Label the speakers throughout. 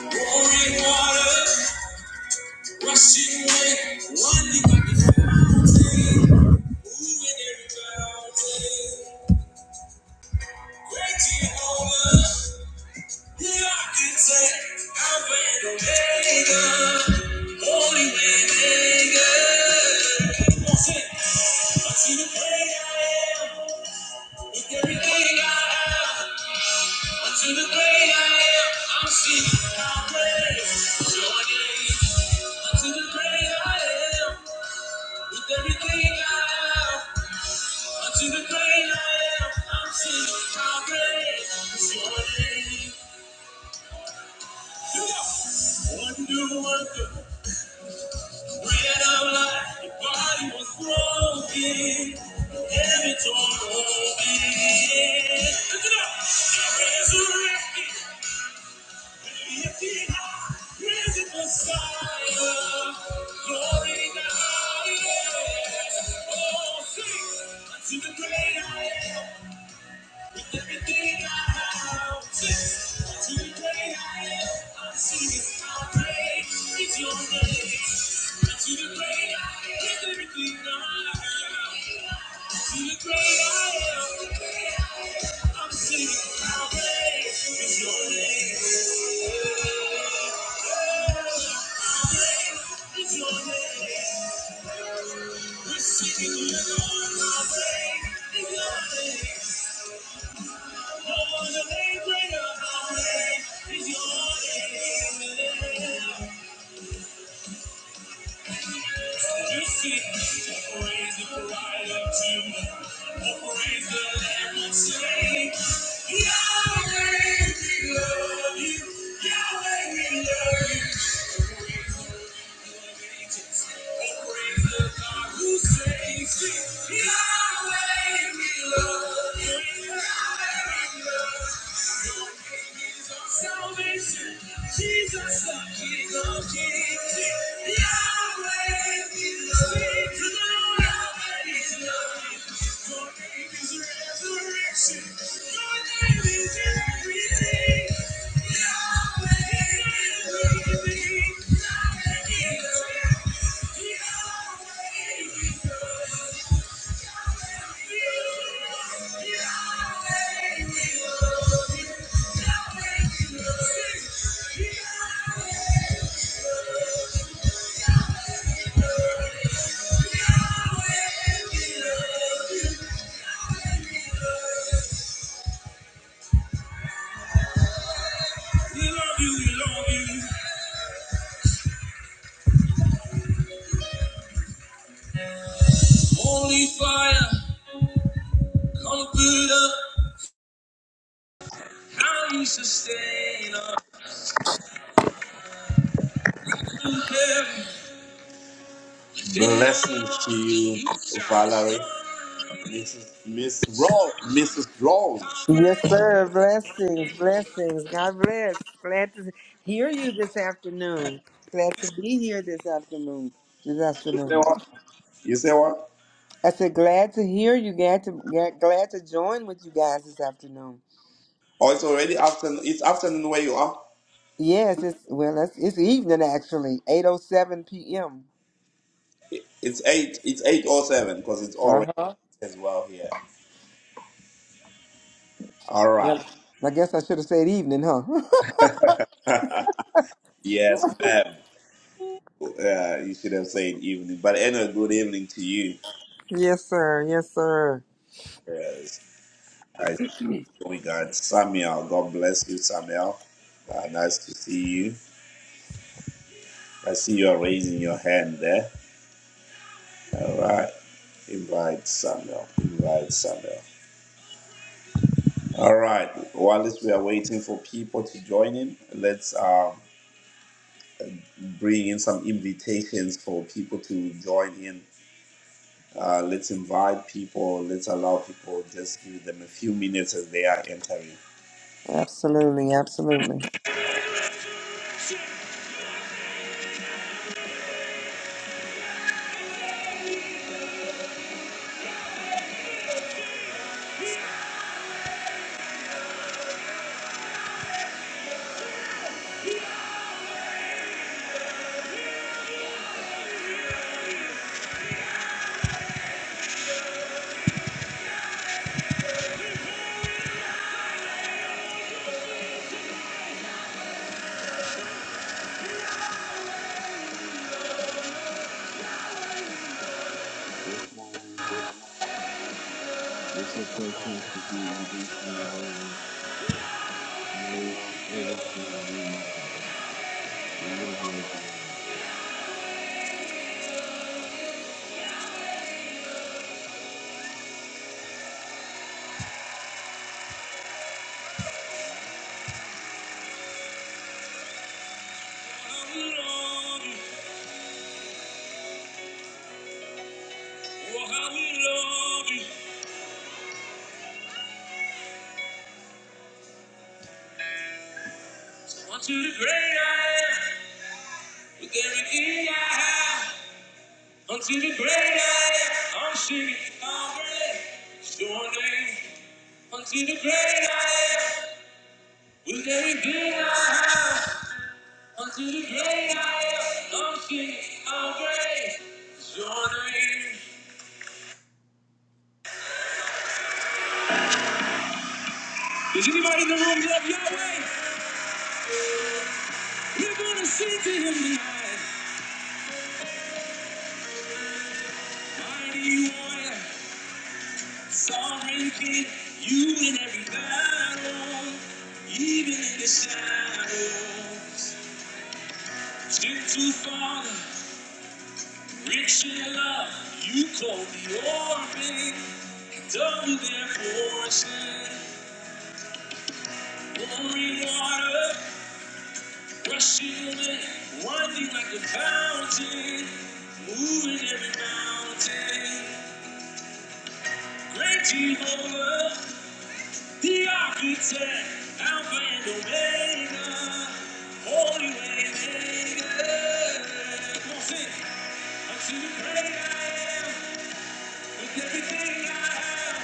Speaker 1: Pouring water, rushing wind, winding like moving every mountain. Great Jehovah, the architect, Alpha and Omega, Holy Waymaker. Come on, sing. I see the great I am, with everything I have. To the great I am, I'm seeking thy praise. your name. gaze unto the great I am, with everything I have. Unto the great I am, I'm seeking thy praise. So I gaze. One new worker, bread of life, your body was broken, heaven torn open. Lift it up. I resurrected. Thank you. Yahweh, we love you. Yahweh, we love. you. Jesus, the King of Kings, Yahweh, we love you. Thank you. We love you, we love you. Holy fire, comforter, how you sustain us. You carry Blessings to you, Valerie. Mrs. Miss Raw, Mrs.
Speaker 2: Yes,
Speaker 1: Rawls.
Speaker 2: sir. Blessings, blessings. God bless. Glad to hear you this afternoon. Glad to be here this afternoon. This
Speaker 1: You say
Speaker 2: afternoon.
Speaker 1: what? You say what?
Speaker 2: I said, glad to hear you. Glad to glad glad to join with you guys this afternoon.
Speaker 1: Oh, it's already afternoon. It's afternoon where you are.
Speaker 2: Yes, it's well, it's, it's evening actually, eight oh seven p.m.
Speaker 1: It- It's eight. It's eight or seven because it's
Speaker 2: Uh
Speaker 1: already
Speaker 2: huh.
Speaker 1: eight as well here. All
Speaker 2: Yep.
Speaker 1: right.
Speaker 2: I guess I should have said evening, huh?
Speaker 1: Yes, ma'am. Uh, you should have said evening, but anyway, good evening to you.
Speaker 2: yes, sir. Yes, sir.
Speaker 1: Yes. I see we got Samuel. God bless you, Samuel. Uh, nice to see you. I see you are raising your hand there. All right. Invite Samuel. Invite Samuel. All right. While we are waiting for people to join in, let's uh, bring in some invitations for people to join in. Uh, let's invite people. Let's allow people. Just give them a few minutes as they are entering.
Speaker 2: Absolutely, absolutely.
Speaker 3: Good morning, good morning. It's a pleasure to be in this library room. I wish everything will be intact. The Lord bless you. all.
Speaker 1: Oh, Want you to be great I am. With everything I have. Until the great I am, I'm singing glory to your name. Until the great I am, with everything I have. Until the great I am, I'm singing glory to your name. Does anybody in the room love Yahweh? We're gonna sing to him tonight. Mighty warrior, sovereign king, you win every battle, even in the shadows. Gentle father, Rich in love, you call the orphan, and double their portion. Pouring water, rushing wind, winding like a fountain, moving every mountain. Great Jehovah, the architect, Alpha and Omega, Holy Waymaker. Come on, sing. Unto the great I am, with everything I have.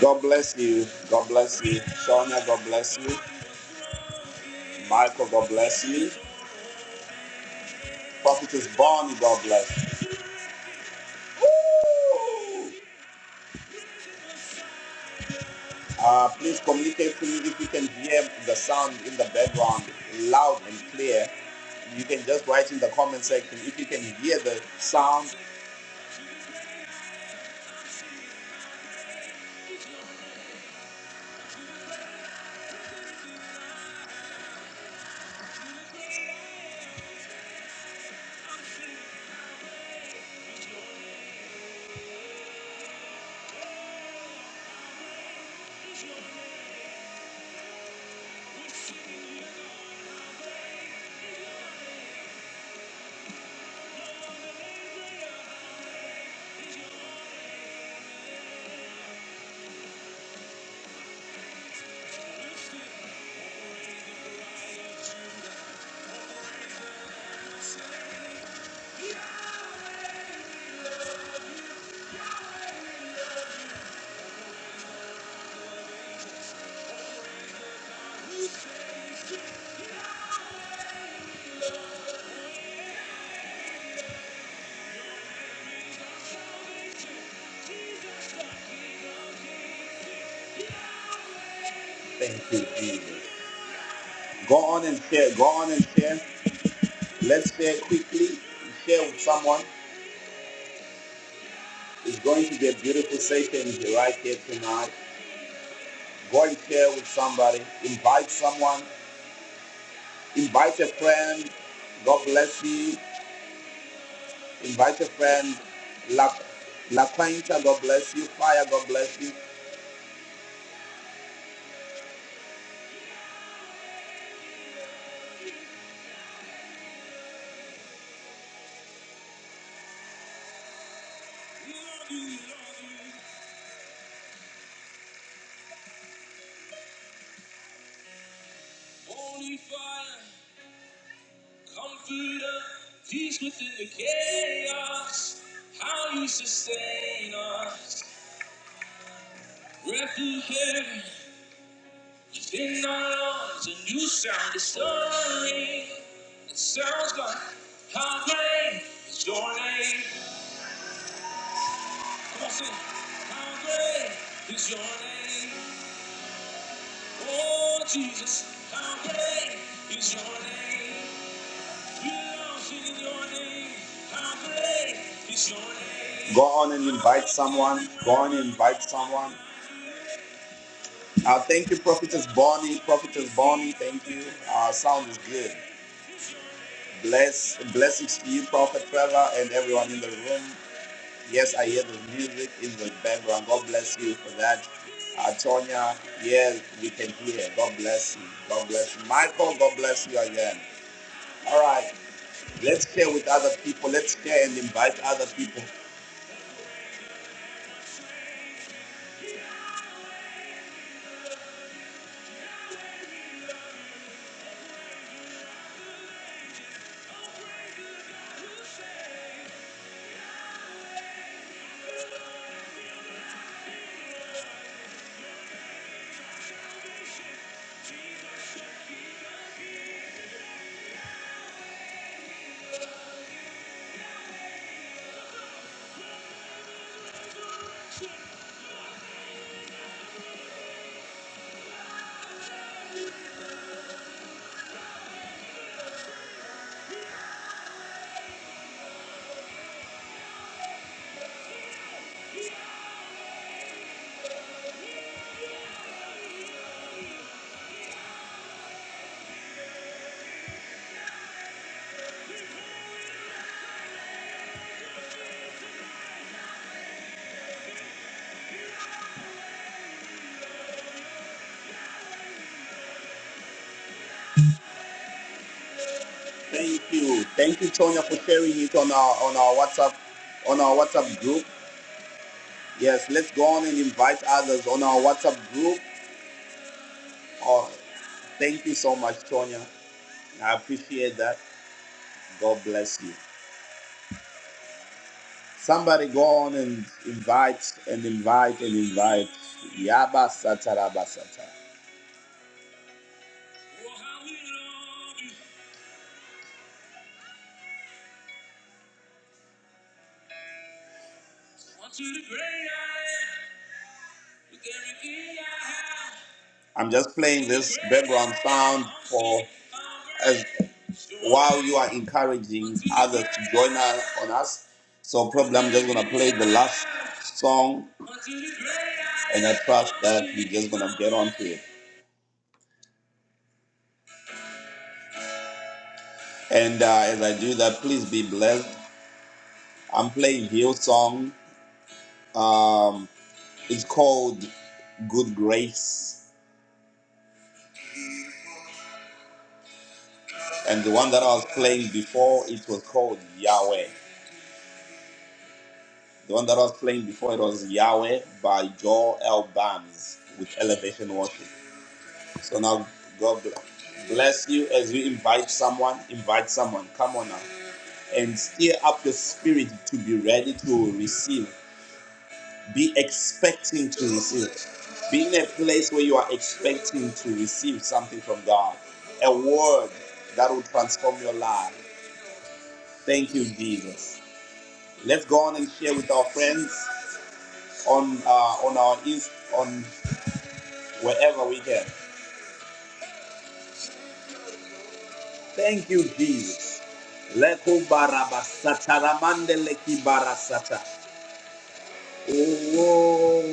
Speaker 1: God bless you. God bless you. Sonia, God bless you. Michael, God bless you. Prophetess Bonnie, God bless you. Uh, please communicate to me if you can hear the sound in the background loud and clear. You can just write in the comment section if you can hear the sound. Thank you, Jesus. Go on and share. Go on and share. Let's share quickly. Share with someone. It's going to be a beautiful session right here tonight. Go and share with somebody. Invite someone. Invite a friend. God bless you. Invite a friend. La, La Quinta, God bless you. Fire, God bless you. We love you, we love you. Holy fire, comforter, peace within the chaos. How you sustain us. Breath of heaven, within our lungs, a new sound is soaring. It sounds like how great is your name. Come on, sing. How great is your name? Oh, Jesus, how great is your name? Go on and invite someone. Go on and invite someone. Uh, thank you, Prophetess Bonnie. Prophetess Bonnie, thank you. Uh, sound is good. Bless, blessings to you, Prophet Trevor, and everyone in the room. Yes, I hear the music in the background. God bless you for that. Uh, Tonya, yes, we can hear. God bless you. God bless you. Michael, God bless you again. All right, let's share with other people. Let's share and invite other people. Thank you. Thank you, Tonya, for sharing it on our on our WhatsApp on our WhatsApp group. Yes, let's go on and invite others on our WhatsApp group. Oh, thank you so much, Tonya. I appreciate that. God bless you. Somebody go on and invite and invite and invite. Yaba Sataraba Sata. I'm just playing this background sound for as while you are encouraging others to join us on us. So probably I'm just gonna play the last song, and I trust that we're just gonna get on to it. And uh, as I do that, please be blessed. I'm playing Hill song. Um, it's called Good Grace, and the one that I was playing before it was called Yahweh. The one that was playing before it was Yahweh by Joel L. Barnes with Elevation Worship. So now God bless you as you invite someone, invite someone, come on now, and stir up your spirit to be ready to receive. Be expecting to receive. Be in a place where you are expecting to receive something from God, a word that will transform your life. Thank you, Jesus. Let's go on and share with our friends on uh, on our Inst- on wherever we can. Thank you, Jesus. Leko barabasata ramande leki barasata. Oh,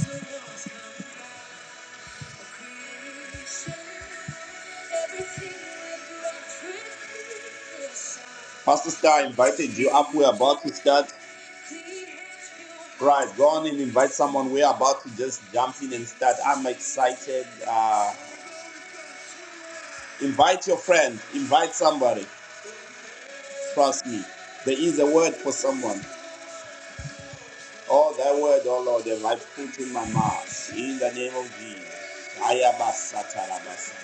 Speaker 1: oh. Pastor Star invited you up. We're about to start. Right, go on and invite someone. We're about to just jump in and start. I'm excited. Uh, invite your friend. Invite somebody. Trust me. There is a word for someone. Oh, that word, oh Lord, have I put in my mouth. In the name of Jesus. Ayabasa tarabasa.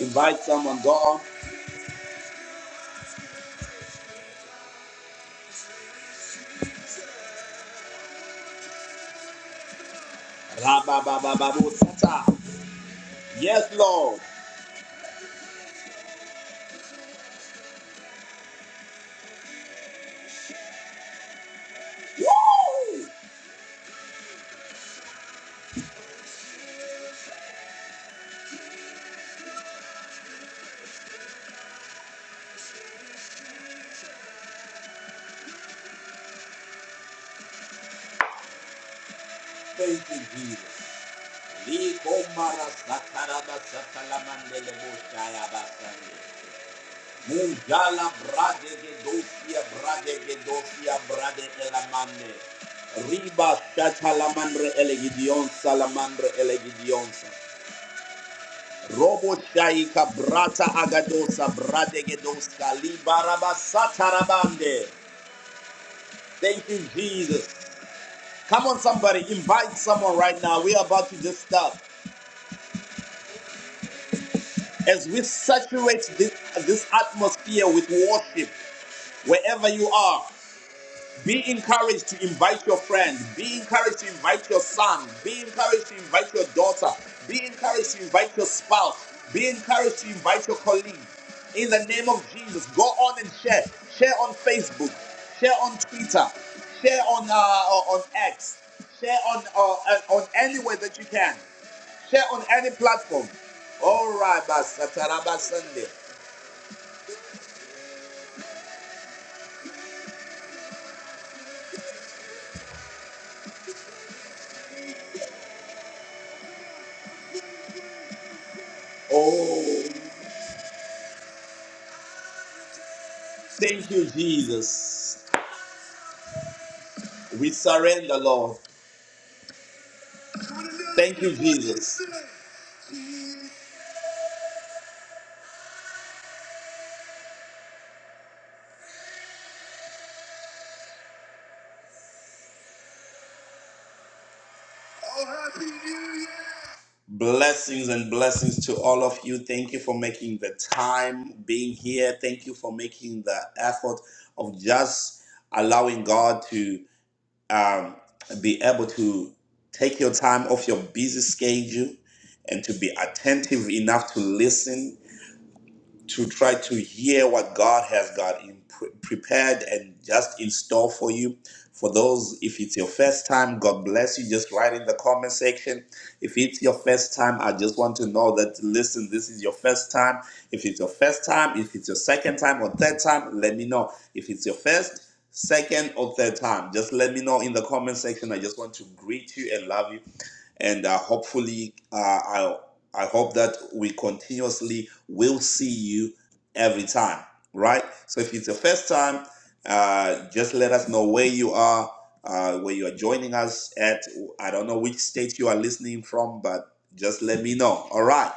Speaker 1: Invite someone, God. Rabababababosata. Yes, Lord. Woo! Thank you, Jesus. Likomara sakaraba sakalamandele boshaya basande. Mungala bradege dosia Munjala bradegedosia bradegedosia bradegelamande. Riba shatalamandre elegidionsa lamandre elegidionsa. Robo shaika brata agadosa bradege bradegedoska libarabasa satarabande. Thank you, Jesus. Come on, somebody, invite someone right now. We are about to just start. As we saturate this, this atmosphere with worship, wherever you are, Be encouraged to invite your friend. Be encouraged to invite your son. Be encouraged to invite your daughter. Be encouraged to invite your spouse. Be encouraged to invite your colleague. In the name of Jesus, go on and share. Share on Facebook. Share on Twitter. Share on uh, uh, on X. Share on uh, uh, on anywhere that you can. Share on any platform. All right, Basataraba Sunday. Oh, thank you, Jesus. We surrender, Lord. Thank you, Jesus. Blessings and blessings to all of you. Thank you for making the time being here. Thank you for making the effort of just allowing God to um, be able to take your time off your busy schedule and to be attentive enough to listen to try to hear what God has got in pre- prepared and just in store for you. For those, if it's your first time, God bless you. Just write in the comment section. If it's your first time, I just want to know that, listen, this is your first time. If it's your first time, if it's your second time or third time, let me know. If it's your first, second, or third time, just let me know in the comment section. I just want to greet you and love you. And uh, hopefully, uh, I, I hope that we continuously will see you every time, right? So if it's the first time, uh, just let us know where you are, uh, where you are joining us at. I don't know which state you are listening from, but just let me know. All right.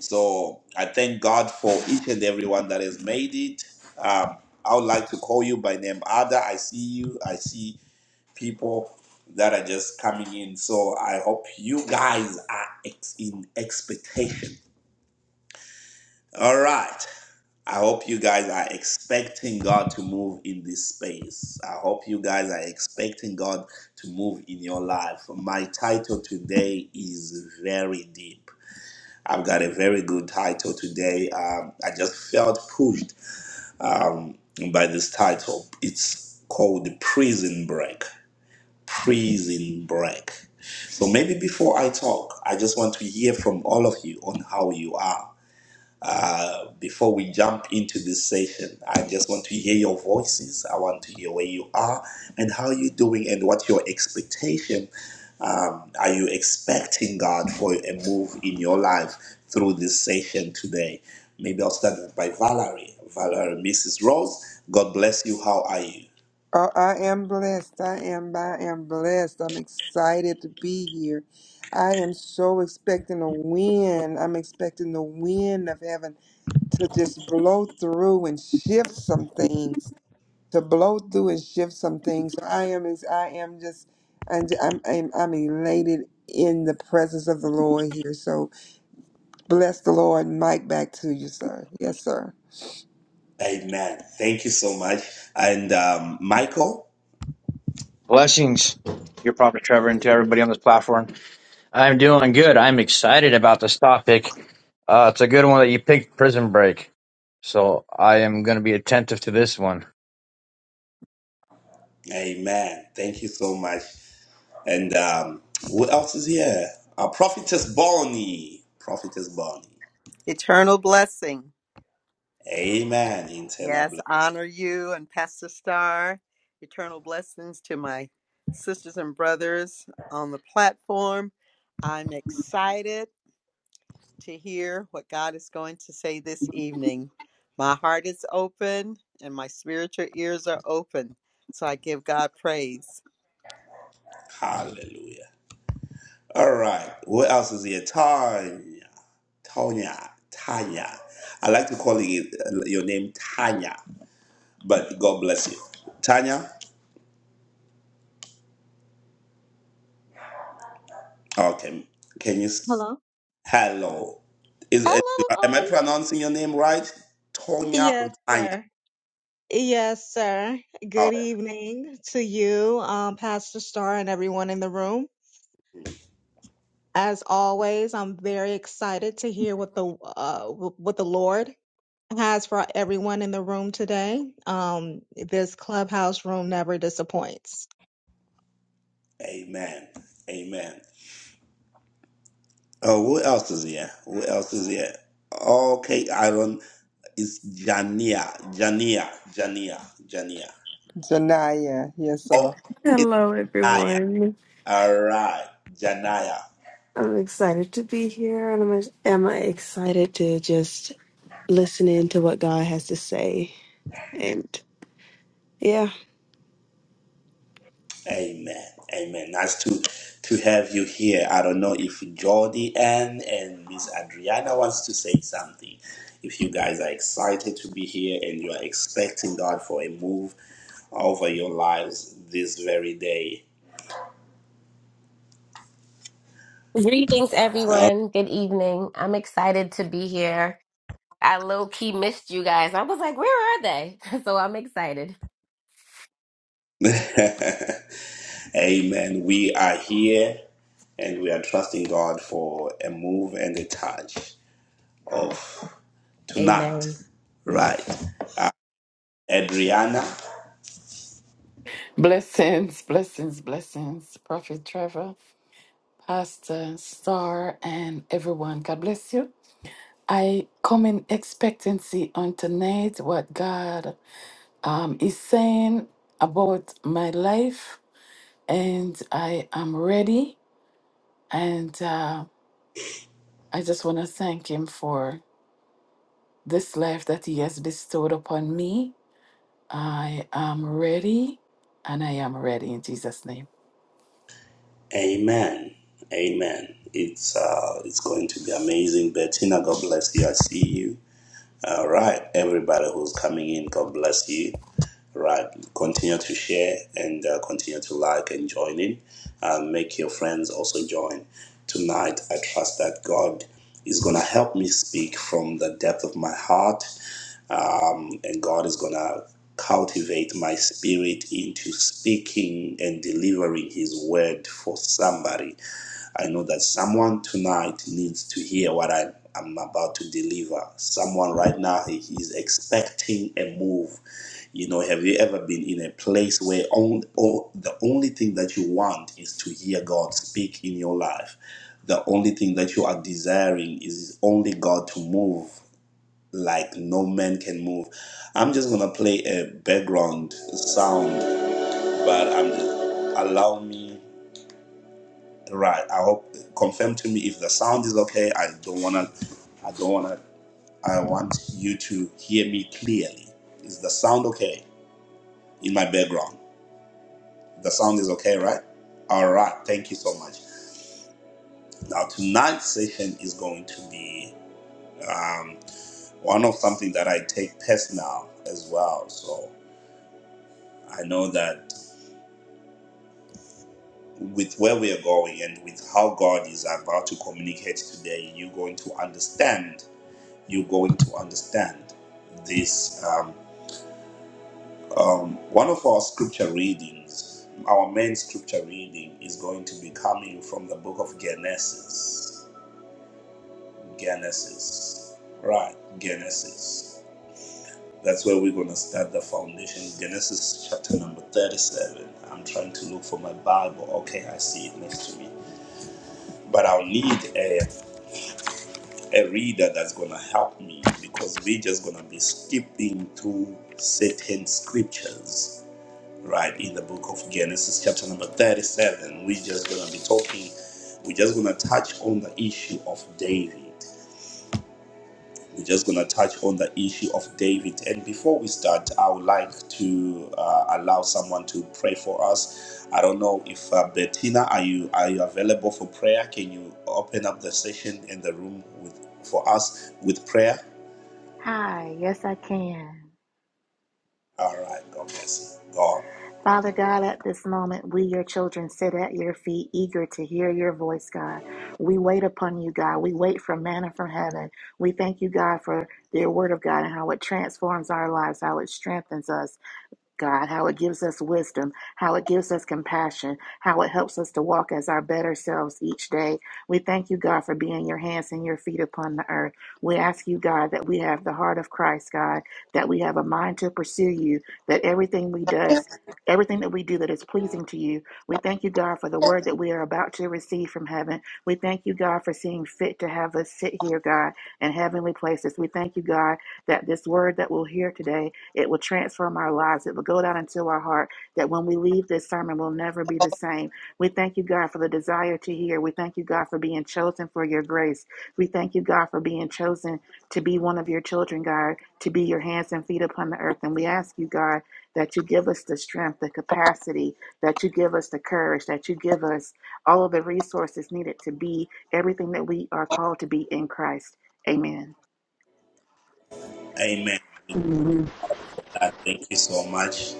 Speaker 1: So I thank God for each and everyone that has made it. Um, I would like to call you by name, Ada. I see you. I see people that are just coming in. So I hope you guys are ex- in expectation. All right. I hope you guys are expecting God to move in this space. I hope you guys are expecting God to move in your life. My title today is very deep. I've got a very good title today. Um, I just felt pushed um, by this title. It's called Prison Break. prison break. So maybe before I talk, I just want to hear from all of you on how you are. Uh, before we jump into this session, I just want to hear your voices. I want to hear where you are and how you're doing and what your expectation. Um, are you expecting God for a move in your life through this session today? Maybe I'll start by Valerie. Valerie, Mrs. Rose, God bless you. How are you?
Speaker 2: Oh, I am blessed. I am. I am blessed. I'm excited to be here. I am so expecting a wind. I'm expecting the wind of heaven to just blow through and shift some things. To blow through and shift some things. So I am. Is I am just. I'm, I'm. I'm. I'm elated in the presence of the Lord here. So bless the Lord. Mike, back to you, sir. Yes, sir.
Speaker 1: Amen. Thank you so much. And um, Michael,
Speaker 4: Blessings, your prophet Trevor, and to everybody on this platform. I'm doing good. I'm excited about this topic. Uh, it's a good one that you picked, Prison Break. So I am going to be attentive to this one.
Speaker 1: amen. Thank you so much. And um, who else is here? Uh, Prophetess Bonnie. Prophetess Bonnie.
Speaker 5: Eternal blessing.
Speaker 1: Amen. Internal blessing.
Speaker 5: Yes, honor you and Pastor Star. Eternal blessings to my sisters and brothers on the platform. I'm excited to hear what God is going to say this evening. My heart is open and my spiritual ears are open. So I give God praise.
Speaker 1: Hallelujah. All right. Who else is here? Tanya. Tanya. Tanya. I like to call you, uh, your name Tanya, but God bless you. Tanya? Okay. Can you?
Speaker 6: Hello.
Speaker 1: Hello. Is
Speaker 6: Hello.
Speaker 1: uh, am I
Speaker 6: Um.
Speaker 1: pronouncing your name right? Tonya or
Speaker 6: Yes,
Speaker 1: Tanya?
Speaker 6: sir. Yes, sir.
Speaker 1: Oh,
Speaker 6: Good evening to you, um, Pastor Starr, and everyone in the room. As always, I'm very excited to hear what the uh, what the Lord has for everyone in the room today. Um, this clubhouse room never disappoints.
Speaker 1: amen. Amen. Oh, who else is here? Who else is here? Okay, Aaron is Jania. Jania. Jania. Jania.
Speaker 2: Janaya. Yes, sir.
Speaker 1: Oh, it's
Speaker 7: Hello,
Speaker 1: Jania.
Speaker 7: everyone.
Speaker 1: All right. Janaya.
Speaker 7: I'm excited to be here, and I'm am I excited to just listen in to what God has to say. And yeah,
Speaker 1: Amen. Amen. Nice to to have you here. I don't know if Jordi Ann and Miss Adriana wants to say something. If you guys are excited to be here and you are expecting God for a move over your lives this very day.
Speaker 8: Greetings,
Speaker 1: All
Speaker 8: everyone. Good evening. I'm excited to be here. I low key missed you guys. I was like, where are they? So I'm excited.
Speaker 1: right. Amen. We are here and we are trusting God for a move and a touch of tonight.
Speaker 8: Amen.
Speaker 1: Right. Adriana.
Speaker 9: Blessings, blessings, blessings, Prophet Trevor, Pastor Star, and everyone. God bless you. I come in expectancy on tonight what God um, is saying about my life, and I am ready. And uh, I just want to thank Him for this life that He has bestowed upon me. I am ready, and I am ready in Jesus' name.
Speaker 1: Amen. Amen. It's uh, it's going to be amazing. Bettina, God bless you. I see you. All right, everybody who's coming in, God bless you. Right, continue to share and uh, continue to like and join in. Uh, make your friends also join tonight. I trust that God is gonna help me speak from the depth of my heart um, and God is going to cultivate my spirit into speaking and delivering His word for somebody. I know that someone tonight needs to hear what I, I'm about to deliver. Someone right now is expecting a move. You know, have you ever been in a place where on, oh, the only thing that you want is to hear God speak in your life? The only thing that you are desiring is only God to move like no man can move. I'm just gonna play a background sound, but I'm allow me right. I hope confirm to me if the sound is okay. I don't wanna, I don't wanna. I want you to hear me clearly. Is the sound okay in my background? The sound is okay, right? All right. Thank you so much. Now tonight's session is going to be um, one of something that I take personal as well. So I know that. with where we are going and with how God is about to communicate today, you're going to understand. You're going to understand this. Um, one of our scripture readings, our main scripture reading, is going to be coming from the book of Genesis. Genesis. Right, Genesis. That's where we're going to start the foundation. Genesis chapter number 37. I'm trying to look for my Bible. Okay, I see it next to me. But I'll need a a reader that's gonna help me because we're just gonna be skipping through certain scriptures right in the book of Genesis chapter number 37 we're just gonna be talking we're just gonna touch on the issue of David we're just gonna touch on the issue of David and before we start I would like to uh, allow someone to pray for us I don't know if uh, Bettina are you are you available for prayer can you open up the session in the room with for us with prayer
Speaker 10: Hi, yes, I can.
Speaker 1: All right. God bless you. God.
Speaker 10: Father God, at this moment, we, your children, sit at your feet, eager to hear your voice, God. We wait upon you, God. We wait for manna from heaven. We thank you, God, for your word of God and how it transforms our lives, how it strengthens us, God, how it gives us wisdom, how it gives us compassion, how it helps us to walk as our better selves each day. We thank you, God, for being your hands and your feet upon the earth. We ask you, God, that we have the heart of Christ, God, that we have a mind to pursue you, that everything we does Everything that we do that is pleasing to you. We thank you, God, for the word that we are about to receive from heaven. We thank you, God, for seeing fit to have us sit here, God, in heavenly places. We thank you, God, that this word that we'll hear today it will transform our lives. It will go down into our heart that when we leave this sermon, we'll never be the same. We thank you, God, for the desire to hear. We thank you, God, for being chosen for your grace. We thank you, God, for being chosen to be one of your children, God, to be your hands and feet upon the earth. And we ask you, God, that you give us the strength, the capacity, that you give us the courage, that you give us all of the resources needed to be everything that we are called to be in Christ. Amen.
Speaker 1: Amen.
Speaker 11: Mhm.
Speaker 1: God, thank you so much.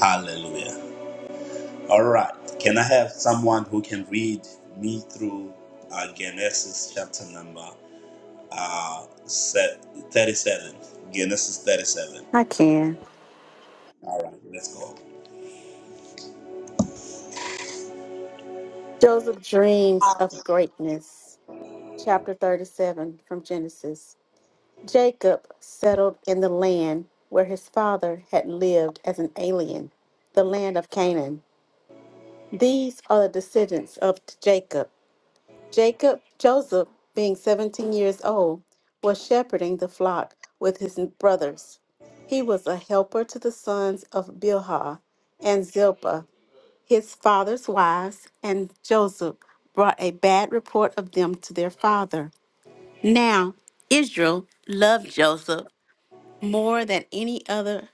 Speaker 1: Hallelujah. All right. Can I have someone who can read me through uh, Genesis chapter number uh, se- 37? Genesis 37.
Speaker 11: I can.
Speaker 1: All right. Let's go.
Speaker 11: Joseph dreams of greatness. Chapter 37 from Genesis. Jacob settled in the land where his father had lived as an alien, the land of Canaan. These are the descendants of Jacob. Jacob, Joseph, being 17 years old, was shepherding the flock with his brothers. He was a helper to the sons of Bilhah and Zilpah his father's wives, and Joseph brought a bad report of them to their father. Now, Israel loved Joseph more than any other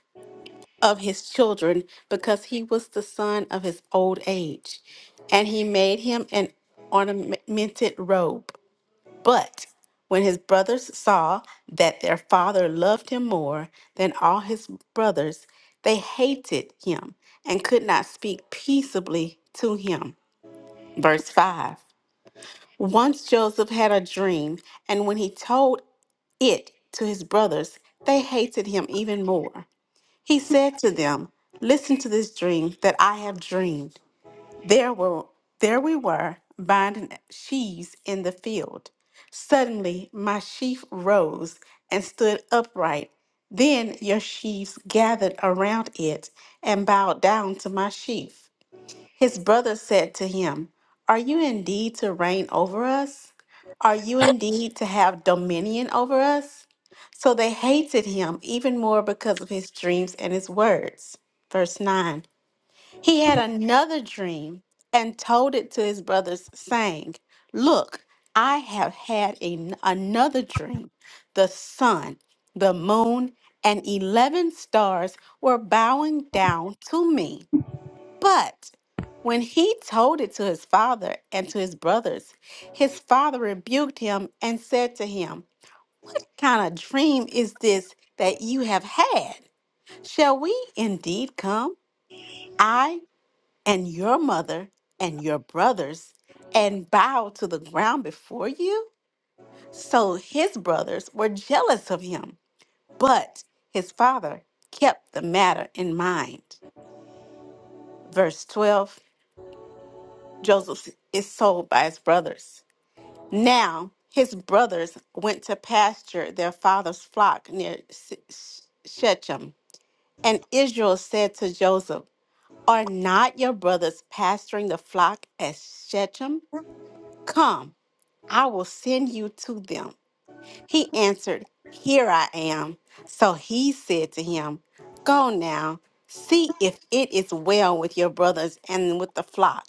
Speaker 11: of his children because he was the son of his old age, and he made him an ornamented robe. But when his brothers saw that their father loved him more than all his brothers, they hated him and could not speak peaceably to him. Verse 5 Once Joseph had a dream, and when he told it to his brothers, they hated him even more. He said to them, Listen to this dream that I have dreamed. There were there we were binding sheaves in the field. Suddenly my sheaf rose and stood upright. Then your sheaves gathered around it and bowed down to my sheaf. His brother said to him, Are you indeed to reign over us? Are you indeed to have dominion over us? So they hated him even more because of his dreams and his words. Verse 9 He had another dream and told it to his brothers, saying, Look, I have had an- another dream. The sun, the moon, and 11 stars were bowing down to me. But when he told it to his father and to his brothers, his father rebuked him and said to him, Kind of dream is this that you have had? Shall we indeed come, I and your mother and your brothers, and bow to the ground before you? So his brothers were jealous of him, but his father kept the matter in mind. Verse 12 Joseph is sold by his brothers. Now his brothers went to pasture their father's flock near Sh- Sh- Shechem. And Israel said to Joseph, Are not your brothers pasturing the flock at Shechem? Come, I will send you to them. He answered, Here I am. So he said to him, Go now, see if it is well with your brothers and with the flock,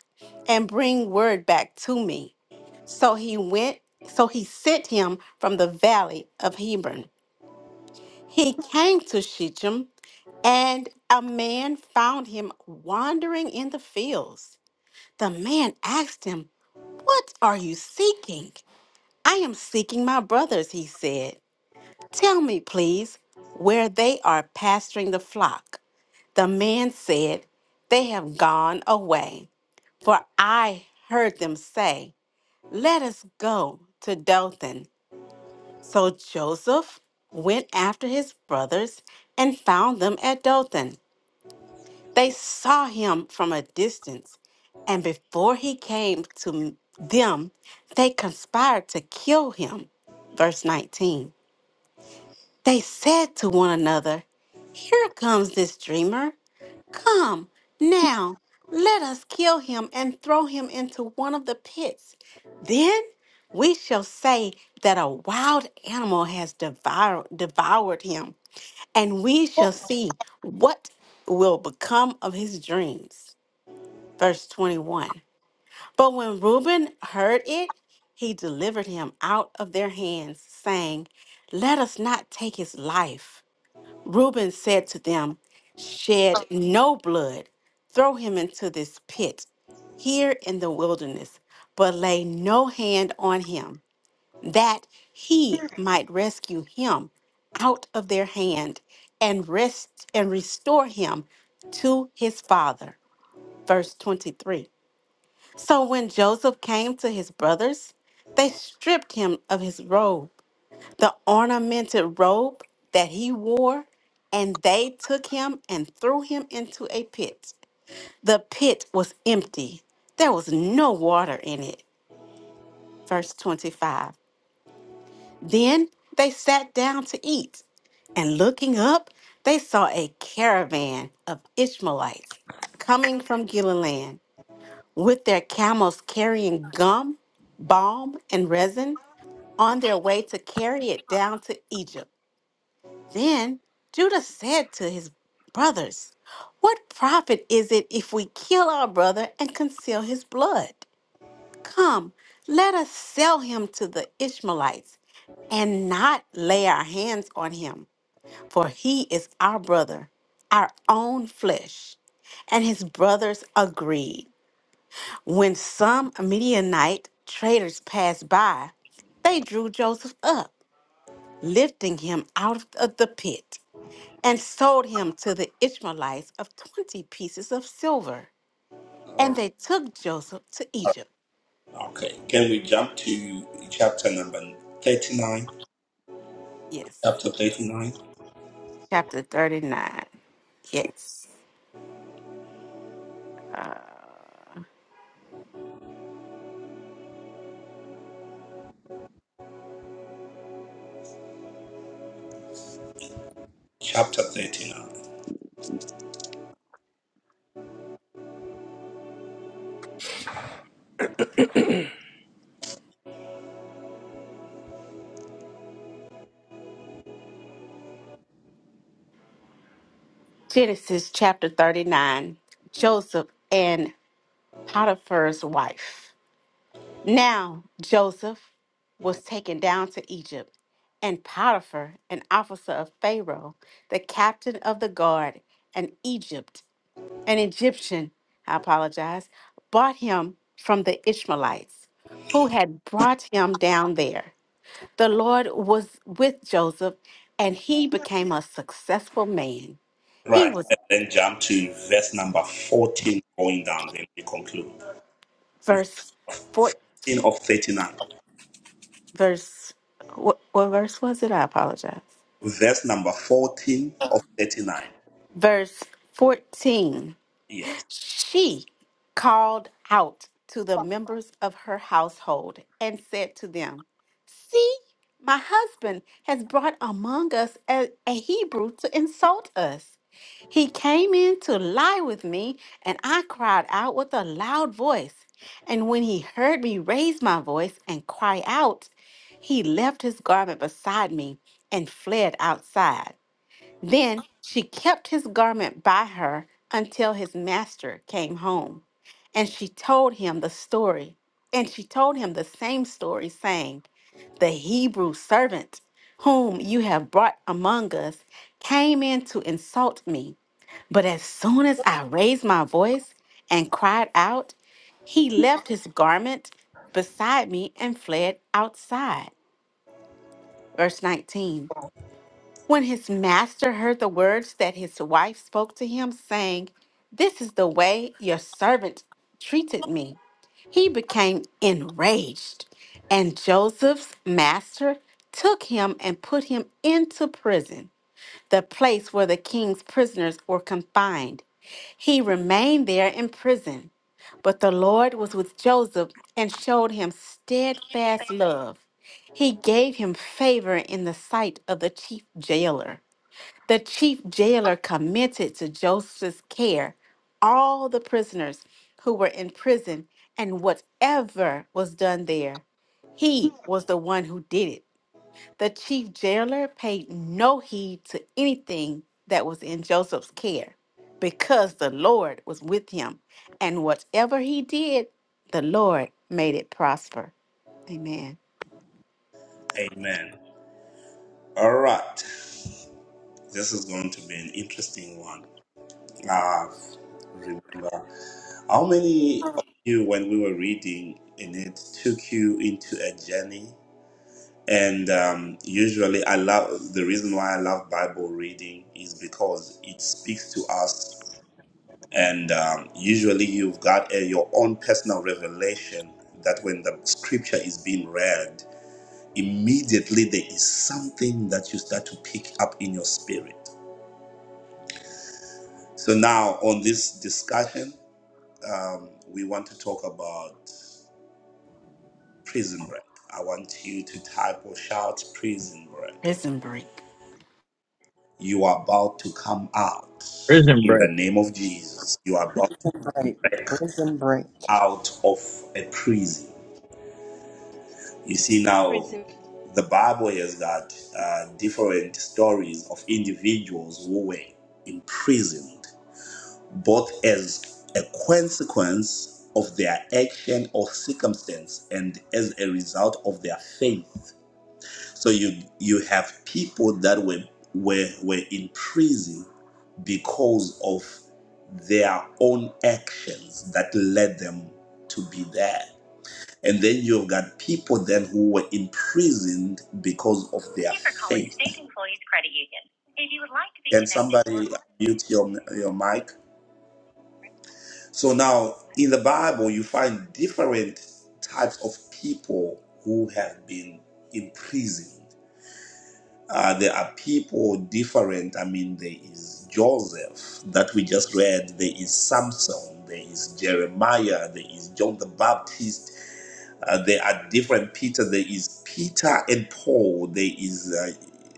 Speaker 11: and bring word back to me. So he went, so he sent him from the valley of Hebron. He came to Shechem, and a man found him wandering in the fields. The man asked him, What are you seeking? I am seeking my brothers, he said. Tell me, please, where they are pasturing the flock. The man said, They have gone away. For I heard them say, Let us go to Dothan. So Joseph went after his brothers and found them at Dothan. They saw him from a distance, and before he came to them, they conspired to kill him. Verse 19. They said to one another, Here comes this dreamer. Come now, let us kill him and throw him into one of the pits. Then we shall say that a wild animal has devoured, devoured him, and we shall see what will become of his dreams. Verse 21. But when Reuben heard it, he delivered him out of their hands, saying, Let us not take his life. Reuben said to them, Shed no blood. Throw him into this pit here in the wilderness, but lay no hand on him, that he might rescue him out of their hand and rest and restore him to his father. Verse 23. So when Joseph came to his brothers, they stripped him of his robe the ornamented robe that he wore, and they took him and threw him into a pit. The pit was empty, there was no water in it. Verse 25. Then they sat down to eat, and looking up, they saw a caravan of Ishmaelites coming from Gilead with their camels carrying gum, balm, and resin on their way to carry it down to Egypt. Then Judah said to his brothers, What profit is it if we kill our brother and conceal his blood? Come, let us sell him to the Ishmaelites and not lay our hands on him, for he is our brother, our own flesh. And his brothers agreed. When some Midianite traders passed by, they drew Joseph up, lifting him out of the pit and sold him to the Ishmaelites of 20 pieces of silver.
Speaker 1: All
Speaker 11: And they took Joseph to
Speaker 1: right.
Speaker 11: Egypt.
Speaker 1: Okay. Can we jump to chapter number 39?
Speaker 11: Yes.
Speaker 1: Chapter 39?
Speaker 11: Chapter 39. Yes. Uh,
Speaker 1: Chapter 39.
Speaker 11: Genesis chapter 39 Joseph and Potiphar's wife. Now Joseph was taken down to Egypt, and Potiphar, an officer of Pharaoh, the captain of the guard in Egypt, an Egyptian, I apologize, bought him from the Ishmaelites who had brought him down there. The Lord was with Joseph and he became a successful man. He
Speaker 1: Right.
Speaker 11: was
Speaker 1: And then jump to verse number 14 going down. Then we conclude.
Speaker 11: verse 4
Speaker 1: of 39.
Speaker 11: verse what, what verse was it? I apologize.
Speaker 1: Verse number 14 of 39.
Speaker 11: Verse 14.
Speaker 1: Yes.
Speaker 11: She called out to the members of her household and said to them, See, my husband has brought among us a, a Hebrew to insult us. He came in to lie with me, and I cried out with a loud voice. And when he heard me raise my voice and cry out, he left his garment beside me and fled outside. Then she kept his garment by her until his master came home. And she told him the story. And she told him the same story, saying, The Hebrew servant whom you have brought among us came in to insult me. But as soon as I raised my voice and cried out, he left his garment beside me and fled outside. Verse 19. When his master heard the words that his wife spoke to him, saying, This is the way your servant treated me, he became enraged. And Joseph's master took him and put him into prison the place where the king's prisoners were confined. He remained there in prison, but the Lord was with Joseph and showed him steadfast love. He gave him favor in the sight of the chief jailer. The chief jailer committed to Joseph's care all the prisoners who were in prison and whatever was done there. He was the one who did it the chief jailer paid no heed to anything that was in Joseph's care because the Lord was with him, and whatever he did, the Lord made it prosper. Amen.
Speaker 1: Amen. All right. This is going to be an interesting one. I remember how many of you, when we were reading in it, took you into a journey? And um, usually, I love the reason why I love Bible reading is because it speaks to us And um, usually you've got a, your own personal revelation that when the scripture is being read, immediately there is something that you start to pick up in your spirit. So now on this discussion, um, we want to talk about prison break. I want you to type or shout prison break.
Speaker 11: Prison break.
Speaker 1: You are about to come out
Speaker 4: Prison
Speaker 1: in the
Speaker 4: break.
Speaker 1: name of Jesus. You are about to
Speaker 2: Right.
Speaker 1: break
Speaker 2: Prison break.
Speaker 1: out of a prison You see now,
Speaker 12: prison.
Speaker 1: the Bible has got uh, different stories of individuals who were imprisoned, both as a consequence of their action or circumstance and as a result of their faith. So you you have people that were were were in prison because of their own actions that led them to be there and then you've got people then who were imprisoned because of their faith. Can somebody mute your, your mic? So now in the Bible, you find different types of people who have been imprisoned. Uh, there are people different. I mean, there is Joseph that we just read, there is Samson, there is Jeremiah, there is John the Baptist, Uh, there are different Peter. There is Peter and Paul. There is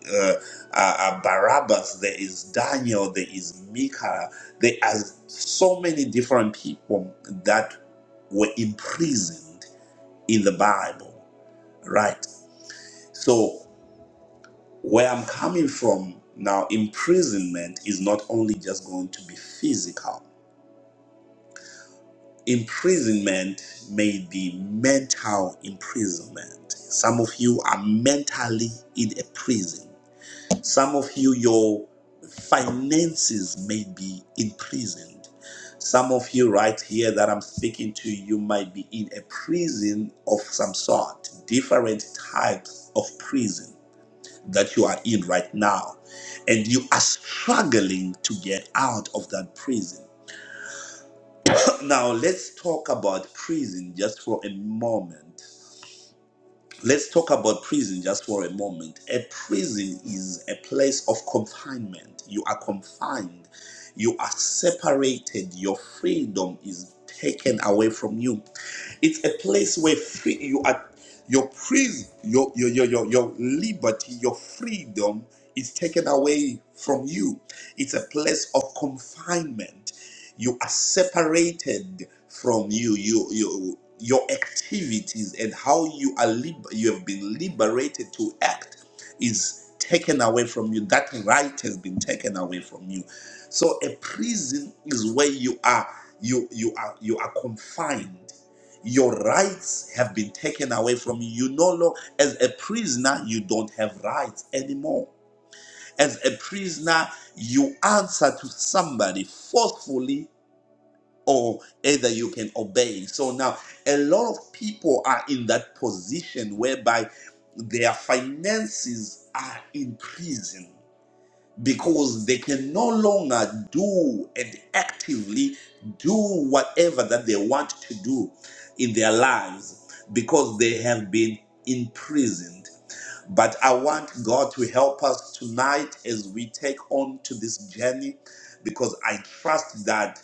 Speaker 1: uh, uh, uh, uh, Barabbas. There is Daniel. There is Micah. There are so many different people that were imprisoned in the Bible, right? So where I'm coming from now, imprisonment is not only just going to be physical. imprisonment may be mental imprisonment. Some of you are mentally in a prison. Some of you, your finances may be imprisoned. Some of you, right here, that I'm speaking to, you might be in a prison of some sort, different types of prison that you are in right now. And you are struggling to get out of that prison now let's talk about prison just for a moment. Let's talk about prison just for a moment. A prison is a place of confinement. You are confined. You are separated. Your freedom is taken away from you. It's a place where free, you are your prison, your your, your your your liberty, your freedom is taken away from you. It's a place of confinement you are separated from you you you your activities and how you are lib- you have been liberated to act is taken away from you that right has been taken away from you so a prison is where you are you you are you are confined your rights have been taken away from you you no longer as a prisoner you don't have rights anymore as a prisoner you answer to somebody forcefully or either you can obey. So now a lot of people are in that position whereby their finances are in prison because they can no longer do and actively do whatever that they want to do in their lives because they have been imprisoned. But I want God to help us tonight as we take on to this journey because I trust that.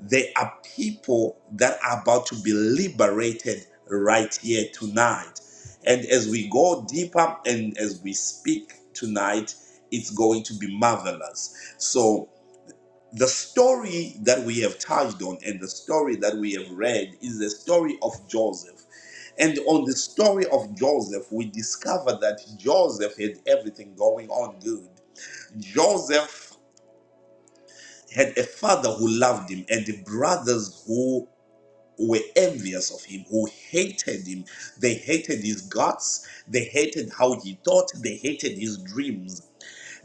Speaker 1: There are people that are about to be liberated right here tonight. And as we go deeper and as we speak tonight, it's going to be marvelous. So, the story that we have touched on and the story that we have read is the story of Joseph. And on the story of Joseph, we discover that Joseph had everything going on good. Joseph had a father who loved him and brothers who were envious of him, who hated him. They hated his guts. They hated how he thought. They hated his dreams.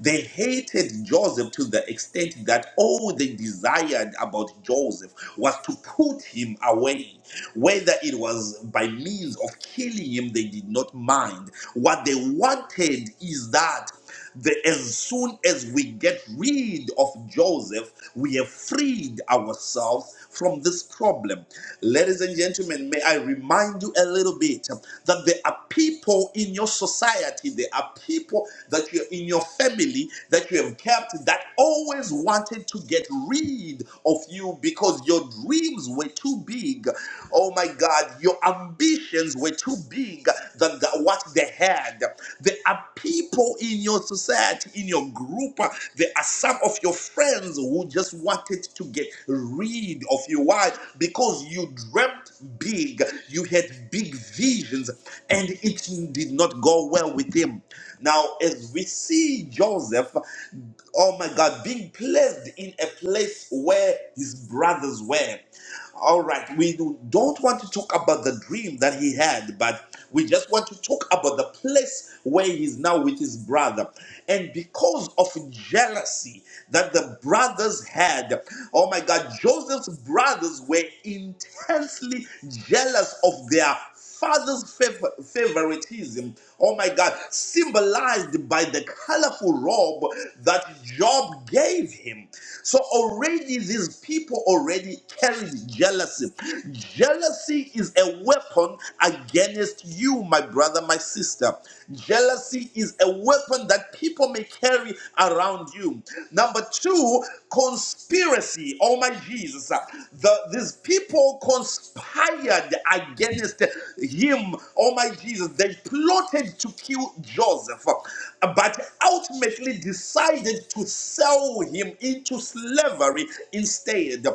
Speaker 1: They hated Joseph to the extent that all they desired about Joseph was to put him away. Whether it was by means of killing him, they did not mind. What they wanted is that the, as soon as we get rid of Joseph, we have freed ourselves from this problem. Ladies and gentlemen, may I remind you a little bit um, that there are people in your society, there are people that you're in your family that you have kept that always wanted to get rid of you because your dreams were too big. Oh my God, your ambitions were too big than the, what they had. There are people in your society, in your group, uh, there are some of your friends who who just wanted to get rid of you. Why? Because you dreamt big, you had big visions, and it did not go well with him. Now, as we see Joseph, oh my God, being placed in a place where his brothers were. All right, we do, don't want to talk about the dream that he had, but we just want to talk about the place where he's now with his brother. And because of jealousy that the brothers had, oh my God, Joseph's brothers were intensely jealous of their father's favor- favoritism, oh my God, symbolized by the colorful robe that Job gave him. So already these people already carried jealousy. Jealousy is a weapon against you, my brother, my sister. Jealousy is a weapon that people may carry around you. Number two, conspiracy. Oh my Jesus says uh, the, these people conspired against him. Oh my Jesus, they plotted to kill Joseph, uh, but ultimately decided to sell him into slavery instead.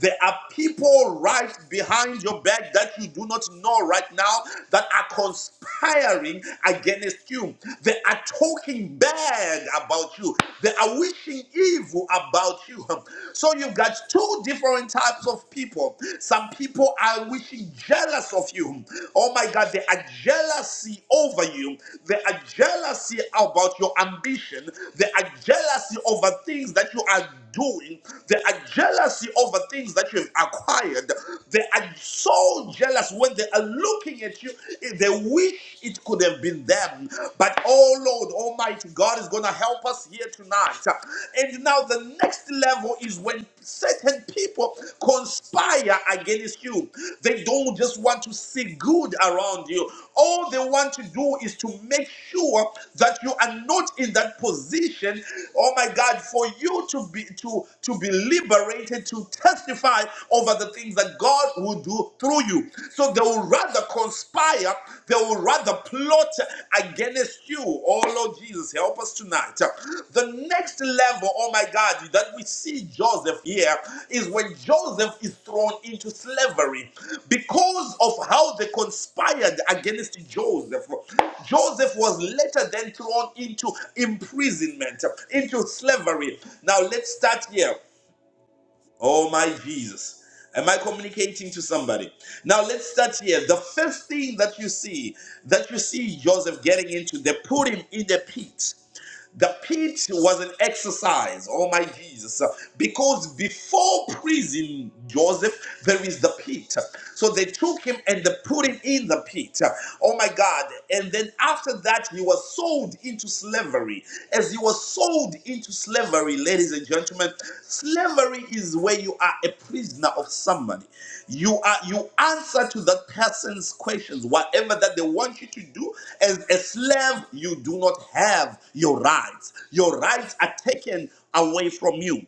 Speaker 1: There are people right behind your back that you do not know right now that are conspiring against you. They are talking bad about you. They they are wishing evil about you. So you've got two different types of people. Some people are wishing jealous of you. Oh my God, they are jealousy over you. They are jealousy about your ambition. They are jealousy over things that you are doing. They are jealousy over things that you've acquired. They are so jealous when they are looking at you. eh, They wish it could have have been them. But oh Lord Almighty, God is going to help us here tonight. And now the next level is when certain people conspire against you. They don't just want to see good around you. All they want to do is to make sure that you are not in that position, oh my God, for you to be to, to be liberated to testify over the things that God will do you, through you. So they will rather conspire, they will rather plot against you. Oh Lord Jesus, help us tonight. The next level, oh my God, that we see Joseph here is when Joseph is thrown into slavery because of how they conspired against Joseph. Joseph was later then thrown into imprisonment, into slavery. Now let's start here. Oh my Jesus. Am I communicating to somebody? Now let's start here. The first thing that you see, that you see Joseph getting into, they put him in the pit. The pit was an exercise. Oh my Jesus. Because before prison, Joseph, there is the pit. So they took him and they put him in the pit. Oh my God. And then after that, he was sold into slavery. As he was sold into slavery, ladies and gentlemen, slavery is where you are a prisoner of somebody. You are you answer to that person's questions, whatever that they want you to do. As a slave, you do not have your rights. Your rights are taken away from you.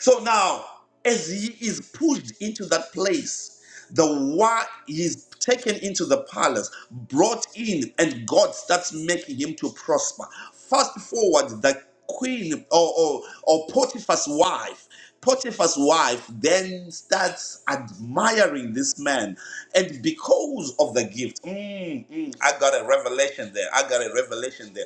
Speaker 1: So now, as he is pushed into that place, the why he's taken into the palace, brought in, and God starts making him to prosper. Fast forward, the queen or, or, or Potiphar's wife Potiphar's wife then starts admiring this man. And because of the gift, mm, mm, I got a revelation there. I got a revelation there.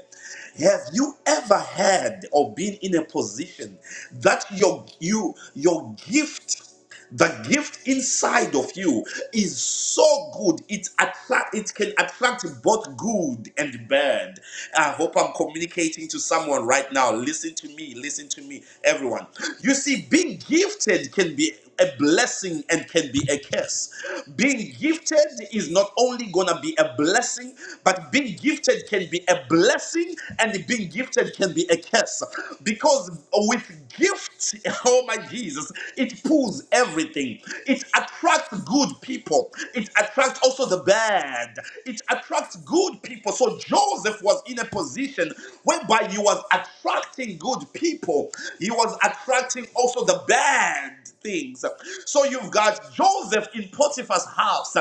Speaker 1: Have you ever had or been in a position that your you your gift the gift inside of you is so good it attract it can attract both good and bad i hope i'm communicating to someone right now listen to me listen to me everyone you see being gifted can be a blessing and can be a curse. Being gifted is not only gonna be a blessing, but being gifted can be a blessing and being gifted can be a curse. Because with gift, oh my Jesus. Jesus. It pulls everything. It attracts good people. It attracts also the bad. It attracts good people. So Joseph was in a position whereby he was attracting good people. He was attracting also the bad things. So you've got Joseph in Potiphar's house.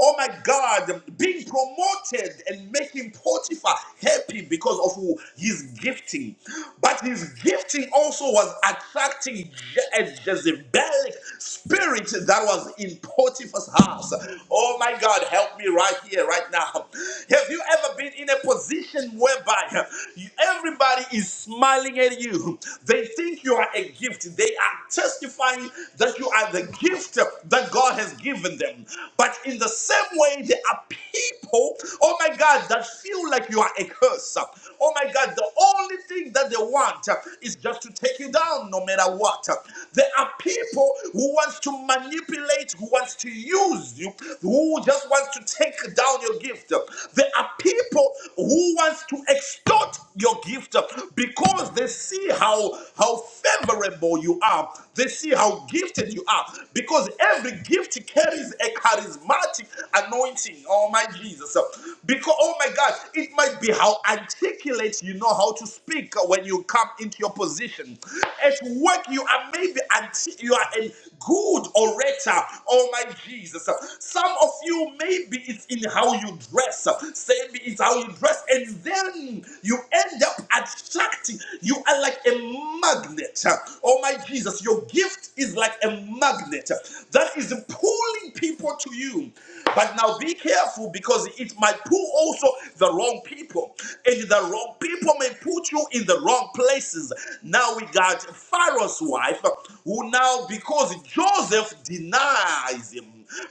Speaker 1: Oh my God, being promoted and making Potiphar happy because of who his gifting. But his gifting also was attracting distracting Je- and Jezebelic spirit that was in Potiphar's house. Oh my God, help me right here, right now. Have you ever been in a position whereby you- everybody is smiling at you? They think you are a gift. They are testifying that you are the gift that God has given them. But in the same way, there are people, oh my God, that feel like you are a curse. Oh my God, the only thing that they want is just just to take you down no matter what. There are people who wants to manipulate, who wants to use you, who just wants to take down your gift. There are people who wants to extort your gift because they see how how favorable you are. They see how gifted you are because every gift carries a charismatic anointing. Oh my Jesus. Because oh my God, it might be how articulate you know how to speak when you when you come into your position. At work, you are maybe anti- you are a good orator. Oh my Jesus! Some of you maybe it's in how you dress. Maybe it's how you dress, and then you end up attracting. You are like a magnet. Oh my Jesus! Your gift is like a magnet that is pulling people to you. But now be careful because it might pull also the wrong people, and the wrong people come and put you in the wrong places. Now we got Pharaoh's wife, who now, because Joseph denies him,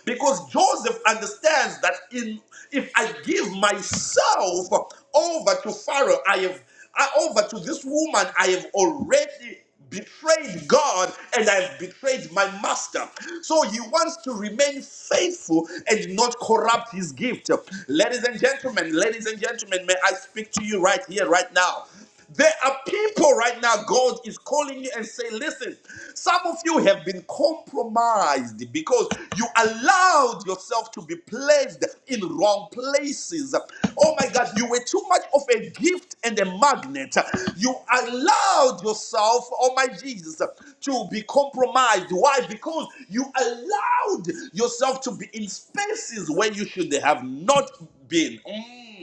Speaker 1: because Joseph understands that in if I give myself over to Pharaoh, I have I, over to this woman, I have already betrayed God and I've betrayed my master. So he wants to remain faithful and not corrupt his gift. Ladies and gentlemen, ladies and gentlemen, may I speak to you right here, right now. There are people right now, God is calling you and say, Listen, some of you have been compromised because you allowed yourself to be placed in wrong places. Oh my God, you were too much of a gift and a magnet. You allowed yourself, oh my Jesus, to be compromised. Why? Because you allowed yourself to be in spaces where you should have not been. Mm.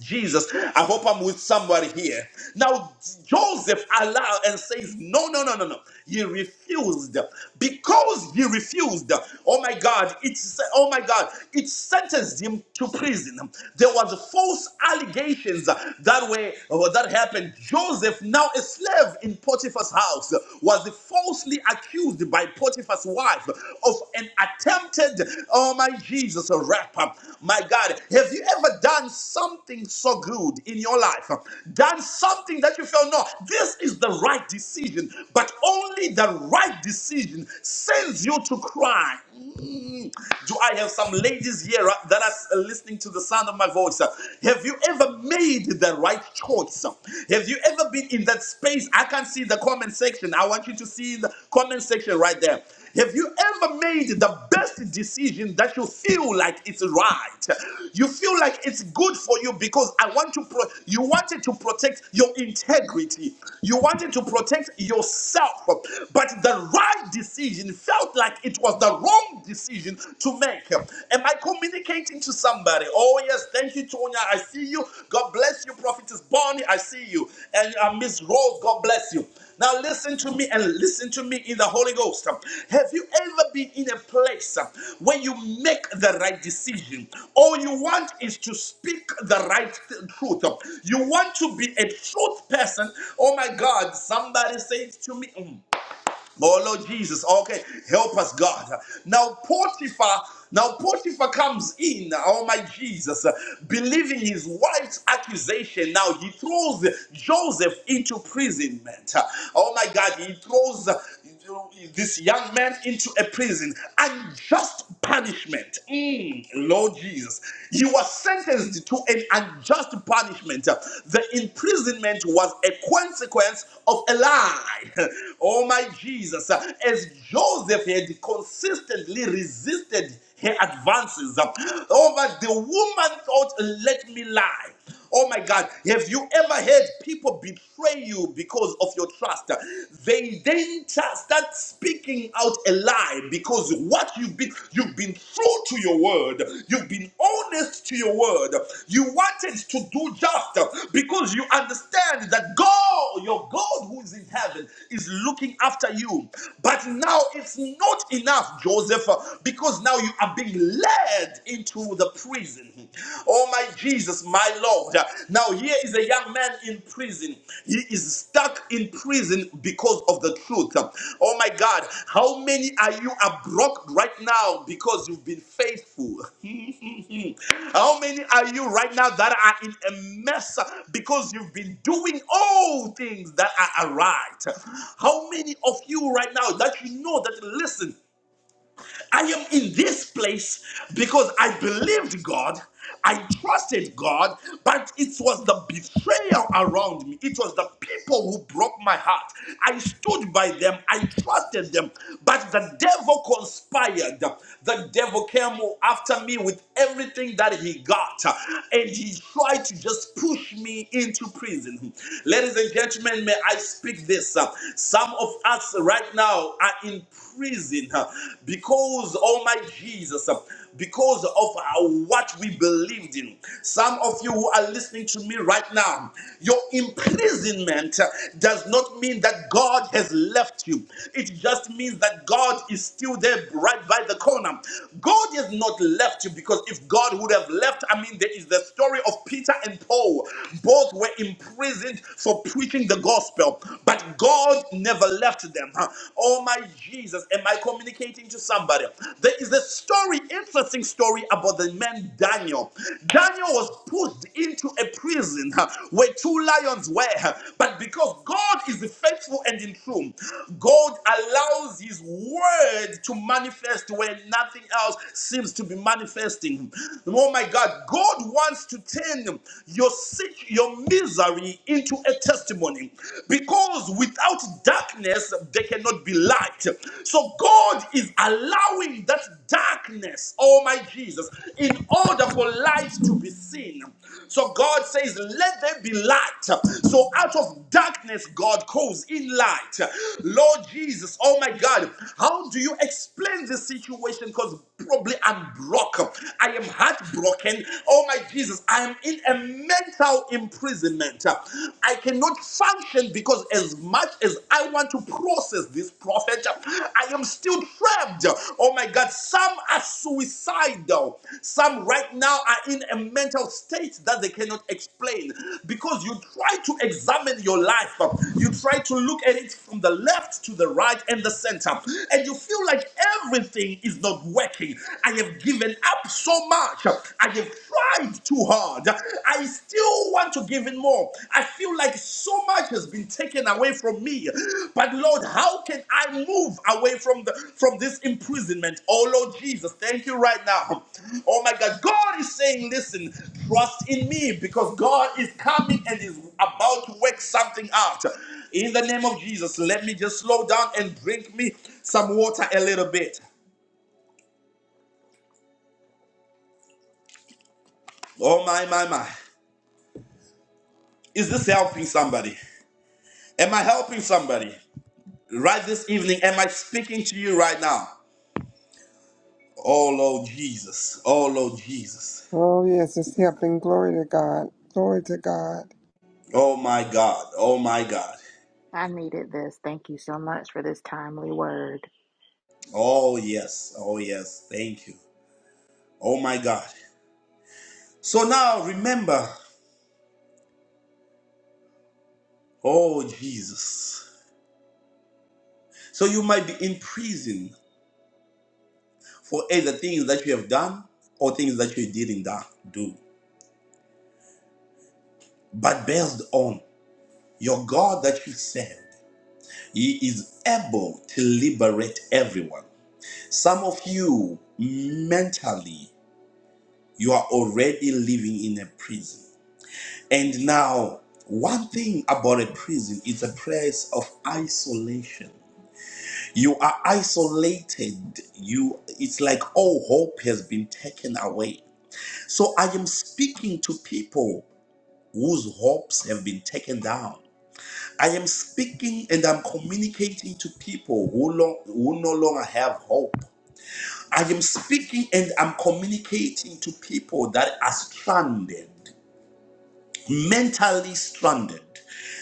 Speaker 1: Jesus, I hope I'm with somebody here. Now, Joseph allowed and says, No, no, no, no, no. He refused. Because he refused, oh my God, it's oh my God, it sentenced him to prison. There was false allegations that way that happened. Joseph, now a slave in Potiphar's house, was falsely accused by Potiphar's wife of an attempted, oh my Jesus, a rap. My God, have you ever done something so good in your life? Done something that you felt, no, this is the right decision, but only the right decision sends you to cry. Mm. Do I have some ladies here uh, that are uh, listening to the sound of my voice? uh? Have you ever made the right choice? uh? Have you ever been in that space? I can see the comment section. I want you to see the comment section right there. Have you ever made the best decision that you feel like it's right? You feel like it's good for you because I want to pro- you wanted to protect your integrity. You wanted to protect yourself. But the right decision decision felt like it was the wrong decision to make. Am I communicating to somebody? Oh, yes, thank you, Tonya. I see you. God bless you, Prophetess Bonnie. I see you. And uh, Miss Rose, God bless you. Now, listen to me and listen to me in the Holy Ghost. Have you ever been in a place where you make the right decision? All you want is to speak the right th- truth. You want to be a truth person. Oh my God, somebody says to me. mm. Oh Lord Jesus, okay, help us, God. Now Potiphar, now Potiphar comes in, oh my Jesus, believing his wife's accusation. Now he throws Joseph into imprisonment. Oh my God, he throws this young man into a prison. Unjust punishment. Mm, Lord Jesus. He was sentenced to an an unjust punishment. The imprisonment was a consequence of a lie. Oh my Jesus. As Joseph had consistently resisted her advances, over the woman thought, let me lie. Oh my God, have you ever heard people betray you because of your trust? They then tra- start speaking out a lie because what you've been, you've been true to your word, you've been honest to your word, you wanted to do just because you understand that God, your God who is in heaven, is looking after you. But now it's not enough, Joseph, because now you are being led entered into the prison. Oh, my Jesus, my Lord. Now, here is a young man in prison. He is stuck in prison because of the truth. Oh, my God. How many are you are broke right now because you've been faithful? how many are you right now that are in a mess because you've been doing all things that are right? How many of you right now that you know that listen? I am in this place because I believed God. I trusted God, but it was the betrayal around me. It was the people who broke my heart. I stood by them. I trusted them. But the devil conspired. The devil came after me with everything that he got. And he tried to just push me into prison. Ladies and gentlemen, may I speak this. Some of us right now, now are in prison uh, because, oh my Jesus, uh, because of uh, what we believed in. Some of you who are listening to me right now, your imprisonment uh, does not mean that God has left you. It just means that God is still there right by the corner. God has not left you because if God would have left, I mean, there is the story of Peter and Paul. Both were imprisoned for preaching the gospel but God never left them. huh? Oh my Jesus, am I communicating to somebody? There is a story, interesting story about the man Daniel. Daniel was pushed into a prison huh, where two lions were, huh, but because God is faithful and in truth, God allows His word to manifest where nothing else seems to be manifesting. Oh my God, God wants to turn your situation, your misery misery into a testimony because without darkness there cannot be light. So God is allowing that darkness, oh my Jesus, in order for light to be seen. So God says, Let there be light. So out of darkness, God calls in light. Lord Jesus, oh my God, how do you explain this situation? Because probably I'm broke. I am heartbroken. Oh my Jesus. Jesus, I am in a mental imprisonment. I cannot function because, as much as I want to process this prophet, I am still trapped. Oh my God, some are suicidal. Some right now are in a mental state that they cannot explain because you try to examine your life, you try to look at it from the left to the right and the center, and you feel like everything is not working. I have given up so much. I have tried too hard. I still want to give in more. I feel like so much has been taken away from me. But Lord, how can I move away from the from this imprisonment? Oh Lord Jesus, thank you right now. Oh my God, God is saying, listen, trust in me because God is coming and is about to work something out. In the name of Jesus, let me just slow down and drink me some water a little bit. Oh my my my. Is this helping somebody? Am I helping somebody? Right this evening, am I speaking to you right now? Oh Lord Jesus. Oh Lord Jesus.
Speaker 2: Oh, yes, it's helping. Glory to God. Glory to God.
Speaker 1: Oh my God. Oh my God.
Speaker 10: I needed this. Thank you so much for this timely word.
Speaker 1: Oh yes. Oh yes. Thank you. Oh my God. So now remember, oh Jesus. So you might be in prison for either things that you have done or things that you didn't do. But based on your God that you serve. He is able to liberate everyone. Some of you, mentally, you are already living in a prison. And now, one thing about a prison is a place of isolation. You are isolated. You it's like all hope has been taken away. So I am speaking to people whose hopes have been taken down. I am speaking and I'm communicating to people who, long, who no longer have hope. I am speaking and I'm communicating to people that are stranded mentally stranded,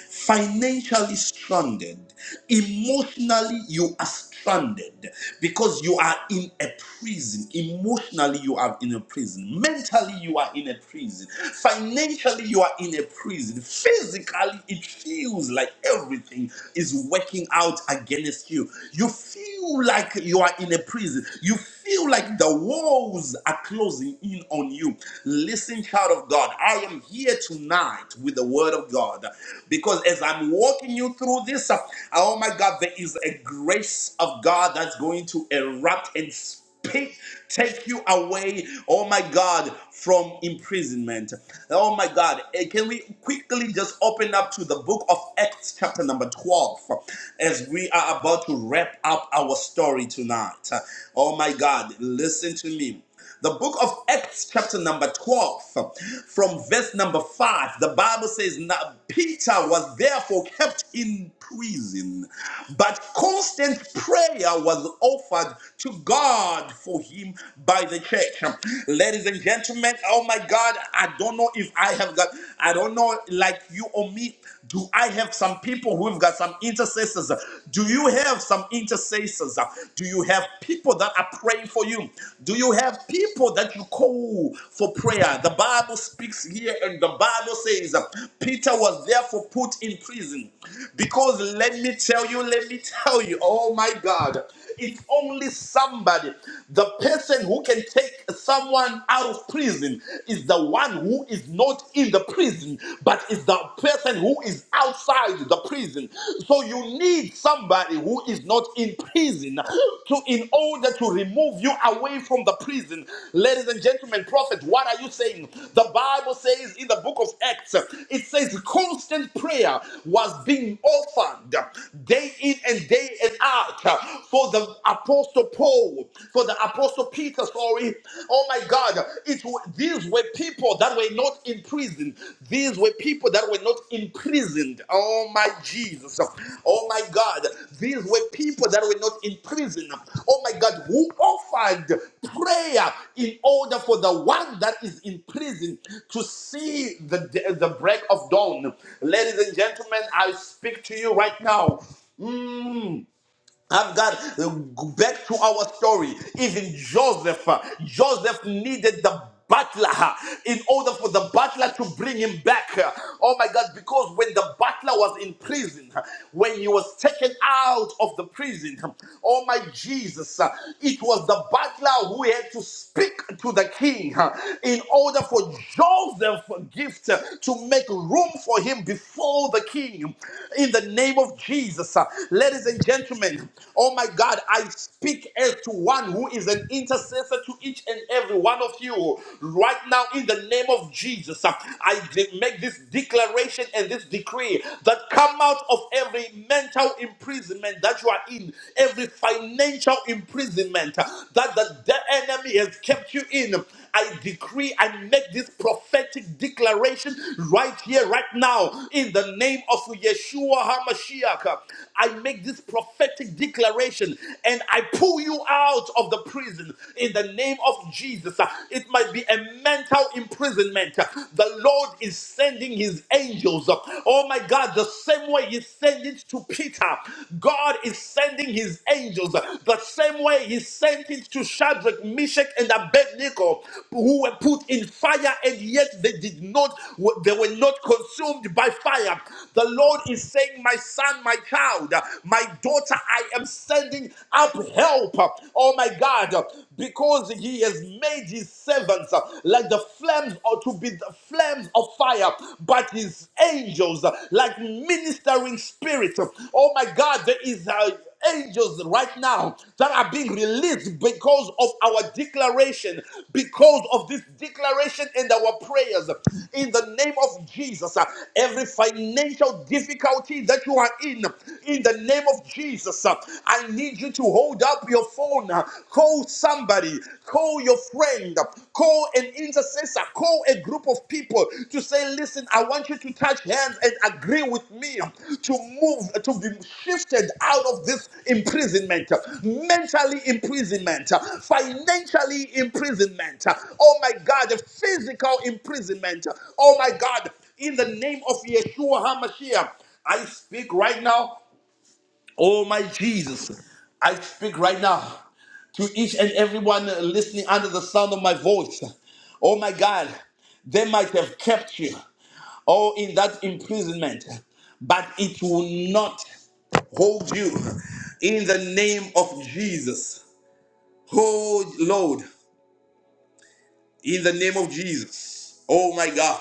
Speaker 1: financially stranded, emotionally, you are stranded because you are in a prison. Emotionally, you are in a prison. Mentally, you are in a prison. Financially, you are in a prison. Physically, it feels like everything is working out against you. You feel like you are in a prison. You feel like the walls are closing in on you, listen, child of God, I am here tonight with the word of God because as I'm walking you through this, uh, oh my God, there is a grace of God that's going to erupt and speak, take you away, oh my God, from imprisonment. Oh my God, eh, can we quickly just open up to the book of Acts, chapter number 12, as we are are about to wrap up our story tonight. Oh my God, listen to me. The book of Acts, chapter number 12, from verse number 5, the Bible says, now Peter was therefore kept in prison, but constant prayer was offered to God for him by the church. Ladies and gentlemen, oh my God, I don't know if I have got, I don't know, like you or me. Do I have some people who've got some intercessors? Do you have some intercessors? Do you have people that are praying for you? Do you have people that you call for prayer? The Bible speaks here, and the Bible says Peter was therefore put in prison because let me tell you, let me tell you, oh my God. It's only somebody. The person who can take someone out of prison is the one who is not in the prison, but is the person who is outside the prison. So you need somebody who is not in prison to in order to remove you away from the prison. Ladies and gentlemen, prophet, what are you saying? The Bible says in the book of Acts, it says constant prayer was being offered day in and day and out heart uh, for the apostle Paul, for the apostle Peter, sorry. Oh my God, it wa- these were people that were not in prison. These were people that were not imprisoned. Oh my Jesus. Oh my God, these were people that were not in prison. Oh my God, who offered prayer in order for the one that is in prison to see the the break of dawn. Ladies and gentlemen, I speak to you right now. Mm. I've got uh, back to our story. Even Joseph, uh, Joseph needed the butler uh, in order for the butler to bring him back. uh, Oh my God, because when the butler was in prison, uh, when he was taken out of the prison, uh, oh my Jesus, uh, it was the butler who had to speak to the king uh, in order for Joseph's gift uh, to make room for him before the king. In the name of Jesus, uh, ladies and gentlemen movement. Oh my God, I speak as to one who is an intercessor to each and every one of you right now in the name of Jesus. I de- make this declaration and this decree that come out of every mental imprisonment that you are in, every financial imprisonment that the the enemy has kept you in. I decree, I make this prophetic declaration right here, right now, in the name of Yeshua HaMashiach. I make this prophetic declaration and I pull you out of the prison in the name of Jesus. Uh, It might be a mental imprisonment. Uh, The Lord is sending his angels. Uh, Oh my God, the same way he sent it to Peter, God is sending his angels. Uh, The same way he sent it to Shadrach, Meshach, and Abednego, who were put in fire and yet they did not, they were not consumed by fire. The Lord is saying, My son, my child, my." My daughter, I am sending up help. Oh my God, because he has made his servants like the flames or to be the flames of fire, but his angels like ministering spirits. Oh my God, there is a angels right now that are being released because of our declaration, because of this declaration and our prayers. In the name of Jesus, uh, every financial difficulty that you are in, in the name of Jesus, uh, I need you to hold up your phone. uh, Call somebody, call your friend, uh, call an intercessor, call a group of people to say, Listen, I want you to touch hands and agree with me uh, to move, uh, to be shifted out of this imprisonment, uh, mentally imprisonment, uh, financially imprisonment. uh, Oh my God, the physical imprisonment. uh, Oh my God, in the name of Yeshua HaMashiach. I speak right now Oh, my Jesus, I speak right now to each and everyone listening under the sound of my voice. Oh, my God, they might have kept you or in that imprisonment, but it will not hold you in the name of Jesus. Oh Lord, in the name of Jesus. Oh my God.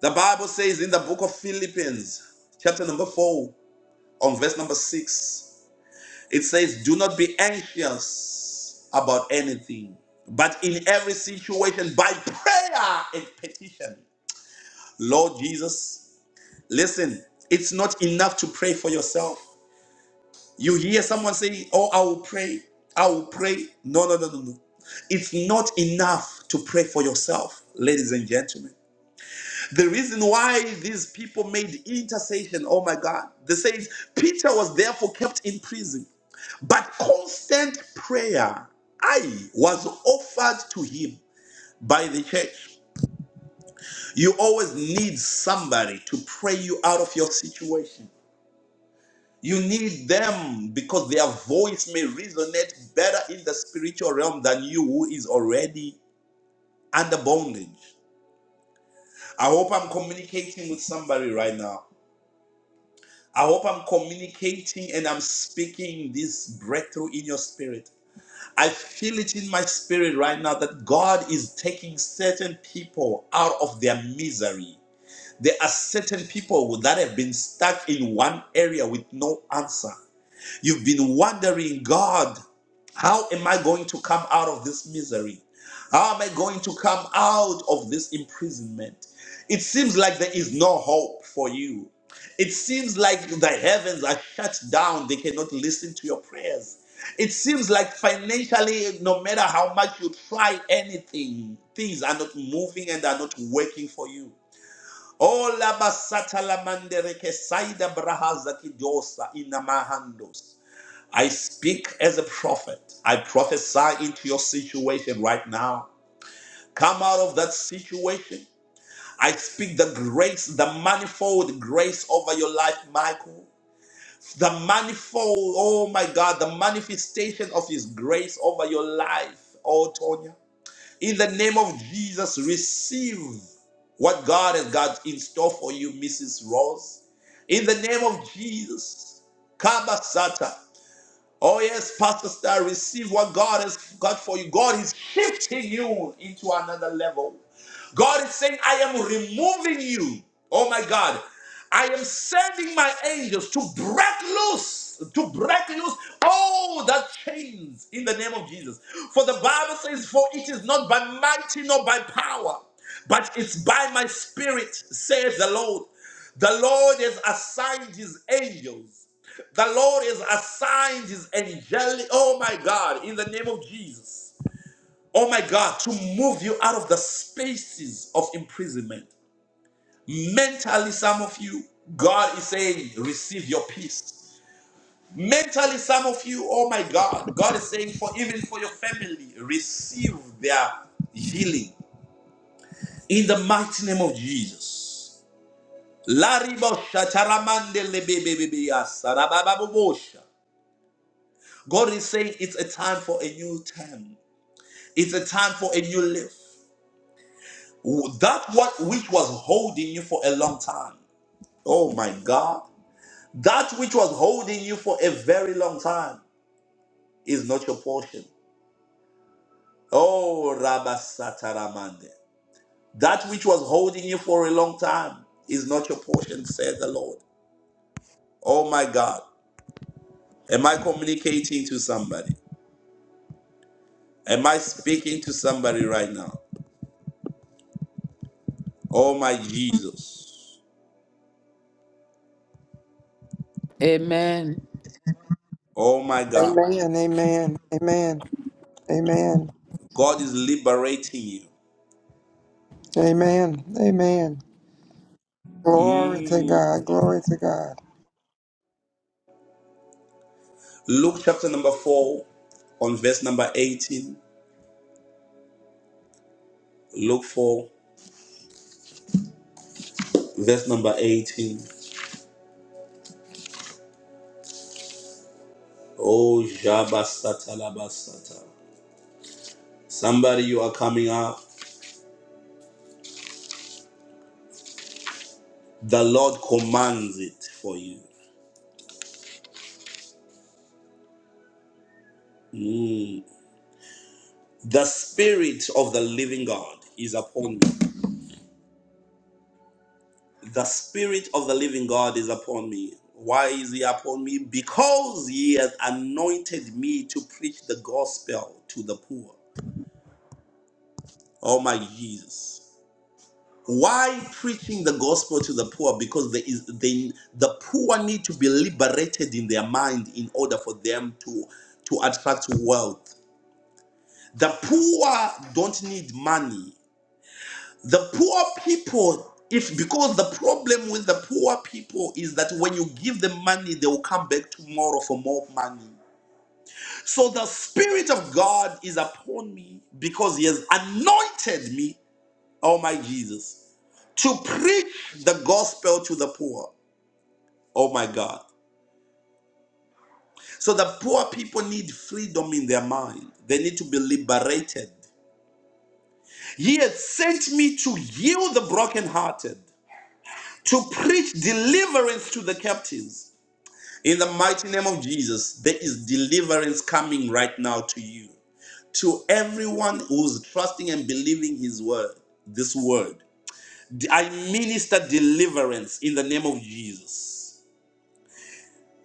Speaker 1: The Bible says in the book of Philippians, chapter number 4, on verse number 6, It says, Do not be anxious about anything, but in every situation, by prayer and petition. Lord Jesus, listen, it's not enough to pray for yourself. You hear someone saying, Oh, I will pray, I will pray. No, no, no, no, no. It's not enough to pray for yourself, ladies and gentlemen. The reason why these people made intercession, oh my God, they say Peter was therefore kept in prison. But constant prayer, I was offered to him by the church. You always need somebody to pray you out of your situation. You need them because their voice may resonate better in the spiritual realm than you who is already under bondage. I hope I'm communicating with somebody right now. I hope I'm communicating and I'm speaking this breakthrough in your spirit. I feel it in my spirit right now that God is taking certain people out of their misery. There are certain people that have been stuck in one area with no answer. You've been wondering, God, how am I going to come out of this misery? How am I going to come out of this imprisonment? It seems like there is no hope for you. It seems like the heavens are shut down, they cannot listen to your prayers. It seems like financially, no matter how much you try anything, things are not moving and are not working for you. Oh, labasata lamandereke saida brahaza kidosa inamahandos. I speak as a prophet. I prophesy into your situation right now. Come out of that situation. I speak the grace, the manifold grace over your life, Michael. The manifold, oh my God, the manifestation of His grace over your life, oh Tonya. In the name of Jesus, receive what God has got in store for you, Mrs. Rose. In the name of Jesus, Kabasata. Oh, yes, Pastor Star, receive what God has got for you. God is shifting you into another level. God is saying, I am removing you. Oh, my God. I am sending my angels to break loose, to break loose all that chains in the name of Jesus. For the Bible says, For it is not by mighty nor by power, but it's by my spirit, says the Lord. The Lord has assigned his angels the Lord has assigned his angelic, oh my God, in the name of Jesus, oh my God, to move you out of the spaces of imprisonment. Mentally, some of you, God is saying, receive your peace. Mentally, some of you, oh my God, God is saying, for even for your family, receive their healing in the mighty name of Jesus. Laribo shataramande lebebebebe yasa, God is saying it's a time for a new term. It's a time for a new lift. That what which was holding you for a long time. Oh my God. That which was holding you for a very long time is not your portion. Oh Rabasataramande. That which was holding you for a long time is not your portion, said the Lord. Oh my God. Am I communicating to somebody? Am I speaking to somebody right now? Oh my Jesus.
Speaker 9: Amen.
Speaker 1: Oh my God.
Speaker 2: Amen. Amen. Amen. Amen.
Speaker 1: God is liberating you.
Speaker 2: Amen. Amen. Glory to
Speaker 1: Mm.
Speaker 2: God. Glory to God.
Speaker 1: Luke chapter number 4, on verse number 18. Luke 4, verse number 18. Oh, Jabasata Labasata. Somebody, you are coming up. The Lord commands it for you. Mm. The Spirit of the living God is upon me. The Spirit of the living God is upon me. Why is He upon me? Because He has anointed me to preach the gospel to the poor. Oh, my Jesus. Why preaching the gospel to the poor? Because there is they, the poor need to be liberated in their mind in order for them to, to attract wealth. The poor don't need money. The poor people, if because the problem with the poor people is that when you give them money, they will come back tomorrow for more money. So the Spirit of God is upon me because He has anointed me, oh my Jesus to preach the gospel to the poor. Oh my God. So the poor people need freedom in their mind, they need to be liberated. He has sent me to heal the brokenhearted, to preach deliverance to the captives. In the mighty name of Jesus, there is deliverance coming right now to you, to everyone who's trusting and believing His word, this word. I minister deliverance in the name of Jesus.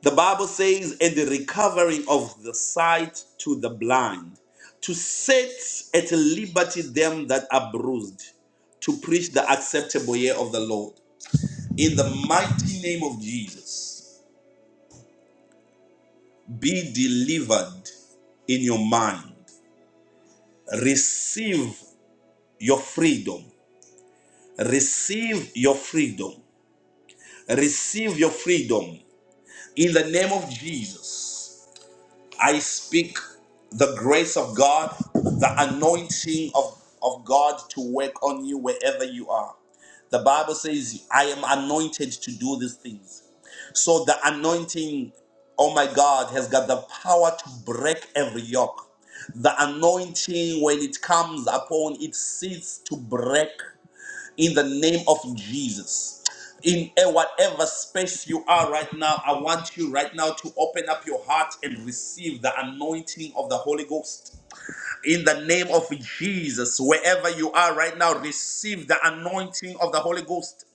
Speaker 1: The Bible says, and the recovering of the sight to the blind, to set at liberty them that are bruised, to preach the acceptable year of the Lord. In the mighty name of Jesus, be delivered in your mind. Receive your freedom. Receive your freedom. Receive your freedom. In the name of Jesus. I speak the grace of God, the anointing of, of God to work on you wherever you are. The Bible says, I am anointed to do these things. So the anointing, oh my God, has got the power to break every yoke. The anointing, when it comes upon, it seeks to break in the name of Jesus. In a- whatever space you are right now, I want you right now to open up your heart and receive the anointing of the Holy Ghost. In the name of Jesus, wherever you are right now, receive the anointing of the Holy Ghost.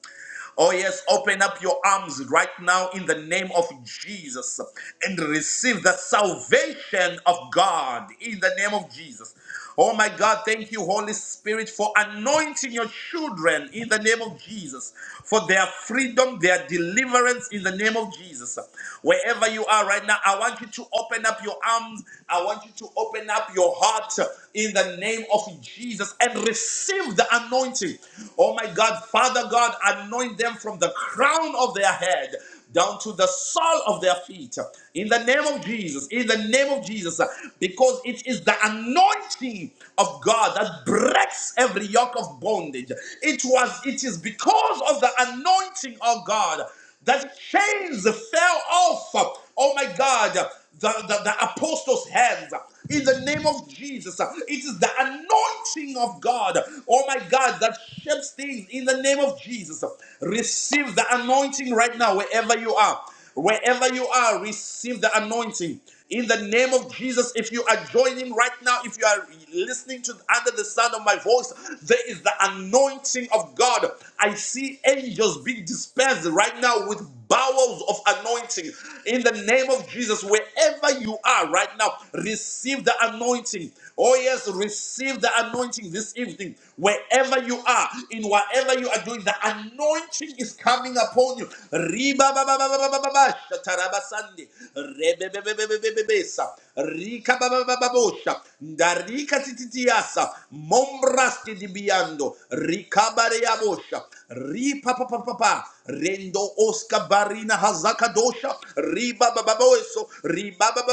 Speaker 1: Oh, yes, open up your arms right now in the name of Jesus and receive the salvation of God in the name of Jesus. Oh my God, thank you, Holy Spirit, for anointing your children in the name of Jesus, for their freedom, their deliverance in the name of Jesus. Wherever you are right now, I want you to open up your arms. I want you to open up your heart in the name of Jesus and receive the anointing. Oh my God, Father God, anoint them from the crown of their head down to the sole of their feet. In the name of Jesus, in the name of Jesus, because it is the anointing of God that breaks every yoke of bondage. It was, it is because of the anointing of God the chains fell off. Oh my God, the, the, the apostles' hands. In the name of Jesus, it is the anointing of God. Oh my God, that shapes things. In the name of Jesus, receive the anointing right now, wherever you are. Wherever you are, receive the anointing. In the name of Jesus, if you are joining right now, if you are listening to under the sound of my voice, there is the anointing of God. I see angels being dispensed right now with bowels of anointing. In the name of Jesus, wherever you are right now, receive the anointing. Oh, yes, receive the anointing this evening. Wherever you are, in whatever you are doing, the anointing is coming upon you. Riba ba ba ba ba ba ba ba ba, shataraba sande bebebebebebebesa Rika baba baba bosha. Darika tititiasa. Mombraski dibiando. Rika barea Ripa papa Rendo oska barina hazaka dosha. Riba baba boeso. Riba baba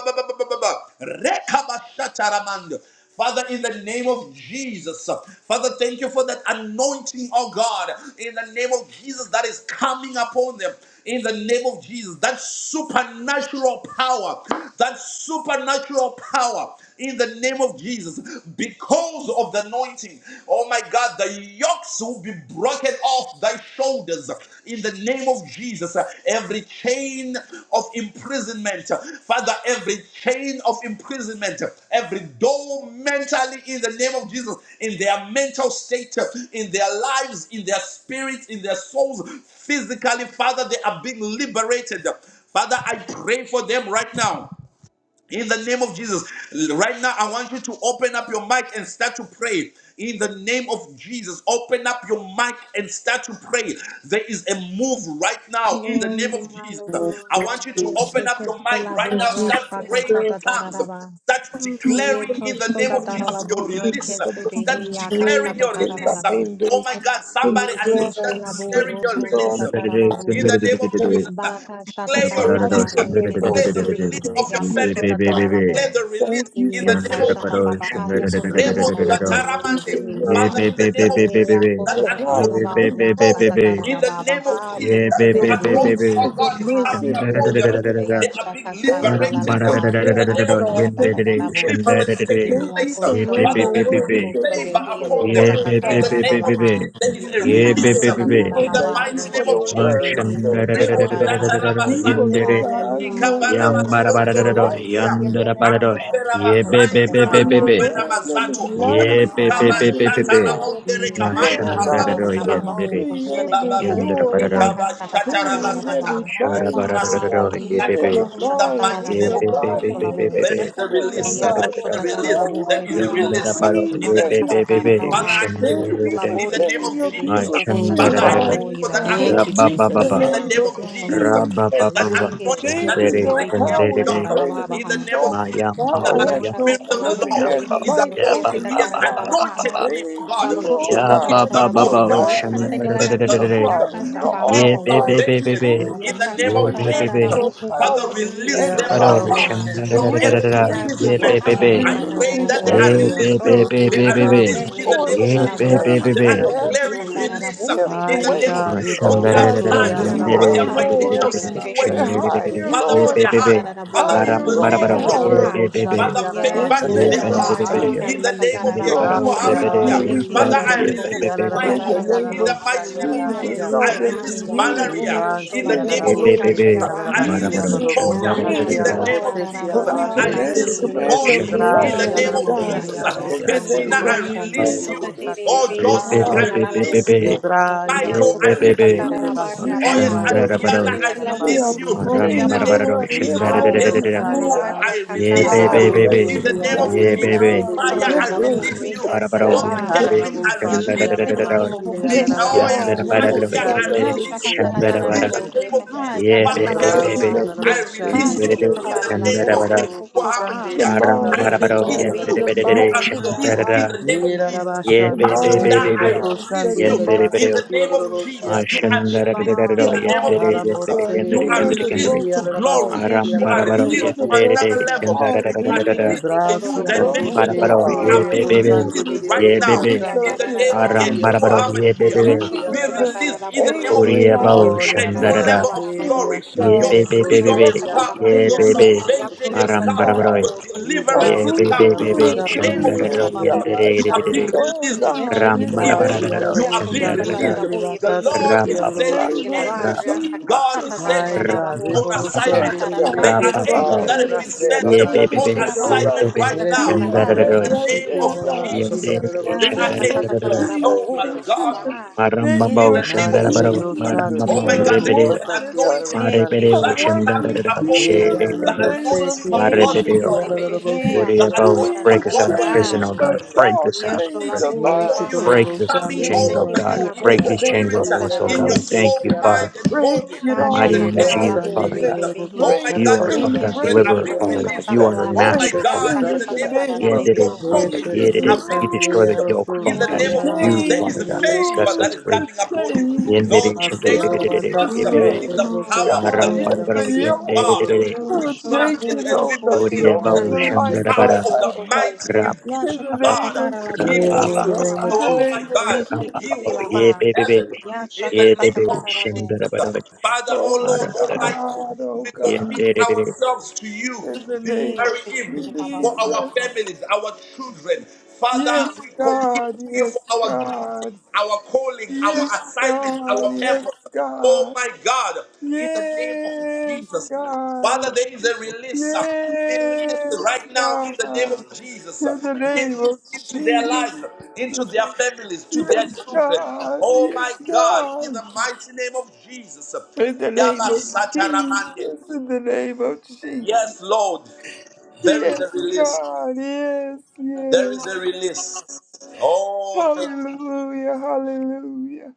Speaker 1: Reka basha charamando. Father, in the name of Jesus, Father, thank you for that anointing, oh God, in the name of Jesus that is coming upon them. In the name of Jesus, that supernatural power, that supernatural power, in the name of Jesus, because of the anointing, oh my God, the yokes will be broken off, the shoulders in the name of Jesus. Every chain of imprisonment, Father, every chain of imprisonment, every door mentally in the name of Jesus, in their mental state, in their lives, in their spirits, in their souls, physically, Father, they are being liberated. Father, I pray for them right now. In the name of Jesus, right now, I want you to open up your mic and start to pray. In the name of Jesus, open up your mic and start to pray. There is a move right now in the name
Speaker 6: Glory,
Speaker 1: of Jesus.
Speaker 2: Thank
Speaker 6: hallelujah.
Speaker 1: I
Speaker 2: you,
Speaker 1: want you to
Speaker 6: Yes,
Speaker 2: Jesus.
Speaker 1: open up
Speaker 6: because
Speaker 1: your
Speaker 6: the
Speaker 1: mic right
Speaker 6: labor,
Speaker 1: now.
Speaker 2: Thank you,
Speaker 1: Start
Speaker 6: rasta, ta,
Speaker 2: Jesus.
Speaker 1: praying
Speaker 6: ta,
Speaker 1: in
Speaker 6: ta,
Speaker 2: Thank
Speaker 6: ta, ra,
Speaker 1: tongues.
Speaker 2: you.
Speaker 6: ra,
Speaker 1: Start
Speaker 12: Mm,
Speaker 2: Thank
Speaker 1: declaring in the name of Jesus your
Speaker 2: you
Speaker 1: release.
Speaker 2: for
Speaker 1: Start
Speaker 2: breaking
Speaker 1: declaring
Speaker 2: chains
Speaker 1: your
Speaker 2: and
Speaker 1: release. Oh
Speaker 2: bindings
Speaker 1: my God,
Speaker 2: and
Speaker 1: somebody, I said,
Speaker 6: Ike
Speaker 1: start
Speaker 2: burdens.
Speaker 6: shilabo
Speaker 1: declaring
Speaker 2: Thank
Speaker 1: your
Speaker 2: you,
Speaker 6: roko
Speaker 2: Lord,
Speaker 1: release.
Speaker 2: for finding
Speaker 6: sotataralabo.
Speaker 1: In
Speaker 2: the
Speaker 1: the name of
Speaker 2: way
Speaker 1: Jesus, uh,
Speaker 6: Baka
Speaker 2: that
Speaker 1: declare your
Speaker 2: your
Speaker 1: release.
Speaker 6: shatataralaba
Speaker 2: people
Speaker 1: uh,
Speaker 2: may go
Speaker 1: Declare the
Speaker 2: free.
Speaker 6: reketsebehe.
Speaker 1: release
Speaker 2: Thank
Speaker 1: of your
Speaker 6: Yako
Speaker 2: you,
Speaker 1: family.
Speaker 2: Lord God.
Speaker 1: Declare
Speaker 6: sotataralabo.
Speaker 1: the
Speaker 2: Thank
Speaker 1: release
Speaker 2: you
Speaker 1: in the
Speaker 2: for
Speaker 1: name
Speaker 6: Iyaka
Speaker 1: of
Speaker 2: setting the
Speaker 1: Jesus.
Speaker 6: shapapapaha
Speaker 2: captives
Speaker 6: yako
Speaker 2: free,
Speaker 1: Rebo
Speaker 2: for
Speaker 6: sotataralabo
Speaker 1: Shataramande.
Speaker 2: releasing
Speaker 6: repebehe.
Speaker 2: your
Speaker 1: Father, in
Speaker 2: people.
Speaker 1: the name of
Speaker 6: Ye
Speaker 1: Jesus,
Speaker 6: yako
Speaker 1: that anointing
Speaker 2: Hallelujah.
Speaker 6: sotataralaba
Speaker 1: is
Speaker 2: For
Speaker 1: flowing. In the name of
Speaker 6: rashatatarababaha
Speaker 1: Jesus, that
Speaker 2: your
Speaker 6: okosotetebebe.
Speaker 2: grace,
Speaker 1: anointing of
Speaker 2: for your
Speaker 1: God is
Speaker 2: mercy,
Speaker 1: coming
Speaker 2: for
Speaker 1: upon
Speaker 2: your
Speaker 6: Hallelujah.
Speaker 1: them.
Speaker 2: love.
Speaker 4: Yeah,
Speaker 1: They are being
Speaker 2: Thank
Speaker 4: Yandere,
Speaker 2: you
Speaker 1: liberated.
Speaker 2: for
Speaker 6: Yashakatsalalalalalaba
Speaker 1: In the
Speaker 2: caring,
Speaker 1: name of Jesus,
Speaker 2: God.
Speaker 1: there
Speaker 2: Thank
Speaker 1: is
Speaker 2: you for
Speaker 6: repatatatatatarabo.
Speaker 2: caring.
Speaker 1: deliverance taking
Speaker 2: Thank you
Speaker 1: place.
Speaker 6: Iyako
Speaker 2: for
Speaker 1: Father,
Speaker 2: Raymond
Speaker 6: sholabo
Speaker 1: there is
Speaker 2: Word.
Speaker 1: the
Speaker 6: roko
Speaker 2: God. Thank
Speaker 1: favor
Speaker 2: you
Speaker 6: sobehe
Speaker 2: for the
Speaker 1: upon them.
Speaker 2: words that
Speaker 1: In
Speaker 2: I
Speaker 1: the name of
Speaker 2: said.
Speaker 6: lekasatatararababaha.
Speaker 1: Jesus, there
Speaker 2: And
Speaker 1: is
Speaker 10: Jesus,
Speaker 2: you
Speaker 1: a
Speaker 2: heal
Speaker 10: yes,
Speaker 1: release.
Speaker 2: your
Speaker 10: and
Speaker 2: people.
Speaker 1: In the
Speaker 2: Thank you
Speaker 1: mighty
Speaker 2: for
Speaker 1: name
Speaker 2: the
Speaker 1: of
Speaker 10: yo, yo,
Speaker 1: Jesus.
Speaker 2: words
Speaker 10: Jesus,
Speaker 2: that
Speaker 10: yes, can
Speaker 2: heal
Speaker 1: Rebo
Speaker 2: your
Speaker 10: Kanama,
Speaker 6: Bakashtataralabarrekeshtebebekosotatararabo.
Speaker 10: yes,
Speaker 2: people,
Speaker 1: Shatarabasande.
Speaker 10: yes,
Speaker 2: oh
Speaker 10: can
Speaker 2: God.
Speaker 10: Kanama,
Speaker 1: Rika
Speaker 2: Your
Speaker 6: Hallelujah,
Speaker 2: word,
Speaker 10: hallelujah,
Speaker 2: which is
Speaker 10: hallelujah,
Speaker 2: life
Speaker 10: Jesus,
Speaker 2: and
Speaker 10: yes,
Speaker 1: Barabasondoroboshia.
Speaker 6: hallelujah,
Speaker 10: can
Speaker 2: liberty,
Speaker 1: Makupe
Speaker 2: God.
Speaker 10: Kanama,
Speaker 1: la
Speaker 10: yes,
Speaker 2: Thank
Speaker 1: masaini
Speaker 2: you
Speaker 1: na
Speaker 10: Jesus,
Speaker 2: for
Speaker 10: yes,
Speaker 2: your
Speaker 1: makube na
Speaker 10: Jesus,
Speaker 6: koshotatararababa.
Speaker 2: word
Speaker 10: yes,
Speaker 2: that
Speaker 10: can
Speaker 2: is
Speaker 1: mazato
Speaker 2: life
Speaker 10: Kanama,
Speaker 2: and
Speaker 1: rika
Speaker 10: yes,
Speaker 2: liberty,
Speaker 1: bashata
Speaker 10: yes, can
Speaker 2: God.
Speaker 10: yes,
Speaker 1: ramonde reka
Speaker 10: Kanama,
Speaker 1: maina
Speaker 2: Oh
Speaker 10: yes, yes, can
Speaker 2: God,
Speaker 1: hazakiri
Speaker 2: set
Speaker 6: Yakoshotatararababa,
Speaker 1: yangu
Speaker 10: Kanama,
Speaker 2: free
Speaker 10: yes,
Speaker 2: every
Speaker 6: koshtelebehe.
Speaker 1: libabaru
Speaker 10: Jesus, yes,
Speaker 2: door, every
Speaker 1: rika
Speaker 10: Kanama,
Speaker 1: bashata
Speaker 10: yo, yo,
Speaker 2: chain,
Speaker 10: yo, yes,
Speaker 6: Yakasatataralaraba.
Speaker 1: rabasata
Speaker 2: every bind,
Speaker 10: Kanama,
Speaker 2: dear God,
Speaker 10: yes,
Speaker 6: Hallelujah,
Speaker 10: yes,
Speaker 2: in
Speaker 1: ibraskitiriato
Speaker 10: can
Speaker 2: the
Speaker 1: in
Speaker 10: Kanama,
Speaker 1: the
Speaker 2: mind,
Speaker 10: Jesus,
Speaker 1: mighty
Speaker 2: in
Speaker 10: yes,
Speaker 1: name
Speaker 2: the
Speaker 1: of
Speaker 10: can
Speaker 2: body,
Speaker 1: Jesus
Speaker 10: Kanama,
Speaker 2: in
Speaker 6: kashatataraborkosolabo.
Speaker 2: the
Speaker 1: there
Speaker 10: yes,
Speaker 1: is a
Speaker 10: Kanama,
Speaker 2: spirit,
Speaker 10: yo,
Speaker 1: release.
Speaker 10: yo,
Speaker 1: There
Speaker 2: God.
Speaker 10: yo,
Speaker 1: is a
Speaker 10: yo,
Speaker 1: release.
Speaker 10: yo,
Speaker 2: Set
Speaker 10: yes,
Speaker 2: your
Speaker 1: There is a
Speaker 2: people
Speaker 10: Kanama,
Speaker 6: Yakoshotataralaborebebehe.
Speaker 4: Yandara
Speaker 1: release.
Speaker 10: yes,
Speaker 4: baro
Speaker 2: free,
Speaker 1: In
Speaker 4: ye
Speaker 1: the
Speaker 10: Jesus,
Speaker 2: set
Speaker 4: be
Speaker 1: name
Speaker 4: be
Speaker 2: your
Speaker 1: of
Speaker 4: be
Speaker 1: Jesus,
Speaker 4: be
Speaker 2: people.
Speaker 6: Yakasatatararaba.
Speaker 1: Father,
Speaker 10: yes,
Speaker 1: I thank
Speaker 10: Jesus,
Speaker 2: Thank
Speaker 1: you.
Speaker 10: yes,
Speaker 2: you for
Speaker 4: shendere
Speaker 1: In the
Speaker 10: Jesus,
Speaker 1: name
Speaker 2: setting
Speaker 1: of
Speaker 2: your
Speaker 6: Solaborekesebehe,
Speaker 4: my
Speaker 1: Jesus,
Speaker 2: people
Speaker 11: Thank
Speaker 2: free,
Speaker 11: you,
Speaker 1: Father,
Speaker 10: yes,
Speaker 1: I
Speaker 4: shendere
Speaker 1: thank
Speaker 11: Father.
Speaker 10: God,
Speaker 2: God.
Speaker 1: you
Speaker 10: yes,
Speaker 1: for that
Speaker 10: God.
Speaker 6: okosatataraboiba.
Speaker 2: Thank
Speaker 11: Thank you,
Speaker 4: rabba
Speaker 2: you
Speaker 4: ba
Speaker 1: anointing
Speaker 2: in
Speaker 4: ba
Speaker 2: the
Speaker 11: Jesus.
Speaker 4: ba
Speaker 1: in the
Speaker 6: Yeah,
Speaker 2: name
Speaker 1: name
Speaker 10: Oh
Speaker 2: of
Speaker 1: of Jesus.
Speaker 10: God.
Speaker 6: shokosolabo.
Speaker 4: rabba
Speaker 2: Jesus
Speaker 1: And
Speaker 4: ba ba
Speaker 1: that
Speaker 10: Yes,
Speaker 4: ba
Speaker 6: Reke
Speaker 10: Jesus.
Speaker 1: anointing
Speaker 6: shete
Speaker 1: that
Speaker 6: de
Speaker 1: is
Speaker 2: thinking
Speaker 6: de
Speaker 4: shendere
Speaker 10: Hallelujah,
Speaker 6: de
Speaker 2: no
Speaker 1: breaking
Speaker 10: God.
Speaker 6: beko
Speaker 1: every
Speaker 10: We
Speaker 2: power is
Speaker 1: yoke
Speaker 4: shendere
Speaker 10: anoint
Speaker 2: greater
Speaker 10: God.
Speaker 2: than
Speaker 1: in the
Speaker 2: you.
Speaker 6: sotataralababaha.
Speaker 1: name of
Speaker 2: No
Speaker 4: my
Speaker 1: Jesus. for The
Speaker 10: We're
Speaker 2: power
Speaker 1: uh,
Speaker 4: yambo
Speaker 6: Ya
Speaker 2: has
Speaker 10: anointed,
Speaker 2: no
Speaker 6: chaka
Speaker 1: Spirit
Speaker 4: yambo
Speaker 1: of
Speaker 10: God.
Speaker 1: the
Speaker 6: salabo
Speaker 2: nothing
Speaker 10: We're
Speaker 1: Lord
Speaker 2: has
Speaker 4: yambo
Speaker 10: chosen.
Speaker 6: bebehe.
Speaker 1: is
Speaker 2: might
Speaker 10: We're
Speaker 6: Ye
Speaker 4: ya ba
Speaker 2: over
Speaker 6: kese
Speaker 1: upon me. He
Speaker 10: purposed,
Speaker 4: ba
Speaker 2: you,
Speaker 1: has
Speaker 4: ba
Speaker 10: God.
Speaker 4: ba
Speaker 2: God.
Speaker 10: We're
Speaker 4: ba
Speaker 6: tataralababaha.
Speaker 4: ba ba
Speaker 1: anointed
Speaker 10: called.
Speaker 1: me, oh
Speaker 2: Thank
Speaker 1: God,
Speaker 2: you,
Speaker 6: Baba
Speaker 10: We're
Speaker 1: to
Speaker 2: oh
Speaker 6: kosho
Speaker 4: ya ba
Speaker 1: preach
Speaker 10: equipped.
Speaker 2: God,
Speaker 4: ba
Speaker 2: that
Speaker 1: the
Speaker 4: ba
Speaker 2: you're
Speaker 10: We're
Speaker 6: tatararabo.
Speaker 1: gospel,
Speaker 10: ready.
Speaker 6: Ye
Speaker 1: to
Speaker 10: We're
Speaker 2: mighty,
Speaker 10: able.
Speaker 1: preach
Speaker 10: We're
Speaker 1: the
Speaker 2: you're
Speaker 6: kasetelalabe.
Speaker 1: truth,
Speaker 6: Ya
Speaker 10: capable. We're
Speaker 2: mighty, you're
Speaker 1: to preach
Speaker 4: ye
Speaker 6: kasabahaba
Speaker 10: knowledgeable,
Speaker 4: be
Speaker 6: wo.
Speaker 4: be
Speaker 10: God.
Speaker 2: almighty,
Speaker 4: be
Speaker 2: you
Speaker 4: be
Speaker 1: salvation
Speaker 4: be
Speaker 10: We
Speaker 2: move
Speaker 10: have the
Speaker 2: in
Speaker 6: Ya
Speaker 1: in the name
Speaker 4: ye
Speaker 6: kasho
Speaker 10: insight.
Speaker 1: of
Speaker 10: We
Speaker 4: be
Speaker 10: have the
Speaker 4: be
Speaker 1: Jesus.
Speaker 4: be
Speaker 2: supernatural
Speaker 6: tatararabo
Speaker 10: compassion.
Speaker 6: boko
Speaker 10: We
Speaker 1: Father,
Speaker 2: power
Speaker 10: have the
Speaker 6: sebehe.
Speaker 10: skill
Speaker 6: Ye
Speaker 1: release
Speaker 2: and
Speaker 1: them,
Speaker 10: set,
Speaker 4: baro
Speaker 1: oh
Speaker 2: might
Speaker 10: God.
Speaker 2: and
Speaker 1: God,
Speaker 6: keselalalaba.
Speaker 10: We
Speaker 4: shendere
Speaker 10: have
Speaker 1: from
Speaker 10: the
Speaker 1: every
Speaker 2: strength.
Speaker 10: favor.
Speaker 6: Ya
Speaker 2: Thank
Speaker 4: ye
Speaker 2: you
Speaker 10: Yes,
Speaker 4: be
Speaker 2: for
Speaker 1: imprisonment.
Speaker 4: be
Speaker 6: sapaha ya
Speaker 10: God,
Speaker 4: be
Speaker 10: we
Speaker 1: I
Speaker 10: have the
Speaker 1: pray
Speaker 2: releasing
Speaker 1: that they
Speaker 6: kasatararabo
Speaker 10: insight,
Speaker 4: ye
Speaker 1: are
Speaker 6: roko
Speaker 10: God.
Speaker 1: released
Speaker 4: be
Speaker 6: so.
Speaker 2: angels
Speaker 4: be
Speaker 10: We
Speaker 1: they
Speaker 4: be
Speaker 10: know,
Speaker 1: are
Speaker 4: be
Speaker 2: to
Speaker 4: be
Speaker 10: God,
Speaker 1: released
Speaker 10: which
Speaker 6: Ye
Speaker 10: way
Speaker 1: in
Speaker 10: to
Speaker 1: the
Speaker 10: look,
Speaker 6: shete
Speaker 2: escort,
Speaker 1: name
Speaker 4: ye
Speaker 10: which
Speaker 1: of
Speaker 2: to
Speaker 10: way to
Speaker 4: be
Speaker 1: Jesus.
Speaker 10: go,
Speaker 6: selabo.
Speaker 4: be be
Speaker 1: They
Speaker 2: change
Speaker 10: God.
Speaker 4: be
Speaker 6: Ya
Speaker 1: are
Speaker 6: boko
Speaker 2: the
Speaker 10: You
Speaker 1: declaring
Speaker 10: show us
Speaker 2: atmosphere, to
Speaker 1: release
Speaker 10: enemies,
Speaker 6: sotatararabo
Speaker 10: God.
Speaker 2: shift
Speaker 6: re
Speaker 10: You
Speaker 2: the
Speaker 1: in the
Speaker 10: teach
Speaker 1: name
Speaker 2: weight.
Speaker 10: us
Speaker 1: of
Speaker 5: Arida
Speaker 10: to
Speaker 6: bebehe.
Speaker 1: Jesus
Speaker 10: tread
Speaker 4: Yeah,
Speaker 1: for
Speaker 5: ribolo
Speaker 2: Oh
Speaker 10: upon
Speaker 1: their
Speaker 6: Ya
Speaker 10: the
Speaker 2: God,
Speaker 5: bosu
Speaker 1: lives,
Speaker 2: thank
Speaker 10: lions.
Speaker 5: yana
Speaker 2: you,
Speaker 1: for their
Speaker 2: oh
Speaker 5: namashi
Speaker 6: satataralababaha.
Speaker 5: kiri
Speaker 6: Ye
Speaker 2: Lord.
Speaker 10: Hallelujah,
Speaker 1: financial
Speaker 6: shete
Speaker 5: yana
Speaker 10: God.
Speaker 5: namashi
Speaker 2: Say,
Speaker 6: kesebeho.
Speaker 1: situations,
Speaker 5: atiro
Speaker 10: Everything is
Speaker 2: higher,
Speaker 1: Father,
Speaker 10: under
Speaker 6: Yasha
Speaker 5: bosu.
Speaker 1: for
Speaker 10: our
Speaker 2: Lord,
Speaker 1: their
Speaker 10: feet,
Speaker 1: heart.
Speaker 10: God.
Speaker 4: baby.
Speaker 1: Father,
Speaker 10: No
Speaker 6: kastatarabu
Speaker 1: we
Speaker 10: matter
Speaker 4: Maram
Speaker 2: higher,
Speaker 10: what has
Speaker 1: believe
Speaker 4: marabaro.
Speaker 2: Lord,
Speaker 6: okoshebehe
Speaker 5: Ikara
Speaker 10: happened
Speaker 1: your
Speaker 10: or
Speaker 4: Yeah,
Speaker 5: rara
Speaker 2: higher.
Speaker 10: what's
Speaker 1: move.
Speaker 6: yabaha.
Speaker 10: been done,
Speaker 5: bosha
Speaker 10: it's
Speaker 4: baby.
Speaker 5: ki
Speaker 1: Father,
Speaker 10: under
Speaker 5: yana
Speaker 10: our
Speaker 6: Ya
Speaker 1: favor
Speaker 2: In
Speaker 10: feet,
Speaker 2: the
Speaker 1: is
Speaker 5: namashi
Speaker 10: God.
Speaker 4: Yeah,
Speaker 1: their
Speaker 2: name
Speaker 5: yana
Speaker 2: of
Speaker 1: part
Speaker 5: namasha.
Speaker 6: kostolabare
Speaker 4: pendibirio.
Speaker 1: in the
Speaker 2: Jesus,
Speaker 10: Hallelujah,
Speaker 1: name of
Speaker 10: Jesus.
Speaker 2: Lord,
Speaker 4: Pendibaro.
Speaker 2: we
Speaker 1: Yeshua
Speaker 5: Librasi
Speaker 6: kastatararababaho.
Speaker 2: thank
Speaker 5: yana
Speaker 4: Rebede.
Speaker 2: you,
Speaker 5: namashi
Speaker 1: HaMashiach.
Speaker 2: we
Speaker 10: Hallelujah,
Speaker 5: yoshori
Speaker 1: Father,
Speaker 2: thank
Speaker 4: Yambo.
Speaker 5: yana
Speaker 1: I
Speaker 6: Yekeshebehe
Speaker 4: Yeah,
Speaker 10: Jesus.
Speaker 2: you.
Speaker 6: boho
Speaker 5: desi
Speaker 1: release
Speaker 5: yana
Speaker 10: In the
Speaker 2: In
Speaker 10: name
Speaker 2: the
Speaker 5: namashi
Speaker 1: Michael
Speaker 10: of
Speaker 5: yana
Speaker 2: name
Speaker 1: in
Speaker 6: kostatararabu.
Speaker 1: the
Speaker 2: of
Speaker 10: Jesus.
Speaker 5: rosa
Speaker 1: mighty name
Speaker 5: yana
Speaker 1: of
Speaker 10: Hallelujah.
Speaker 2: Jesus,
Speaker 1: Jesus.
Speaker 5: namashi.
Speaker 2: cause
Speaker 1: I
Speaker 6: Hallelujah,
Speaker 2: there to be
Speaker 1: release
Speaker 10: Hallelujah, God.
Speaker 6: hallelujah.
Speaker 2: unity
Speaker 1: Valeria
Speaker 2: and
Speaker 10: Hallelujah.
Speaker 1: in the
Speaker 5: Librasi
Speaker 10: In
Speaker 5: yana
Speaker 2: strength,
Speaker 1: name
Speaker 10: the
Speaker 6: Okosholabu
Speaker 4: Yeah,
Speaker 1: of
Speaker 10: name of
Speaker 2: Lord.
Speaker 5: namashi
Speaker 1: Jesus.
Speaker 5: ki
Speaker 10: Jesus.
Speaker 5: yana
Speaker 6: yekaselaba.
Speaker 1: I
Speaker 10: Yes,
Speaker 5: namashi
Speaker 10: God.
Speaker 4: Marabaro.
Speaker 5: yana
Speaker 1: release
Speaker 2: Unity and
Speaker 5: namashi
Speaker 1: Tonya
Speaker 4: Shandara.
Speaker 6: Ya
Speaker 5: shaki
Speaker 2: strength,
Speaker 1: in
Speaker 10: Glory
Speaker 5: yana
Speaker 1: the
Speaker 10: be to
Speaker 1: name
Speaker 2: Lord.
Speaker 1: of
Speaker 10: God.
Speaker 1: Jesus.
Speaker 2: Can
Speaker 6: kastatararabu
Speaker 2: we
Speaker 1: I
Speaker 4: Yeah,
Speaker 2: command,
Speaker 1: release
Speaker 6: rabahe
Speaker 10: Hallelujah,
Speaker 2: command
Speaker 10: God.
Speaker 2: a
Speaker 1: Bonnie in the
Speaker 4: Shandara.
Speaker 5: Librasi yana
Speaker 2: blessing,
Speaker 1: name
Speaker 6: lekeselebebe.
Speaker 1: of
Speaker 10: Hallelujah,
Speaker 2: God,
Speaker 10: God.
Speaker 11: Thank
Speaker 5: namashi
Speaker 1: Jesus.
Speaker 11: you,
Speaker 5: yana
Speaker 10: We walk
Speaker 2: in
Speaker 5: namashi
Speaker 2: the
Speaker 11: Jesus.
Speaker 5: yana
Speaker 1: Bettina,
Speaker 2: name
Speaker 10: righteous,
Speaker 2: of
Speaker 1: I
Speaker 4: Yeah.
Speaker 5: namashi
Speaker 10: God.
Speaker 6: Ye
Speaker 4: Oh,
Speaker 5: yana
Speaker 1: release you.
Speaker 2: Jesus.
Speaker 1: Oh,
Speaker 6: kostotatererebere
Speaker 1: Josie, I
Speaker 10: Hallelujah,
Speaker 6: keselalalabu.
Speaker 1: release
Speaker 10: Jesus.
Speaker 4: baby.
Speaker 2: Hallelujah.
Speaker 1: you.
Speaker 10: Help us
Speaker 5: Librari
Speaker 10: to
Speaker 5: alla
Speaker 4: Yeah,
Speaker 1: Michael,
Speaker 10: be
Speaker 1: I
Speaker 5: luce
Speaker 2: Thank
Speaker 10: righteous,
Speaker 1: release
Speaker 4: baby.
Speaker 5: che
Speaker 10: God.
Speaker 5: le
Speaker 2: you,
Speaker 1: you.
Speaker 10: Help us
Speaker 5: basita
Speaker 1: Oh
Speaker 10: to
Speaker 5: la
Speaker 1: yes,
Speaker 10: be
Speaker 2: Jesus.
Speaker 6: Yatokosokatarabarabaha.
Speaker 5: vaio
Speaker 10: holy, God.
Speaker 1: Adriana,
Speaker 5: rostelli
Speaker 1: I
Speaker 5: alla
Speaker 10: Help
Speaker 2: We
Speaker 10: us to
Speaker 2: are
Speaker 5: bassi.
Speaker 1: release you.
Speaker 10: be in your
Speaker 1: In
Speaker 4: Maram
Speaker 1: the
Speaker 10: will,
Speaker 2: free.
Speaker 6: Lekeshelaburukostereba.
Speaker 2: We
Speaker 1: name
Speaker 10: God.
Speaker 4: marabaro.
Speaker 1: of
Speaker 2: are
Speaker 1: Jesus.
Speaker 6: Ah,
Speaker 5: Librari alla
Speaker 2: liberated
Speaker 1: Yes,
Speaker 4: Shandara.
Speaker 2: in
Speaker 10: Hallelujah,
Speaker 2: you,
Speaker 5: rossari
Speaker 1: fool,
Speaker 10: God.
Speaker 5: alla
Speaker 2: God.
Speaker 1: I
Speaker 4: Yeah,
Speaker 5: massiti
Speaker 1: release
Speaker 5: alla
Speaker 4: baby,
Speaker 1: you.
Speaker 6: koshotarabarakasalaba.
Speaker 4: baby.
Speaker 10: Hallelujah,
Speaker 5: luce
Speaker 1: In
Speaker 2: Liberation,
Speaker 1: the
Speaker 5: che
Speaker 10: God.
Speaker 1: name
Speaker 5: alle
Speaker 1: of
Speaker 2: God.
Speaker 4: Yeah,
Speaker 5: vesti
Speaker 1: Jesus.
Speaker 6: Hallelujah.
Speaker 5: alle
Speaker 4: baby.
Speaker 5: le di
Speaker 1: Fire, I
Speaker 10: Hallelujah,
Speaker 5: vostri che.
Speaker 4: Mara-
Speaker 1: release
Speaker 10: Jesus.
Speaker 2: Liberation,
Speaker 1: you.
Speaker 2: God.
Speaker 4: para- para-
Speaker 2: Set
Speaker 1: Dr.
Speaker 2: the
Speaker 6: Kostolalaburekaselaba.
Speaker 5: Alla
Speaker 4: yendere,
Speaker 10: Hallelujah,
Speaker 5: la
Speaker 1: Catherine, I
Speaker 10: Jesus.
Speaker 2: captives
Speaker 5: bolsa
Speaker 4: shandara-
Speaker 2: free.
Speaker 4: da-
Speaker 5: che
Speaker 1: release
Speaker 4: da-
Speaker 5: alla
Speaker 1: you.
Speaker 4: da-
Speaker 10: In
Speaker 4: da-
Speaker 10: the
Speaker 4: da-
Speaker 10: name of
Speaker 5: mascire
Speaker 1: Me,
Speaker 5: alla
Speaker 2: Yes,
Speaker 10: Jesus.
Speaker 1: oh
Speaker 11: Thank you.
Speaker 5: avanti
Speaker 1: yes,
Speaker 6: Yeshekesebehebohokosotarabo.
Speaker 11: Je-
Speaker 4: yendere
Speaker 10: In
Speaker 5: che
Speaker 2: God.
Speaker 10: the
Speaker 5: lo
Speaker 4: para- da-
Speaker 2: Yes,
Speaker 10: name of
Speaker 4: da-
Speaker 1: Marcia,
Speaker 2: God.
Speaker 5: vossari
Speaker 1: I
Speaker 10: Jesus.
Speaker 2: That
Speaker 4: yandere,
Speaker 5: alla
Speaker 2: is
Speaker 1: release
Speaker 5: vosse
Speaker 10: In
Speaker 1: you.
Speaker 10: the
Speaker 5: che
Speaker 4: shandara-
Speaker 5: alla
Speaker 10: name
Speaker 2: acceptable
Speaker 10: of
Speaker 1: In
Speaker 4: para.
Speaker 5: mascia.
Speaker 10: Jesus.
Speaker 1: the
Speaker 2: unto
Speaker 1: name
Speaker 2: you,
Speaker 1: of
Speaker 6: Yashakasataraborebaha.
Speaker 2: God.
Speaker 1: Jesus,
Speaker 10: In
Speaker 4: Yeah,
Speaker 10: the
Speaker 1: Pastor
Speaker 10: name
Speaker 4: baby,
Speaker 10: of
Speaker 2: In the
Speaker 4: baby.
Speaker 5: Librasi
Speaker 6: Yakasalalaba.
Speaker 1: Caroline,
Speaker 10: Jesus.
Speaker 5: alla
Speaker 2: name of
Speaker 1: I
Speaker 6: Ah,
Speaker 1: release
Speaker 5: vosciandi le
Speaker 2: Jesus.
Speaker 4: yendere
Speaker 1: you.
Speaker 5: di
Speaker 4: da-
Speaker 1: In the
Speaker 5: ossati
Speaker 10: Hallelujah,
Speaker 5: le
Speaker 1: name
Speaker 5: di
Speaker 4: shandara-
Speaker 10: God.
Speaker 1: of
Speaker 4: para.
Speaker 5: olo
Speaker 1: Yeshua
Speaker 6: koshotataraborukosobaha.
Speaker 5: cosciandi
Speaker 2: The
Speaker 5: le
Speaker 1: HaMashiach,
Speaker 5: di
Speaker 4: Maram,
Speaker 1: I
Speaker 2: mind,
Speaker 4: para-
Speaker 10: Hallelujah,
Speaker 2: the
Speaker 5: vatasi
Speaker 4: para-
Speaker 1: release
Speaker 5: che
Speaker 10: God.
Speaker 6: Yekechelebe,
Speaker 2: mind,
Speaker 5: alla
Speaker 4: yendere
Speaker 1: you.
Speaker 4: da-
Speaker 2: the
Speaker 4: da- da-
Speaker 5: vosse.
Speaker 1: You
Speaker 4: da-
Speaker 1: are
Speaker 2: mind,
Speaker 4: shandara-
Speaker 1: released
Speaker 2: God.
Speaker 6: yekesebeheboho.
Speaker 4: da.
Speaker 1: in the name of
Speaker 10: Hallelujah,
Speaker 5: Mira la
Speaker 1: Jesus.
Speaker 10: Jesus.
Speaker 4: Yeah,
Speaker 2: The
Speaker 5: basciandi
Speaker 1: Pastor
Speaker 4: baby,
Speaker 10: In your
Speaker 5: le
Speaker 4: baby,
Speaker 1: Star,
Speaker 10: name,
Speaker 5: di
Speaker 2: mind,
Speaker 10: God.
Speaker 1: I
Speaker 4: baby.
Speaker 2: God. Set
Speaker 1: release
Speaker 5: vocosandi
Speaker 2: the
Speaker 1: you
Speaker 5: alla
Speaker 4: yendere
Speaker 1: in
Speaker 2: mind
Speaker 4: baby.
Speaker 5: bassi
Speaker 1: the
Speaker 5: che
Speaker 1: name
Speaker 5: lo
Speaker 1: of
Speaker 2: free,
Speaker 4: Ma
Speaker 1: Jesus. You
Speaker 2: Father.
Speaker 5: vosciate.
Speaker 1: are
Speaker 4: shandara- da-
Speaker 1: released
Speaker 4: da- da-
Speaker 6: Yashabaha.
Speaker 1: in
Speaker 2: The
Speaker 4: da-
Speaker 1: the name of
Speaker 4: yendere
Speaker 2: heart,
Speaker 1: Jesus.
Speaker 5: Halamon
Speaker 4: yendere yandere,
Speaker 2: Son.
Speaker 1: You
Speaker 4: yandere,
Speaker 1: are
Speaker 2: Heal
Speaker 5: Severere
Speaker 6: In
Speaker 4: bandere,
Speaker 6: the
Speaker 2: the
Speaker 6: name
Speaker 4: kendere.
Speaker 1: released
Speaker 5: Sheki
Speaker 6: of
Speaker 1: to
Speaker 2: broken
Speaker 1: glory.
Speaker 6: Jesus,
Speaker 2: heart.
Speaker 5: Alarabasi
Speaker 4: Maram,
Speaker 1: You are
Speaker 4: para-
Speaker 5: Alarabo
Speaker 4: para-
Speaker 2: Heal
Speaker 1: released
Speaker 6: yes,
Speaker 1: to
Speaker 2: the
Speaker 5: Sheki
Speaker 4: yendere
Speaker 1: another
Speaker 4: da-
Speaker 2: broken
Speaker 5: Alarabasia
Speaker 1: level.
Speaker 4: shandara-
Speaker 2: heart.
Speaker 4: da-
Speaker 1: You
Speaker 4: da-
Speaker 1: are
Speaker 4: da- da- da.
Speaker 2: Heal
Speaker 1: released
Speaker 6: Yeshekese
Speaker 1: to a new
Speaker 5: Ibrasi
Speaker 6: dororobo
Speaker 5: Alarabo
Speaker 2: broken
Speaker 1: dimension.
Speaker 6: roku
Speaker 4: Marabaro,
Speaker 1: You
Speaker 5: Sheki
Speaker 4: yeah,
Speaker 1: are
Speaker 2: hearts
Speaker 6: solaba
Speaker 1: being
Speaker 5: Eliabo
Speaker 2: and
Speaker 4: baby,
Speaker 5: Sandi
Speaker 1: released
Speaker 2: wounded
Speaker 1: right
Speaker 6: yeshebeheye
Speaker 4: yeah,
Speaker 5: Lidiorobo
Speaker 1: now
Speaker 6: kese
Speaker 2: spirits
Speaker 4: baby.
Speaker 6: da
Speaker 5: Kushandi
Speaker 1: in
Speaker 2: are
Speaker 1: the
Speaker 2: in
Speaker 1: name
Speaker 6: tararara
Speaker 1: of
Speaker 6: baba
Speaker 4: Aram
Speaker 2: prison,
Speaker 5: Lidiarabasia
Speaker 6: hu.
Speaker 4: Marabaro,
Speaker 2: God.
Speaker 1: Yeshua
Speaker 5: Tolorobo
Speaker 4: yeah,
Speaker 1: HaMashiach.
Speaker 2: Heal
Speaker 4: baby.
Speaker 5: Kushandi
Speaker 1: Be
Speaker 6: Yashokoso da
Speaker 2: the
Speaker 5: Alarabasia
Speaker 1: released in the
Speaker 6: tararabo
Speaker 1: name of
Speaker 2: angry
Speaker 4: Oriya
Speaker 1: Jesus
Speaker 6: rebehele
Speaker 4: Bao
Speaker 2: heart and
Speaker 6: kese
Speaker 5: Holy
Speaker 6: da
Speaker 1: a
Speaker 2: the
Speaker 1: new
Speaker 6: tarara
Speaker 2: bitter
Speaker 4: Shandarada,
Speaker 5: Alarasi
Speaker 1: level
Speaker 6: baba
Speaker 1: of
Speaker 6: haba hu.
Speaker 5: Kebia
Speaker 1: glory.
Speaker 2: spirit,
Speaker 4: yeah,
Speaker 5: Shandi
Speaker 1: Your
Speaker 2: God.
Speaker 4: baby,
Speaker 5: Lidioro
Speaker 1: freedom
Speaker 5: Seki
Speaker 4: baby,
Speaker 1: is
Speaker 6: Yasha
Speaker 2: Uproot
Speaker 6: baba
Speaker 1: come.
Speaker 2: the
Speaker 6: ha.
Speaker 4: yeah,
Speaker 1: Your
Speaker 5: Alarabasia
Speaker 2: root
Speaker 4: baby.
Speaker 2: of
Speaker 5: Andororo
Speaker 1: salvation
Speaker 6: Yakoso
Speaker 2: bitterness,
Speaker 1: is
Speaker 6: da
Speaker 5: Seki
Speaker 4: Maram
Speaker 1: come.
Speaker 4: Marabaro,
Speaker 1: Your
Speaker 2: God.
Speaker 6: tararabo rebebo
Speaker 1: deliverance
Speaker 4: yeah,
Speaker 6: hu.
Speaker 1: is
Speaker 2: Uproot
Speaker 5: Ibrasi
Speaker 4: baby,
Speaker 1: come.
Speaker 2: the
Speaker 5: Alarabo
Speaker 2: root
Speaker 1: In
Speaker 4: baby,
Speaker 1: the
Speaker 5: Shandi
Speaker 6: Bebebe
Speaker 2: of
Speaker 1: name of
Speaker 5: Lidio
Speaker 6: koso
Speaker 4: Shandarada,
Speaker 2: bitterness,
Speaker 5: Sandi
Speaker 6: baba
Speaker 1: Jesus,
Speaker 6: hu.
Speaker 2: God.
Speaker 1: you are being
Speaker 4: yandere,
Speaker 5: Lidirashaya
Speaker 2: Oh,
Speaker 1: released in
Speaker 2: God,
Speaker 4: Ram
Speaker 2: in
Speaker 1: this
Speaker 6: Yeshekese
Speaker 2: the
Speaker 1: evening.
Speaker 6: baba
Speaker 5: Ibrasi
Speaker 2: name
Speaker 4: Marabarada,
Speaker 2: of
Speaker 6: hu.
Speaker 1: You
Speaker 5: Alarabo
Speaker 1: are
Speaker 6: Yakoso
Speaker 1: being
Speaker 6: da
Speaker 5: Shandi
Speaker 4: Shandarada,
Speaker 1: released.
Speaker 2: Jesus.
Speaker 6: tararabo
Speaker 1: The
Speaker 6: yebehe.
Speaker 5: Lidibakasi
Speaker 1: Lord is
Speaker 2: In the
Speaker 5: Alarabo
Speaker 4: Rababa,
Speaker 1: sending
Speaker 2: name
Speaker 6: Yeche la
Speaker 2: of
Speaker 5: Kushana
Speaker 1: angels.
Speaker 6: barra
Speaker 4: Rabba,
Speaker 1: God
Speaker 6: sakasa
Speaker 2: Jesus.
Speaker 1: is
Speaker 6: da
Speaker 1: sending
Speaker 6: tarara
Speaker 5: Mighty
Speaker 6: baba
Speaker 5: God,
Speaker 1: angels
Speaker 6: hu.
Speaker 1: on
Speaker 5: Rebolo
Speaker 6: Pakasha
Speaker 5: Son
Speaker 4: Rabba,
Speaker 6: da
Speaker 2: Yes,
Speaker 1: assignment.
Speaker 5: de
Speaker 6: tarara
Speaker 1: They
Speaker 2: God,
Speaker 6: baba
Speaker 1: are
Speaker 5: Rebeke,
Speaker 2: the
Speaker 6: oku
Speaker 1: angels
Speaker 4: Rabba,
Speaker 5: Siriana
Speaker 2: mind
Speaker 1: that
Speaker 6: sebehe.
Speaker 2: that
Speaker 1: have
Speaker 2: is
Speaker 1: been
Speaker 5: Rabastia
Speaker 2: set
Speaker 1: sent
Speaker 2: on
Speaker 4: yeah,
Speaker 5: Raban,
Speaker 4: baby,
Speaker 2: nothing
Speaker 6: Yekeshe
Speaker 4: baby,
Speaker 1: on
Speaker 2: and
Speaker 6: laba
Speaker 4: yeah,
Speaker 1: assignment
Speaker 2: nobody.
Speaker 6: yoko
Speaker 1: right
Speaker 4: baby,
Speaker 6: sogatara
Speaker 5: Mereco
Speaker 1: now.
Speaker 2: Heal
Speaker 6: raba
Speaker 5: Solo
Speaker 2: that
Speaker 4: Shandarada,
Speaker 1: In the
Speaker 2: right
Speaker 6: lekeshe
Speaker 1: name
Speaker 5: Rabasiki,
Speaker 2: now,
Speaker 6: behebe
Speaker 1: of
Speaker 2: God.
Speaker 6: o
Speaker 1: Jesus,
Speaker 5: Rabashiria
Speaker 4: yandere,
Speaker 2: In
Speaker 1: they
Speaker 2: the
Speaker 6: ya
Speaker 1: are
Speaker 5: Rabosendi,
Speaker 2: name of
Speaker 6: sakatata
Speaker 4: Shandarada,
Speaker 5: Rio
Speaker 1: angels.
Speaker 6: tararabo
Speaker 1: Oh
Speaker 5: Shaki
Speaker 1: my
Speaker 6: oko
Speaker 2: Jesus, in
Speaker 1: God
Speaker 5: Rabasa,
Speaker 2: the
Speaker 6: shabaha
Speaker 2: name
Speaker 1: in
Speaker 6: yes
Speaker 4: Marambamau
Speaker 1: the
Speaker 2: of
Speaker 1: name
Speaker 6: nekeste
Speaker 1: of
Speaker 5: Mandere
Speaker 1: Jesus.
Speaker 4: Shandarabaro
Speaker 5: Rio
Speaker 6: bebebehe
Speaker 2: Jesus,
Speaker 5: Shati,
Speaker 1: Oh
Speaker 5: the
Speaker 1: my
Speaker 4: Marambamau
Speaker 2: that
Speaker 1: God,
Speaker 2: I'm
Speaker 1: there is
Speaker 5: Roboco
Speaker 4: Rebedeo
Speaker 1: an
Speaker 5: Saki
Speaker 2: worthless, I,
Speaker 1: anointing
Speaker 4: Marebedeo
Speaker 5: Rabosandi,
Speaker 6: yekeshe
Speaker 2: I'm
Speaker 1: that is coming
Speaker 2: worthless,
Speaker 6: bebebehe
Speaker 4: Shandarada
Speaker 1: upon you.
Speaker 2: heal
Speaker 4: Shere
Speaker 5: Veriana
Speaker 2: in
Speaker 1: The
Speaker 2: the name of
Speaker 1: anointing
Speaker 5: Raboseki,
Speaker 1: of God
Speaker 6: yeshe
Speaker 1: for
Speaker 4: Marebedeo
Speaker 5: Rabastia
Speaker 6: keste
Speaker 2: Jesus.
Speaker 1: salvation,
Speaker 6: bebehe
Speaker 1: the
Speaker 5: Raboseki,
Speaker 4: Uriabao
Speaker 6: akosogatara
Speaker 1: anointing
Speaker 2: Heal,
Speaker 4: break
Speaker 1: of
Speaker 4: us
Speaker 6: rabo
Speaker 1: God
Speaker 4: out of
Speaker 1: for
Speaker 5: Rabastia
Speaker 4: prison,
Speaker 6: ra
Speaker 2: change
Speaker 4: oh
Speaker 2: the
Speaker 4: God.
Speaker 5: Rabosu,
Speaker 1: deliverance
Speaker 4: Break
Speaker 2: thought,
Speaker 4: us out
Speaker 1: is
Speaker 6: yesho
Speaker 4: of
Speaker 2: change the
Speaker 1: sitting
Speaker 4: prison.
Speaker 6: labo
Speaker 1: upon
Speaker 2: mind,
Speaker 1: you,
Speaker 4: Break
Speaker 6: rebaha
Speaker 5: Ekitolo
Speaker 4: this
Speaker 5: Shandi,
Speaker 1: coming
Speaker 6: yes
Speaker 4: chains,
Speaker 1: all
Speaker 4: oh
Speaker 1: over
Speaker 6: nekeste
Speaker 4: God.
Speaker 1: you
Speaker 5: Rabastia
Speaker 1: in
Speaker 2: in
Speaker 6: labo
Speaker 1: your
Speaker 4: Break
Speaker 2: the
Speaker 4: these
Speaker 6: oko
Speaker 4: chains
Speaker 2: name
Speaker 1: spirit,
Speaker 2: of
Speaker 4: off of us,
Speaker 5: Rabashiria
Speaker 6: sagatara
Speaker 4: oh
Speaker 1: in
Speaker 4: God.
Speaker 1: your
Speaker 4: We
Speaker 6: rabo
Speaker 4: thank
Speaker 5: Rabosi,
Speaker 2: Jesus.
Speaker 6: geshe
Speaker 1: soul,
Speaker 4: you,
Speaker 6: baha
Speaker 1: mind,
Speaker 4: Father.
Speaker 5: Yaba.
Speaker 1: and
Speaker 2: Break
Speaker 1: body
Speaker 2: it
Speaker 4: In the
Speaker 1: in
Speaker 6: basha
Speaker 2: off,
Speaker 1: the
Speaker 4: mighty name of
Speaker 5: Area
Speaker 1: name
Speaker 6: kasala
Speaker 1: of
Speaker 2: God,
Speaker 4: Jesus,
Speaker 2: in
Speaker 6: labo
Speaker 5: Sunday
Speaker 2: the
Speaker 4: Father
Speaker 1: Jesus.
Speaker 2: name,
Speaker 4: God.
Speaker 5: Roboco
Speaker 6: rebebehe
Speaker 1: Oh my
Speaker 2: break
Speaker 4: You
Speaker 1: God,
Speaker 4: are
Speaker 1: your
Speaker 4: Father
Speaker 2: free,
Speaker 5: Shatarama
Speaker 4: God,
Speaker 6: yekeshe
Speaker 1: children
Speaker 2: break
Speaker 1: are
Speaker 4: deliverer,
Speaker 1: being
Speaker 6: behebe
Speaker 5: Silvia
Speaker 6: ho
Speaker 4: Father
Speaker 2: free,
Speaker 4: God.
Speaker 1: released.
Speaker 4: You
Speaker 6: kasala
Speaker 4: are a
Speaker 5: Mashandi
Speaker 1: Oh
Speaker 6: laba
Speaker 1: my
Speaker 2: break
Speaker 4: master,
Speaker 6: ya
Speaker 5: Roboco
Speaker 1: God,
Speaker 4: Father God.
Speaker 2: free,
Speaker 1: in
Speaker 2: in
Speaker 1: the
Speaker 2: the
Speaker 1: name
Speaker 6: sakasata
Speaker 5: Satya.
Speaker 1: of
Speaker 2: name
Speaker 4: Yeah,
Speaker 1: Jesus,
Speaker 2: of
Speaker 1: your
Speaker 4: today,
Speaker 6: tararabebeho
Speaker 4: Father
Speaker 5: Where
Speaker 4: God.
Speaker 2: Jesus.
Speaker 4: Yeah,
Speaker 1: mortgages
Speaker 5: Shelley
Speaker 4: today.
Speaker 1: are being
Speaker 4: You
Speaker 1: released.
Speaker 5: Sunday
Speaker 4: destroy
Speaker 2: Lose
Speaker 4: the yoke,
Speaker 1: In
Speaker 5: Roboco,
Speaker 4: Father
Speaker 1: the
Speaker 4: God.
Speaker 2: the
Speaker 4: It
Speaker 5: Shelley
Speaker 1: name
Speaker 4: is
Speaker 1: of
Speaker 5: and
Speaker 6: Yashalaba
Speaker 1: Jesus,
Speaker 4: you,
Speaker 1: there
Speaker 2: chains,
Speaker 1: is
Speaker 4: Father
Speaker 1: a
Speaker 4: God, that
Speaker 5: the
Speaker 1: favor
Speaker 4: sets us
Speaker 1: that
Speaker 2: loose
Speaker 1: is
Speaker 5: Shaki.
Speaker 4: free.
Speaker 2: the
Speaker 1: coming upon you.
Speaker 2: chains,
Speaker 4: Yen did
Speaker 1: Lord,
Speaker 4: it,
Speaker 1: we
Speaker 4: shan did it,
Speaker 1: thank
Speaker 4: did
Speaker 1: you.
Speaker 5: Ibrasia
Speaker 4: it, did
Speaker 2: loose
Speaker 1: We
Speaker 4: it,
Speaker 1: trust
Speaker 5: Ramakas
Speaker 2: the
Speaker 5: in
Speaker 6: Glory,
Speaker 1: in
Speaker 5: the
Speaker 1: the
Speaker 2: chains.
Speaker 5: Roboco
Speaker 1: power
Speaker 6: glory,
Speaker 1: of
Speaker 2: God,
Speaker 4: Maram
Speaker 1: the
Speaker 5: Shindi
Speaker 2: yes,
Speaker 6: glory.
Speaker 4: Barbara
Speaker 2: the
Speaker 1: invisible
Speaker 5: Ramasia to the
Speaker 2: yokes
Speaker 1: God.
Speaker 4: Yendere
Speaker 1: We
Speaker 5: Roboco.
Speaker 2: are
Speaker 1: trust in
Speaker 6: Yoshalabu
Speaker 2: taken,
Speaker 1: as we
Speaker 2: oh
Speaker 6: uko
Speaker 2: God,
Speaker 5: In
Speaker 1: believe
Speaker 4: Oriya
Speaker 2: choke
Speaker 1: in
Speaker 5: the
Speaker 1: the
Speaker 6: shebeha
Speaker 4: Bau
Speaker 5: name
Speaker 2: the
Speaker 6: ya
Speaker 5: of
Speaker 2: life
Speaker 4: Shangara
Speaker 1: power
Speaker 2: right
Speaker 4: Bara
Speaker 5: Jesus.
Speaker 1: of
Speaker 6: sekesege
Speaker 2: now,
Speaker 1: the
Speaker 2: God.
Speaker 6: hidobo.
Speaker 1: mighty
Speaker 4: Ram
Speaker 6: Ya
Speaker 2: In
Speaker 1: invisible
Speaker 2: the
Speaker 4: Papa
Speaker 1: God.
Speaker 2: name of
Speaker 6: shakasatatara
Speaker 5: In
Speaker 4: Ram
Speaker 1: He
Speaker 6: labu
Speaker 2: Jesus,
Speaker 1: who
Speaker 4: Papa
Speaker 6: uko
Speaker 5: the
Speaker 1: rules,
Speaker 5: name
Speaker 2: in
Speaker 5: of
Speaker 2: the
Speaker 6: shelaba.
Speaker 1: oh
Speaker 5: Jesus.
Speaker 1: my
Speaker 2: name of
Speaker 6: Ye
Speaker 1: God, He
Speaker 6: sekese
Speaker 1: who
Speaker 2: Jesus.
Speaker 4: Ye
Speaker 1: rules
Speaker 6: laba.
Speaker 4: Baby
Speaker 1: heaven
Speaker 4: Baby
Speaker 6: Ya
Speaker 1: in the
Speaker 4: Ye
Speaker 1: name
Speaker 4: Baby
Speaker 6: shakasatatara
Speaker 1: of
Speaker 6: labu.
Speaker 4: Shangara
Speaker 1: Jesus. Father, oh
Speaker 2: Oh
Speaker 4: Maram
Speaker 1: Lord
Speaker 4: Barbara
Speaker 1: Almighty,
Speaker 2: God, oh
Speaker 1: we
Speaker 2: God,
Speaker 1: commit
Speaker 4: Yendere
Speaker 1: ourselves to you
Speaker 2: in the
Speaker 1: this
Speaker 2: name
Speaker 6: Ye
Speaker 2: of
Speaker 1: very
Speaker 6: shekese
Speaker 1: evening for
Speaker 6: bababo.
Speaker 2: Jesus.
Speaker 1: our families, our children.
Speaker 2: Yes,
Speaker 1: Father, we commit
Speaker 2: God,
Speaker 1: to you for
Speaker 2: yes,
Speaker 1: our giftings,
Speaker 2: God.
Speaker 1: our calling, our
Speaker 2: Yes,
Speaker 1: assignment,
Speaker 2: God,
Speaker 1: our
Speaker 2: yes,
Speaker 1: purpose.
Speaker 2: God.
Speaker 1: Oh my God, in the name of
Speaker 2: Yes,
Speaker 1: Jesus. Father,
Speaker 2: God.
Speaker 1: there is a release. uh, Release
Speaker 2: Yes,
Speaker 1: right now in the name
Speaker 2: God.
Speaker 1: of Jesus. uh,
Speaker 2: In the name
Speaker 1: Release
Speaker 2: of
Speaker 1: into their lives, uh, into
Speaker 2: Jesus.
Speaker 1: their families, to their
Speaker 2: Yes,
Speaker 1: children.
Speaker 2: God.
Speaker 1: Oh
Speaker 2: Yes,
Speaker 1: my God, in the
Speaker 2: God.
Speaker 1: mighty name of Jesus. uh,
Speaker 2: In the name of
Speaker 1: Yabasataramande.
Speaker 2: Jesus. In the name of Jesus.
Speaker 1: Yes, Lord, there is a
Speaker 2: Yes,
Speaker 1: release.
Speaker 2: God. Yes,
Speaker 1: There
Speaker 2: yes.
Speaker 1: is a release. Oh, thank you.
Speaker 2: Hallelujah. Hallelujah.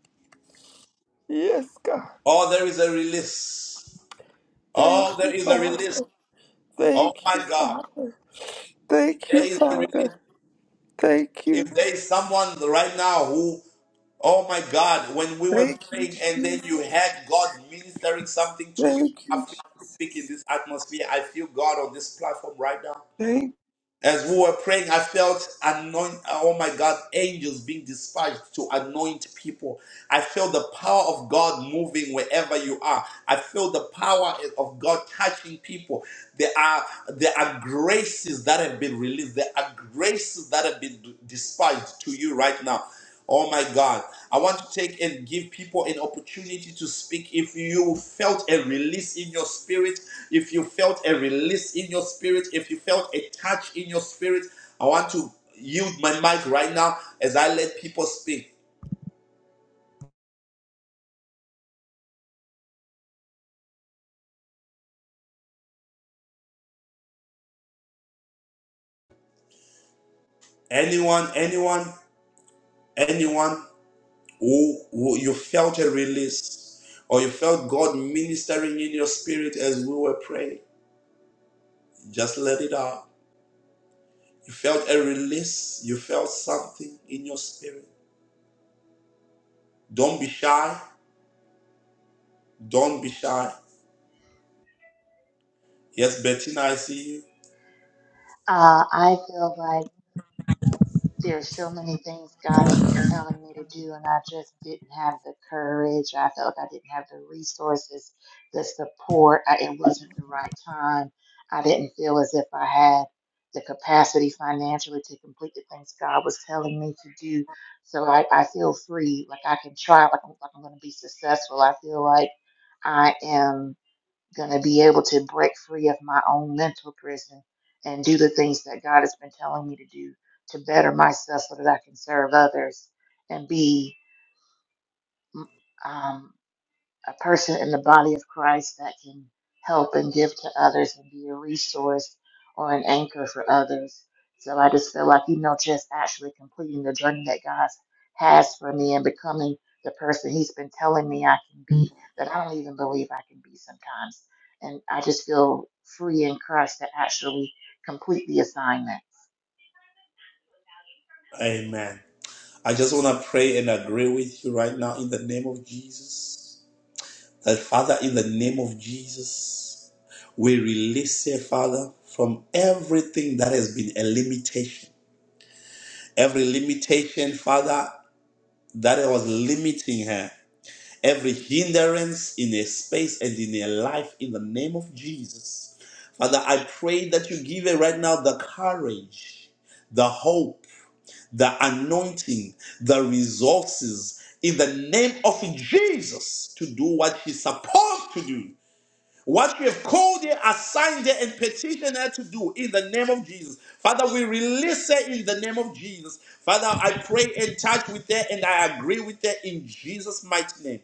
Speaker 2: Yes, God.
Speaker 1: oh, there is a release.
Speaker 2: Thank
Speaker 1: Oh, there
Speaker 2: you,
Speaker 1: is a release.
Speaker 2: Father.
Speaker 1: Oh
Speaker 2: Thank
Speaker 1: my
Speaker 2: you,
Speaker 1: God,
Speaker 2: Father. Thank you,
Speaker 1: there is a release.
Speaker 2: Father. Thank you.
Speaker 1: If there is someone right now who, oh my God, when we were
Speaker 2: Thank you,
Speaker 1: praying and
Speaker 2: Jesus.
Speaker 1: then you had God ministering something to you,
Speaker 2: Thank
Speaker 1: I
Speaker 2: you.
Speaker 1: feel
Speaker 2: Je-
Speaker 1: speak in this atmosphere. I feel God on this platform right now.
Speaker 2: Thank
Speaker 1: As we were praying, I felt anoint. Oh my God, angels being dispatched to anoint people. I felt the power of God moving wherever you are. I feel the power of God touching people. There are there are graces that have been released. There are graces that have been dispatched to you right now. Oh my God. I want to take and give people an opportunity to speak. If you felt a release in your spirit, if you felt a release in your spirit, if you felt a touch in your spirit, I want to yield my mic right now as I let people speak. Anyone, anyone, anyone who, who you felt a release or you felt God ministering in your spirit as we were praying, just let it out. You felt a release, you felt something in your spirit Don't be shy. Don't be shy. Yes, Bettina, I see you.
Speaker 10: Uh, I feel like. There's so many things God has been telling me to do, and I just didn't have the courage. I felt I didn't have the resources, the support. I, it wasn't the right time. I didn't feel as if I had the capacity financially to complete the things God was telling me to do. So I, I feel free, like I can try, like I'm, like I'm going to be successful. I feel like I am going to be able to break free of my own mental prison and do the things that God has been telling me to do to better myself so that I can serve others and be um, a person in the body of Christ that can help and give to others and be a resource or an anchor for others. So I just feel like, you know, just actually completing the journey that God has for me and becoming the person He's been telling me I can be, that I don't even believe I can be sometimes. And I just feel free in Christ to actually complete the assignment.
Speaker 1: Amen. I just want to pray and agree with you right now in the name of Jesus. That Father, in the name of Jesus, we release you, Father, from everything that has been a limitation. Every limitation, Father, that was limiting her. every hindrance in a space and in a life in the name of Jesus. Father, I pray that you give it right now the courage, the hope, the anointing, the resources in the name of Jesus to do what she's supposed to do what you have called her, assigned her, and petitioned her to do in the name of Jesus. Father, we release her in the name of Jesus. Father, I pray and touch with her and I agree with her in Jesus' mighty name.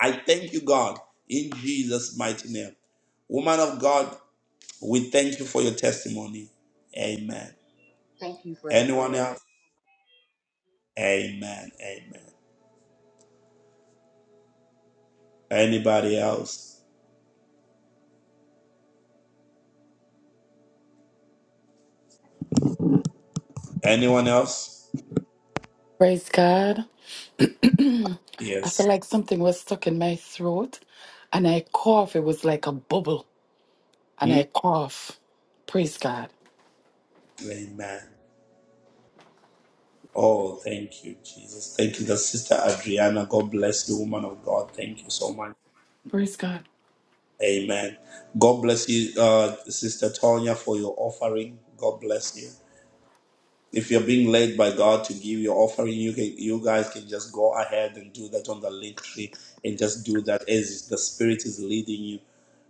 Speaker 1: I thank you, God, in Jesus' mighty name. Woman of God, we thank you for your testimony. Amen.
Speaker 10: Thank you for the
Speaker 1: Anyone
Speaker 10: prayer.
Speaker 1: else? Amen. Amen. Anybody else? Anyone else?
Speaker 9: Praise God. I
Speaker 1: Yes.
Speaker 9: feel like something was stuck in my throat and I cough. It was like a bubble and
Speaker 1: Mm.
Speaker 9: I cough. Praise God.
Speaker 1: Amen. Oh, thank you, Jesus. Thank you, the sister Adriana. God bless you, woman of God. Thank you so much.
Speaker 9: Praise God.
Speaker 1: Amen. God bless you, uh, Sister Tonya, for your offering. God bless you. If you're being led by God to give your offering, you can, you guys can just go ahead and do that on the link tree and just do that as the Spirit is leading you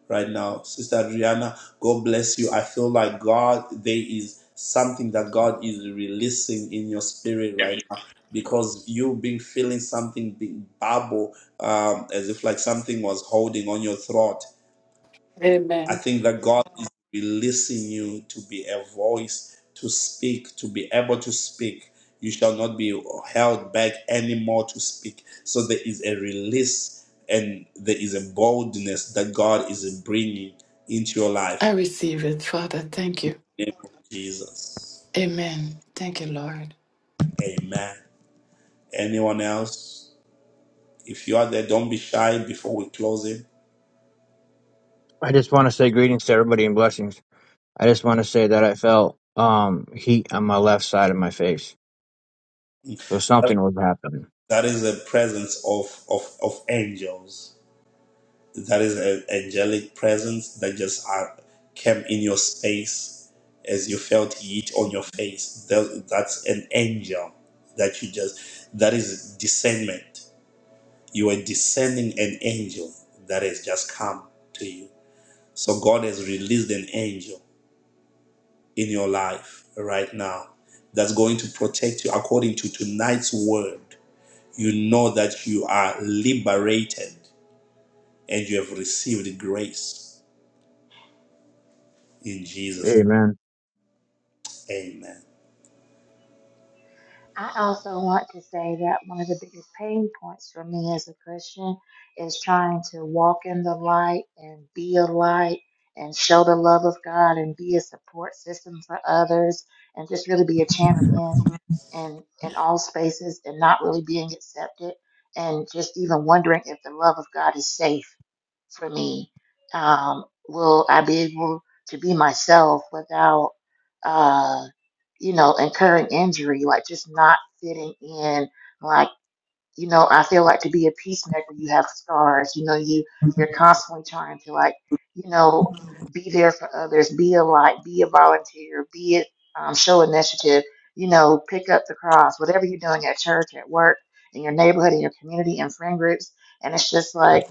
Speaker 1: right now. Sister Adriana, God bless you. I feel like God, there is something that God is releasing in your spirit right now because you've been feeling something big bubble um, as if like something was holding on your throat I
Speaker 9: Amen.
Speaker 1: think that God is releasing you to be a voice, to speak, to be able to speak. You shall not be held back anymore to speak. So there is a release and there is a boldness that God is bringing into your
Speaker 9: I
Speaker 1: life.
Speaker 9: receive it, Father. Thank you.
Speaker 1: In the name of Jesus.
Speaker 9: Amen. Thank you, Lord.
Speaker 1: Amen. Anyone else? If you are there, don't be shy before we close it.
Speaker 4: I just want to say greetings to everybody and blessings. I just want to say that I felt um heat on my left side of my face. So something was happening.
Speaker 1: that is the presence of, of, of angels. That is an angelic presence that just uh, came in your space as you felt heat on your face. Tha- That's an angel that you just, that is discernment. You are descending an angel that has just come to you. So God has released an angel in your life right now that's going to protect you according to tonight's word. You know that you are liberated and you have received grace in Jesus. name.
Speaker 4: Amen.
Speaker 1: Amen.
Speaker 10: I also want to say that one of the biggest pain points for me as a Christian is trying to walk in the light and be a light and show the love of God and be a support system for others and just really be a champion in in all spaces and not really being accepted and just even wondering if the love of God is safe for me. Um, will I be able to be myself without? Uh, you know, incurring injury, like just not fitting in. Like, you know, I feel like to be a peacemaker, you have scars. You know, you you're constantly trying to like, you know, be there for others, be a light, be a volunteer, be it um, show initiative. You know, pick up the cross, whatever you're doing at church, at work, in your neighborhood, in your community, in friend groups, and it's just like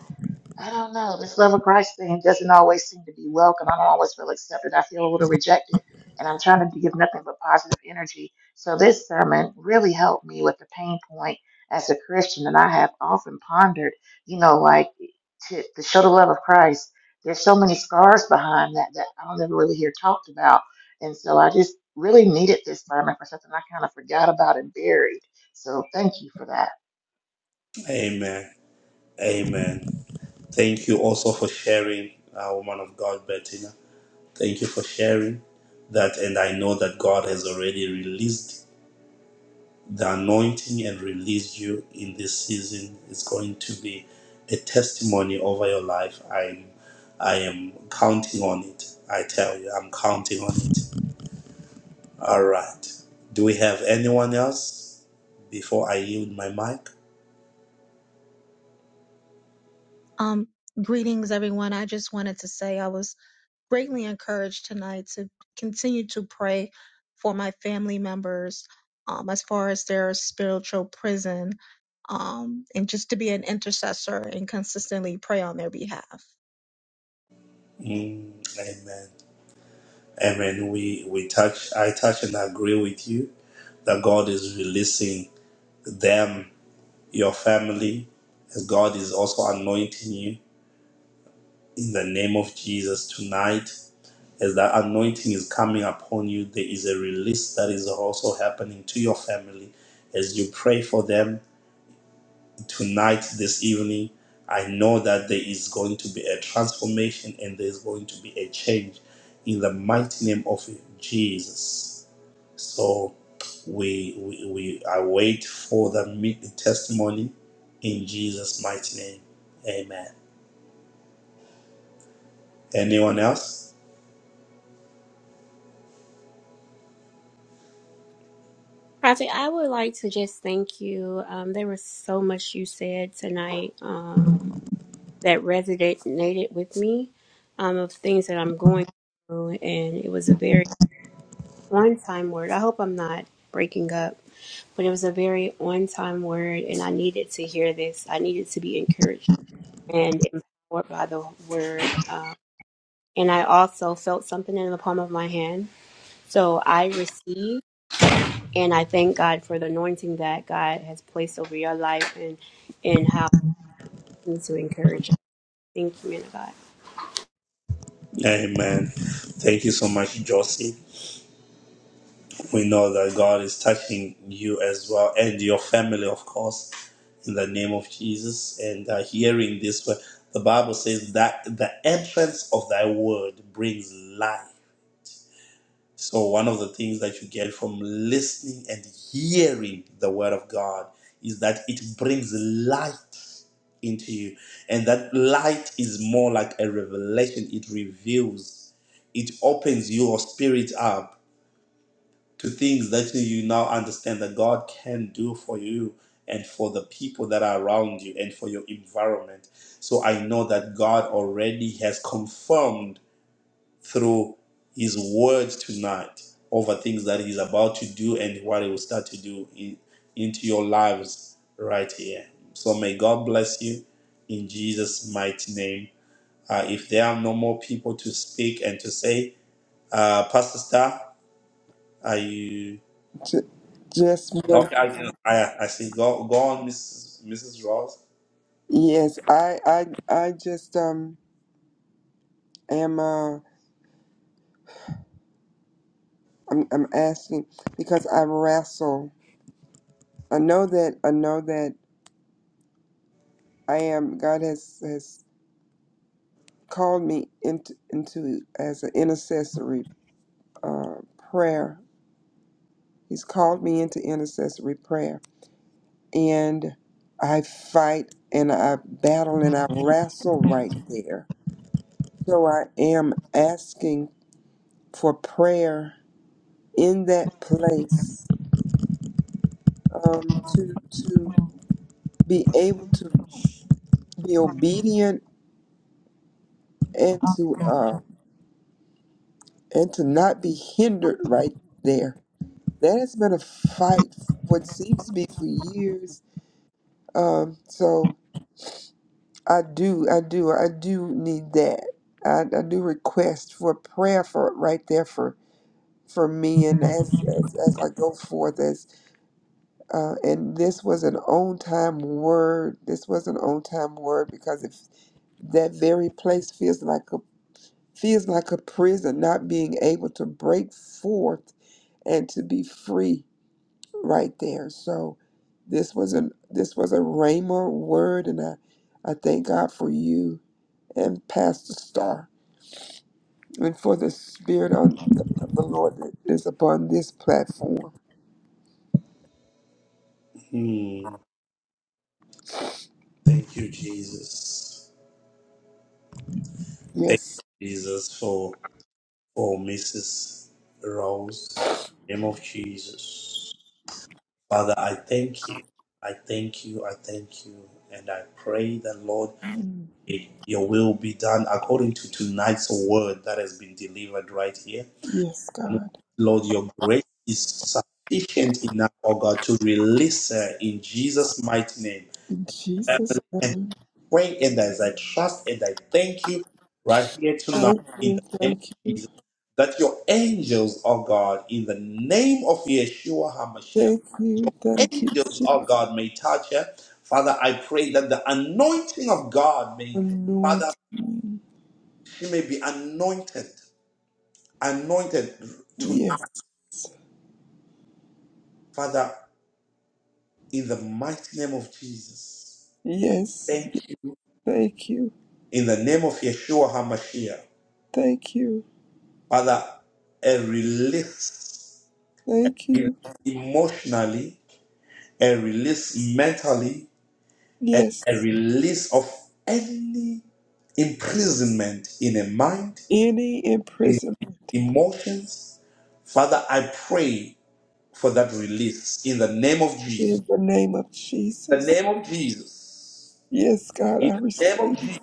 Speaker 10: I don't know. This love of Christ thing doesn't always seem to be welcome. I don't always feel accepted. I feel a little rejected, and I'm trying to give nothing but positive energy. So this sermon really helped me with the pain point as a Christian, and I have often pondered, you know, like to, to show the love of Christ. There's so many scars behind that that I don't ever really hear talked about, and so I just really needed this sermon for something I kind of forgot about and buried. So thank you for that.
Speaker 1: Amen. Amen. Thank you also for sharing, uh, woman of God, Bettina. Thank you for sharing that. And I know that God has already released the anointing and released you in this season. It's going to be a testimony over your life. I'm, I am counting on it. I tell you, I'm counting on it. All right. Do we have anyone else before I yield my mic?
Speaker 6: Um, greetings, everyone. I just wanted to say I was. greatly encouraged tonight to continue to pray for my family members um, as far as their spiritual prison um, and just to be an intercessor and consistently pray on their behalf.
Speaker 1: Mm, amen. Amen. We we touch I touch and agree with you that God is releasing them, your family, as God is also anointing you in the name of Jesus tonight. As that anointing is coming upon you, there is a release that is also happening to your family as you pray for them tonight, this evening. I know that there is going to be a transformation and there's going to be a change in the mighty name of Jesus. So we, we, we await wait for the meet the testimony in Jesus' mighty name. Amen. Anyone else?
Speaker 12: Project, I would like to just thank you. Um, there was so much you said tonight um, that resonated with me um, of things that I'm going through, and it was a very on-time word. I hope I'm not breaking up, but it was a very on-time word, and I needed to hear this. I needed to be encouraged and empowered by the word, um, and I also felt something in the palm of my hand, so I received. and I thank God for the anointing that God has placed over your life and and how it needs to encourage you. Thank you, man of God.
Speaker 1: Amen. Thank you so much, Josie. We know that God is touching you as well and your family, of course, in the name of Jesus. And uh, hearing this, word, the Bible says that the entrance of thy word brings life. So, one of the things that you get from listening and hearing the word of God is that it brings light into you. And that light is more like a revelation, it reveals, it opens your spirit up to things that you now understand that God can do for you and for the people that are around you and for your environment. So, I know that God already has confirmed through his word tonight over things that he's about to do and what he will start to do in, into your lives right here. So may God bless you in Jesus' mighty name. Uh, if there are no more people to speak and to say, uh, Pastor Star, are you
Speaker 2: you. Just one.
Speaker 1: okay? I, I, I see. Go, go on, Mrs. Mrs. Ross.
Speaker 2: Yes, I, I, I just um am uh I'm, I'm asking because I wrestle. I know that I know that I am. God has has called me into into as an intercessory uh, prayer. He's called me into intercessory prayer, and I fight and I battle and I wrestle right there. So I am asking for prayer in that place um, to to be able to be obedient and to uh, and to not be hindered right there. That has been a fight, what seems to be for years. Um, so I do, I do, I do need that. I, I do request for prayer for right there for for me and as as, as I go forth as. Uh, and this was an on time word. This was an on time word because if that very place feels like a feels like a prison, not being able to break forth and to be free right there. So this was an this was a Rhema word and I, I thank God for you and Pastor Star and for the spirit on of the Lord that is upon this platform.
Speaker 1: Hmm. Thank you, Jesus. Thank
Speaker 2: Yes.
Speaker 1: you, Jesus, for Oh, Mrs. Rose in the name of Jesus. Father, I thank you. I thank you. I thank you. And I pray that, Lord, may your will be done according to tonight's word that has been delivered right here.
Speaker 2: Yes, God.
Speaker 1: Lord, your grace is sufficient enough, oh God, to release her in Jesus' mighty
Speaker 2: In Jesus'
Speaker 1: name
Speaker 2: name.
Speaker 1: pray and as I trust and I thank you right here tonight
Speaker 2: Thank
Speaker 1: in
Speaker 2: you,
Speaker 1: the name
Speaker 2: thank
Speaker 1: of
Speaker 2: you,
Speaker 1: Jesus that your angels, oh God, in the name of Yeshua HaMashiach,
Speaker 2: thank you, thank you,
Speaker 1: angels, oh
Speaker 2: Jesus.
Speaker 1: God, may touch her. Father, I pray that the anointing of God may, Father,
Speaker 2: Anoint me.
Speaker 1: she may be anointed, anointed tonight,
Speaker 2: Yes,
Speaker 1: Father, in the mighty name of Jesus.
Speaker 2: yes,
Speaker 1: Thank
Speaker 2: yes.
Speaker 1: you.
Speaker 2: Thank you,
Speaker 1: In the name of Yeshua HaMashiach,
Speaker 2: thank you,
Speaker 1: Father, a release.
Speaker 2: thank
Speaker 1: release
Speaker 2: you.
Speaker 1: emotionally, a release mentally, a
Speaker 2: Yes,
Speaker 1: release of any imprisonment in a mind,
Speaker 2: any
Speaker 1: in
Speaker 2: imprisonment
Speaker 1: emotions. Father, I pray for that release in the name of Jesus.
Speaker 2: in the name of
Speaker 1: In the
Speaker 2: Jesus.
Speaker 1: name of Jesus.
Speaker 2: Yes, God,
Speaker 1: In
Speaker 2: I
Speaker 1: the name of
Speaker 2: receive.
Speaker 1: Jesus.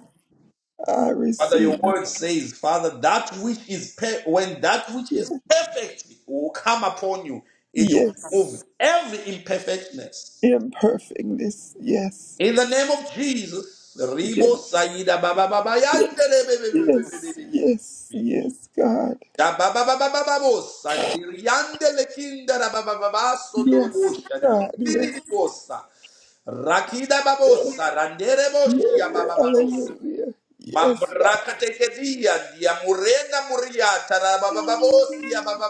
Speaker 2: I
Speaker 1: Father, your
Speaker 2: receive.
Speaker 1: word says, Father, that which is per- when that which is perfect will come upon you, it will remove
Speaker 2: Yes,
Speaker 1: every imperfectness
Speaker 2: imperfectness. Yes,
Speaker 1: In the name of Jesus,
Speaker 2: yes,
Speaker 1: Ribo Saida Baba Baba Yandele be- be- be- be- be- be-
Speaker 2: yes,
Speaker 1: be- be-
Speaker 2: yes,
Speaker 1: be.
Speaker 2: yes, God.
Speaker 1: Da Baba Baba Baba Bo Sandiri Yandele Kinda da Baba Baba Sondoro
Speaker 2: Yes,
Speaker 1: Bosha Diri
Speaker 2: God.
Speaker 1: Diri
Speaker 2: Yes.
Speaker 1: Diri Bossa Rakida Babosa Randere Boshia
Speaker 2: Yeah,
Speaker 1: Baba Babosa
Speaker 2: hallelujah. Yes,
Speaker 1: Mambraka Tekedia Dia Murena Muriata da Baba Babosia Baba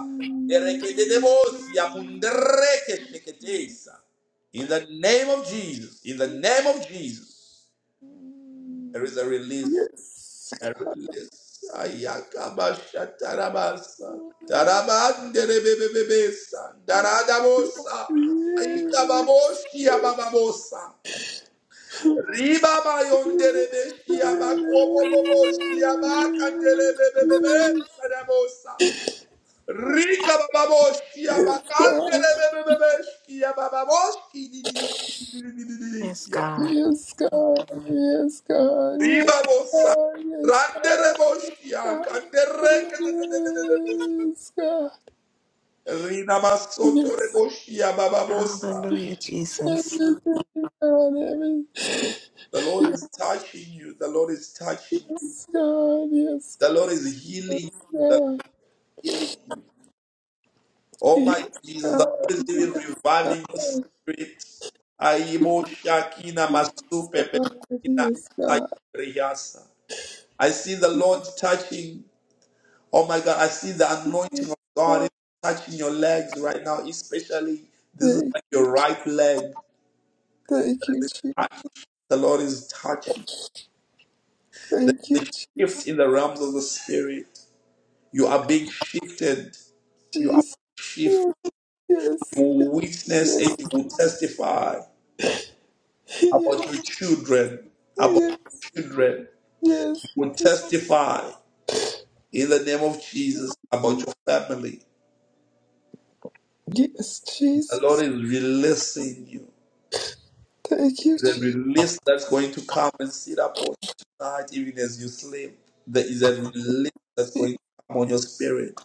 Speaker 2: Yes, God. Yes. Yes, God. Yes, God. Yes, God. Yes, God.
Speaker 1: Erekede de Bosia Mundreke Sheketesa. In the name of Jesus, in the name of Jesus. There is a release. Ayakabashatarabasa. Tarabanderebebebebesa. Daradabosa. Ayikababoshiabababosa. Ribabayonderebeshiabakoboboboshia Rika bababoshia makandere bebebebebeshi
Speaker 11: Yes, God.
Speaker 2: Yes,
Speaker 1: Ribabosa, Randerebosia, Kandereketetetetetebos,
Speaker 2: God. Yes, God. Yes.
Speaker 1: Rinamasotorebosia, Bababosa.
Speaker 11: Hallelujah, Jesus.
Speaker 2: Everything, God. Everything.
Speaker 1: The Lord is touching you. The Lord is touching you.
Speaker 2: Yes, God. Yes,
Speaker 1: The
Speaker 2: God.
Speaker 1: Lord is healing you.
Speaker 2: Yes,
Speaker 1: The Lord
Speaker 2: God.
Speaker 1: is healing you. Oh
Speaker 2: He is
Speaker 1: my
Speaker 2: God.
Speaker 1: Jesus, the Lord is even
Speaker 2: Oh
Speaker 1: reviving your
Speaker 2: God,
Speaker 1: spirit. Aibo Shakina Masupe
Speaker 2: God. He
Speaker 1: Pepina
Speaker 2: is God.
Speaker 1: Sayriasa. I see the Lord touching. Oh my God, I see the anointing of God is
Speaker 2: Oh,
Speaker 1: touching your legs right now, especially this is
Speaker 2: thank
Speaker 1: like
Speaker 2: you,
Speaker 1: your right leg.
Speaker 2: thank you, Jesus.
Speaker 1: The Lord is touching.
Speaker 2: Thank you,
Speaker 1: There's a shift
Speaker 2: Jesus.
Speaker 1: in the realms of the spirit. You are being shifted. You are
Speaker 2: Jesus.
Speaker 1: being shifted.
Speaker 2: Yes,
Speaker 1: You will witness
Speaker 2: yes,
Speaker 1: and you will testify about
Speaker 2: yes,
Speaker 1: your children, about
Speaker 2: yes,
Speaker 1: children. You
Speaker 2: yes,
Speaker 1: will testify in the name of Jesus about your family.
Speaker 2: yes,
Speaker 1: The Lord
Speaker 2: Jesus.
Speaker 1: is releasing you.
Speaker 2: Thank you,
Speaker 1: The
Speaker 2: Jesus.
Speaker 1: release that's going to come and sit upon you tonight, even as you sleep. There is a release that's going to come on your spirit.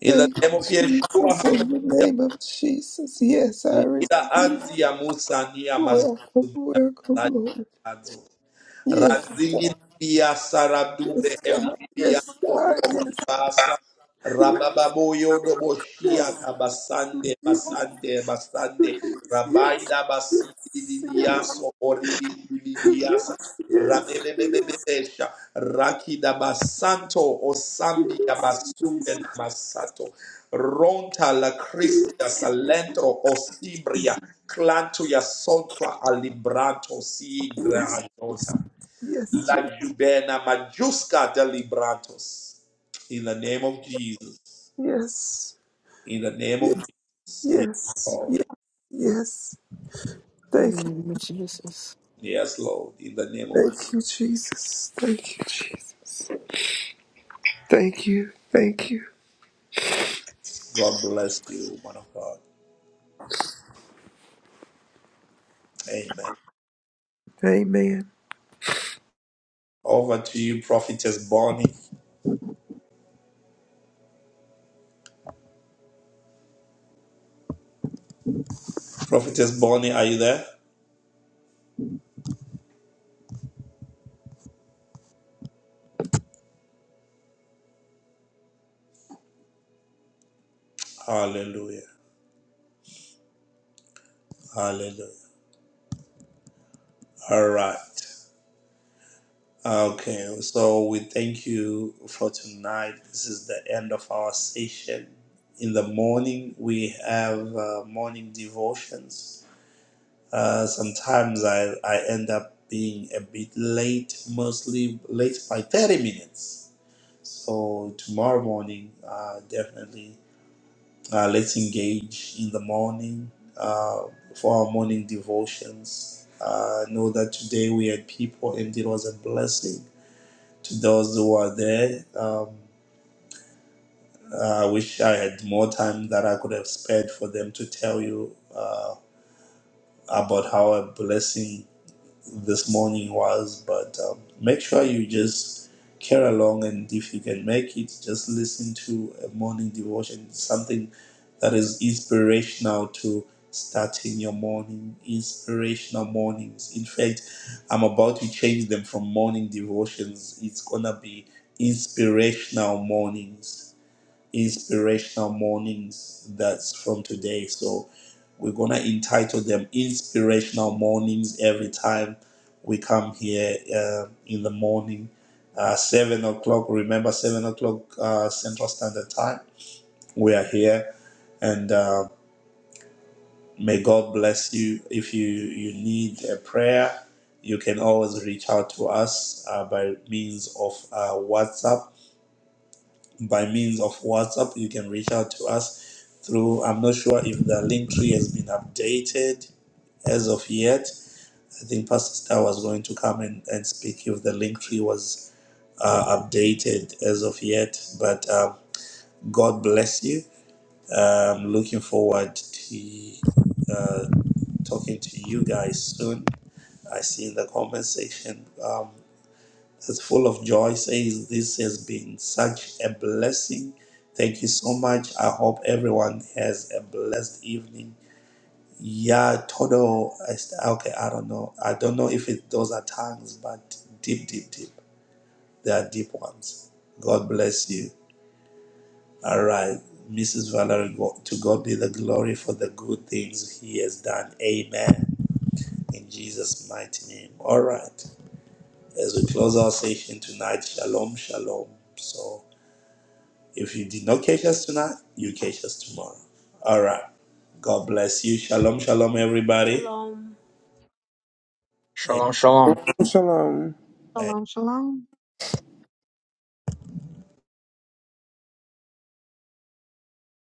Speaker 1: In the
Speaker 2: Thank you,
Speaker 1: name of
Speaker 2: Jesus.
Speaker 1: Yeshua,
Speaker 2: In the
Speaker 1: hallelujah.
Speaker 2: name of Jesus. Yes, I
Speaker 1: Leader
Speaker 2: receive.
Speaker 1: Anzia Musa Nia
Speaker 2: Welcome,
Speaker 1: Mazuzu
Speaker 2: welcome, Lord. Yes,
Speaker 1: Razini
Speaker 2: God.
Speaker 1: bia
Speaker 2: Yes,
Speaker 1: saradubre
Speaker 2: God.
Speaker 1: ebibia
Speaker 2: Yes,
Speaker 1: to
Speaker 2: God.
Speaker 1: ubasa. Rabababo yodo boshia
Speaker 2: Yes,
Speaker 1: kabasande
Speaker 2: yes.
Speaker 1: basande basande.
Speaker 2: Yes, yes, yes,
Speaker 1: Rabaida basi bibiaso oribi bibiasa.
Speaker 2: yes, yes, yes,
Speaker 1: Rabebebebebesha. Rakida basanto osambia
Speaker 2: yes, Jesus,
Speaker 1: basumbe
Speaker 2: yes,
Speaker 1: na Ronta la cristia salentro osibria. Clanto ya alibranto si
Speaker 2: Jesus, yes,
Speaker 1: La Jubena Majuska de Librantos. In the name of Jesus.
Speaker 2: yes,
Speaker 1: In the name of
Speaker 2: yes,
Speaker 1: Jesus. Yes,
Speaker 2: yes, yes,
Speaker 1: Lord.
Speaker 2: yes.
Speaker 11: In the
Speaker 2: Thank you,
Speaker 11: name of Jesus.
Speaker 1: Yes, Lord. In the name of Jesus.
Speaker 2: thank you, Jesus, thank you, Jesus, thank you, thank you.
Speaker 1: God bless you, man of God. Amen.
Speaker 2: Amen.
Speaker 1: Over to you, Prophetess Bonnie. Prophetess Bonnie, are you there? Hallelujah. Hallelujah. All right. Okay, so we thank you for tonight. This is the end of our session. In the morning, we have uh, morning devotions Uh, sometimes I, I end up being a bit late, mostly late by 30 minutes. So tomorrow morning, uh, definitely uh, let's engage in the morning uh, for our morning devotions. Uh, know that today we had people and it was a blessing to those who are there. Um, uh, I wish I had more time that I could have spared for them to tell you uh, about how a blessing this morning was, but um, make sure you just carry along and if you can make it, just listen to a morning devotion, something that is inspirational to starting your morning, inspirational mornings. In fact, I'm about to change them from morning devotions. It's gonna be inspirational mornings inspirational mornings that's from today so we're gonna entitle them inspirational mornings every time we come here uh, in the morning uh, seven o'clock remember seven o'clock uh, central standard time we are here and uh, may god bless you if you you need a prayer you can always reach out to us uh, by means of uh, whatsapp by means of WhatsApp. You can reach out to us through, I'm not sure if the link tree has been updated as of yet. I think Pastor Star was going to come and, and speak if the link tree was uh, updated as of yet. But um, God bless you. Um, looking forward to uh, talking to you guys soon. I see in the comment section. Um, that's full of joy says this has been such a blessing. Thank you so much. I hope everyone has a blessed evening. Yeah, todo. I st- Okay, I don't know. I don't know if it, those are tongues, but deep, deep, deep. They are deep ones. God bless you. All right, Mrs. Valerie, go- to God be the glory for the good things He has done. Amen. In Jesus' mighty name. All right. As we close our session tonight, shalom, shalom. So. If you did not catch us tonight, you catch us tomorrow. All right. God bless you. Shalom, shalom, everybody.
Speaker 12: Shalom.
Speaker 4: Shalom shalom.
Speaker 2: Shalom.
Speaker 6: Shalom, shalom.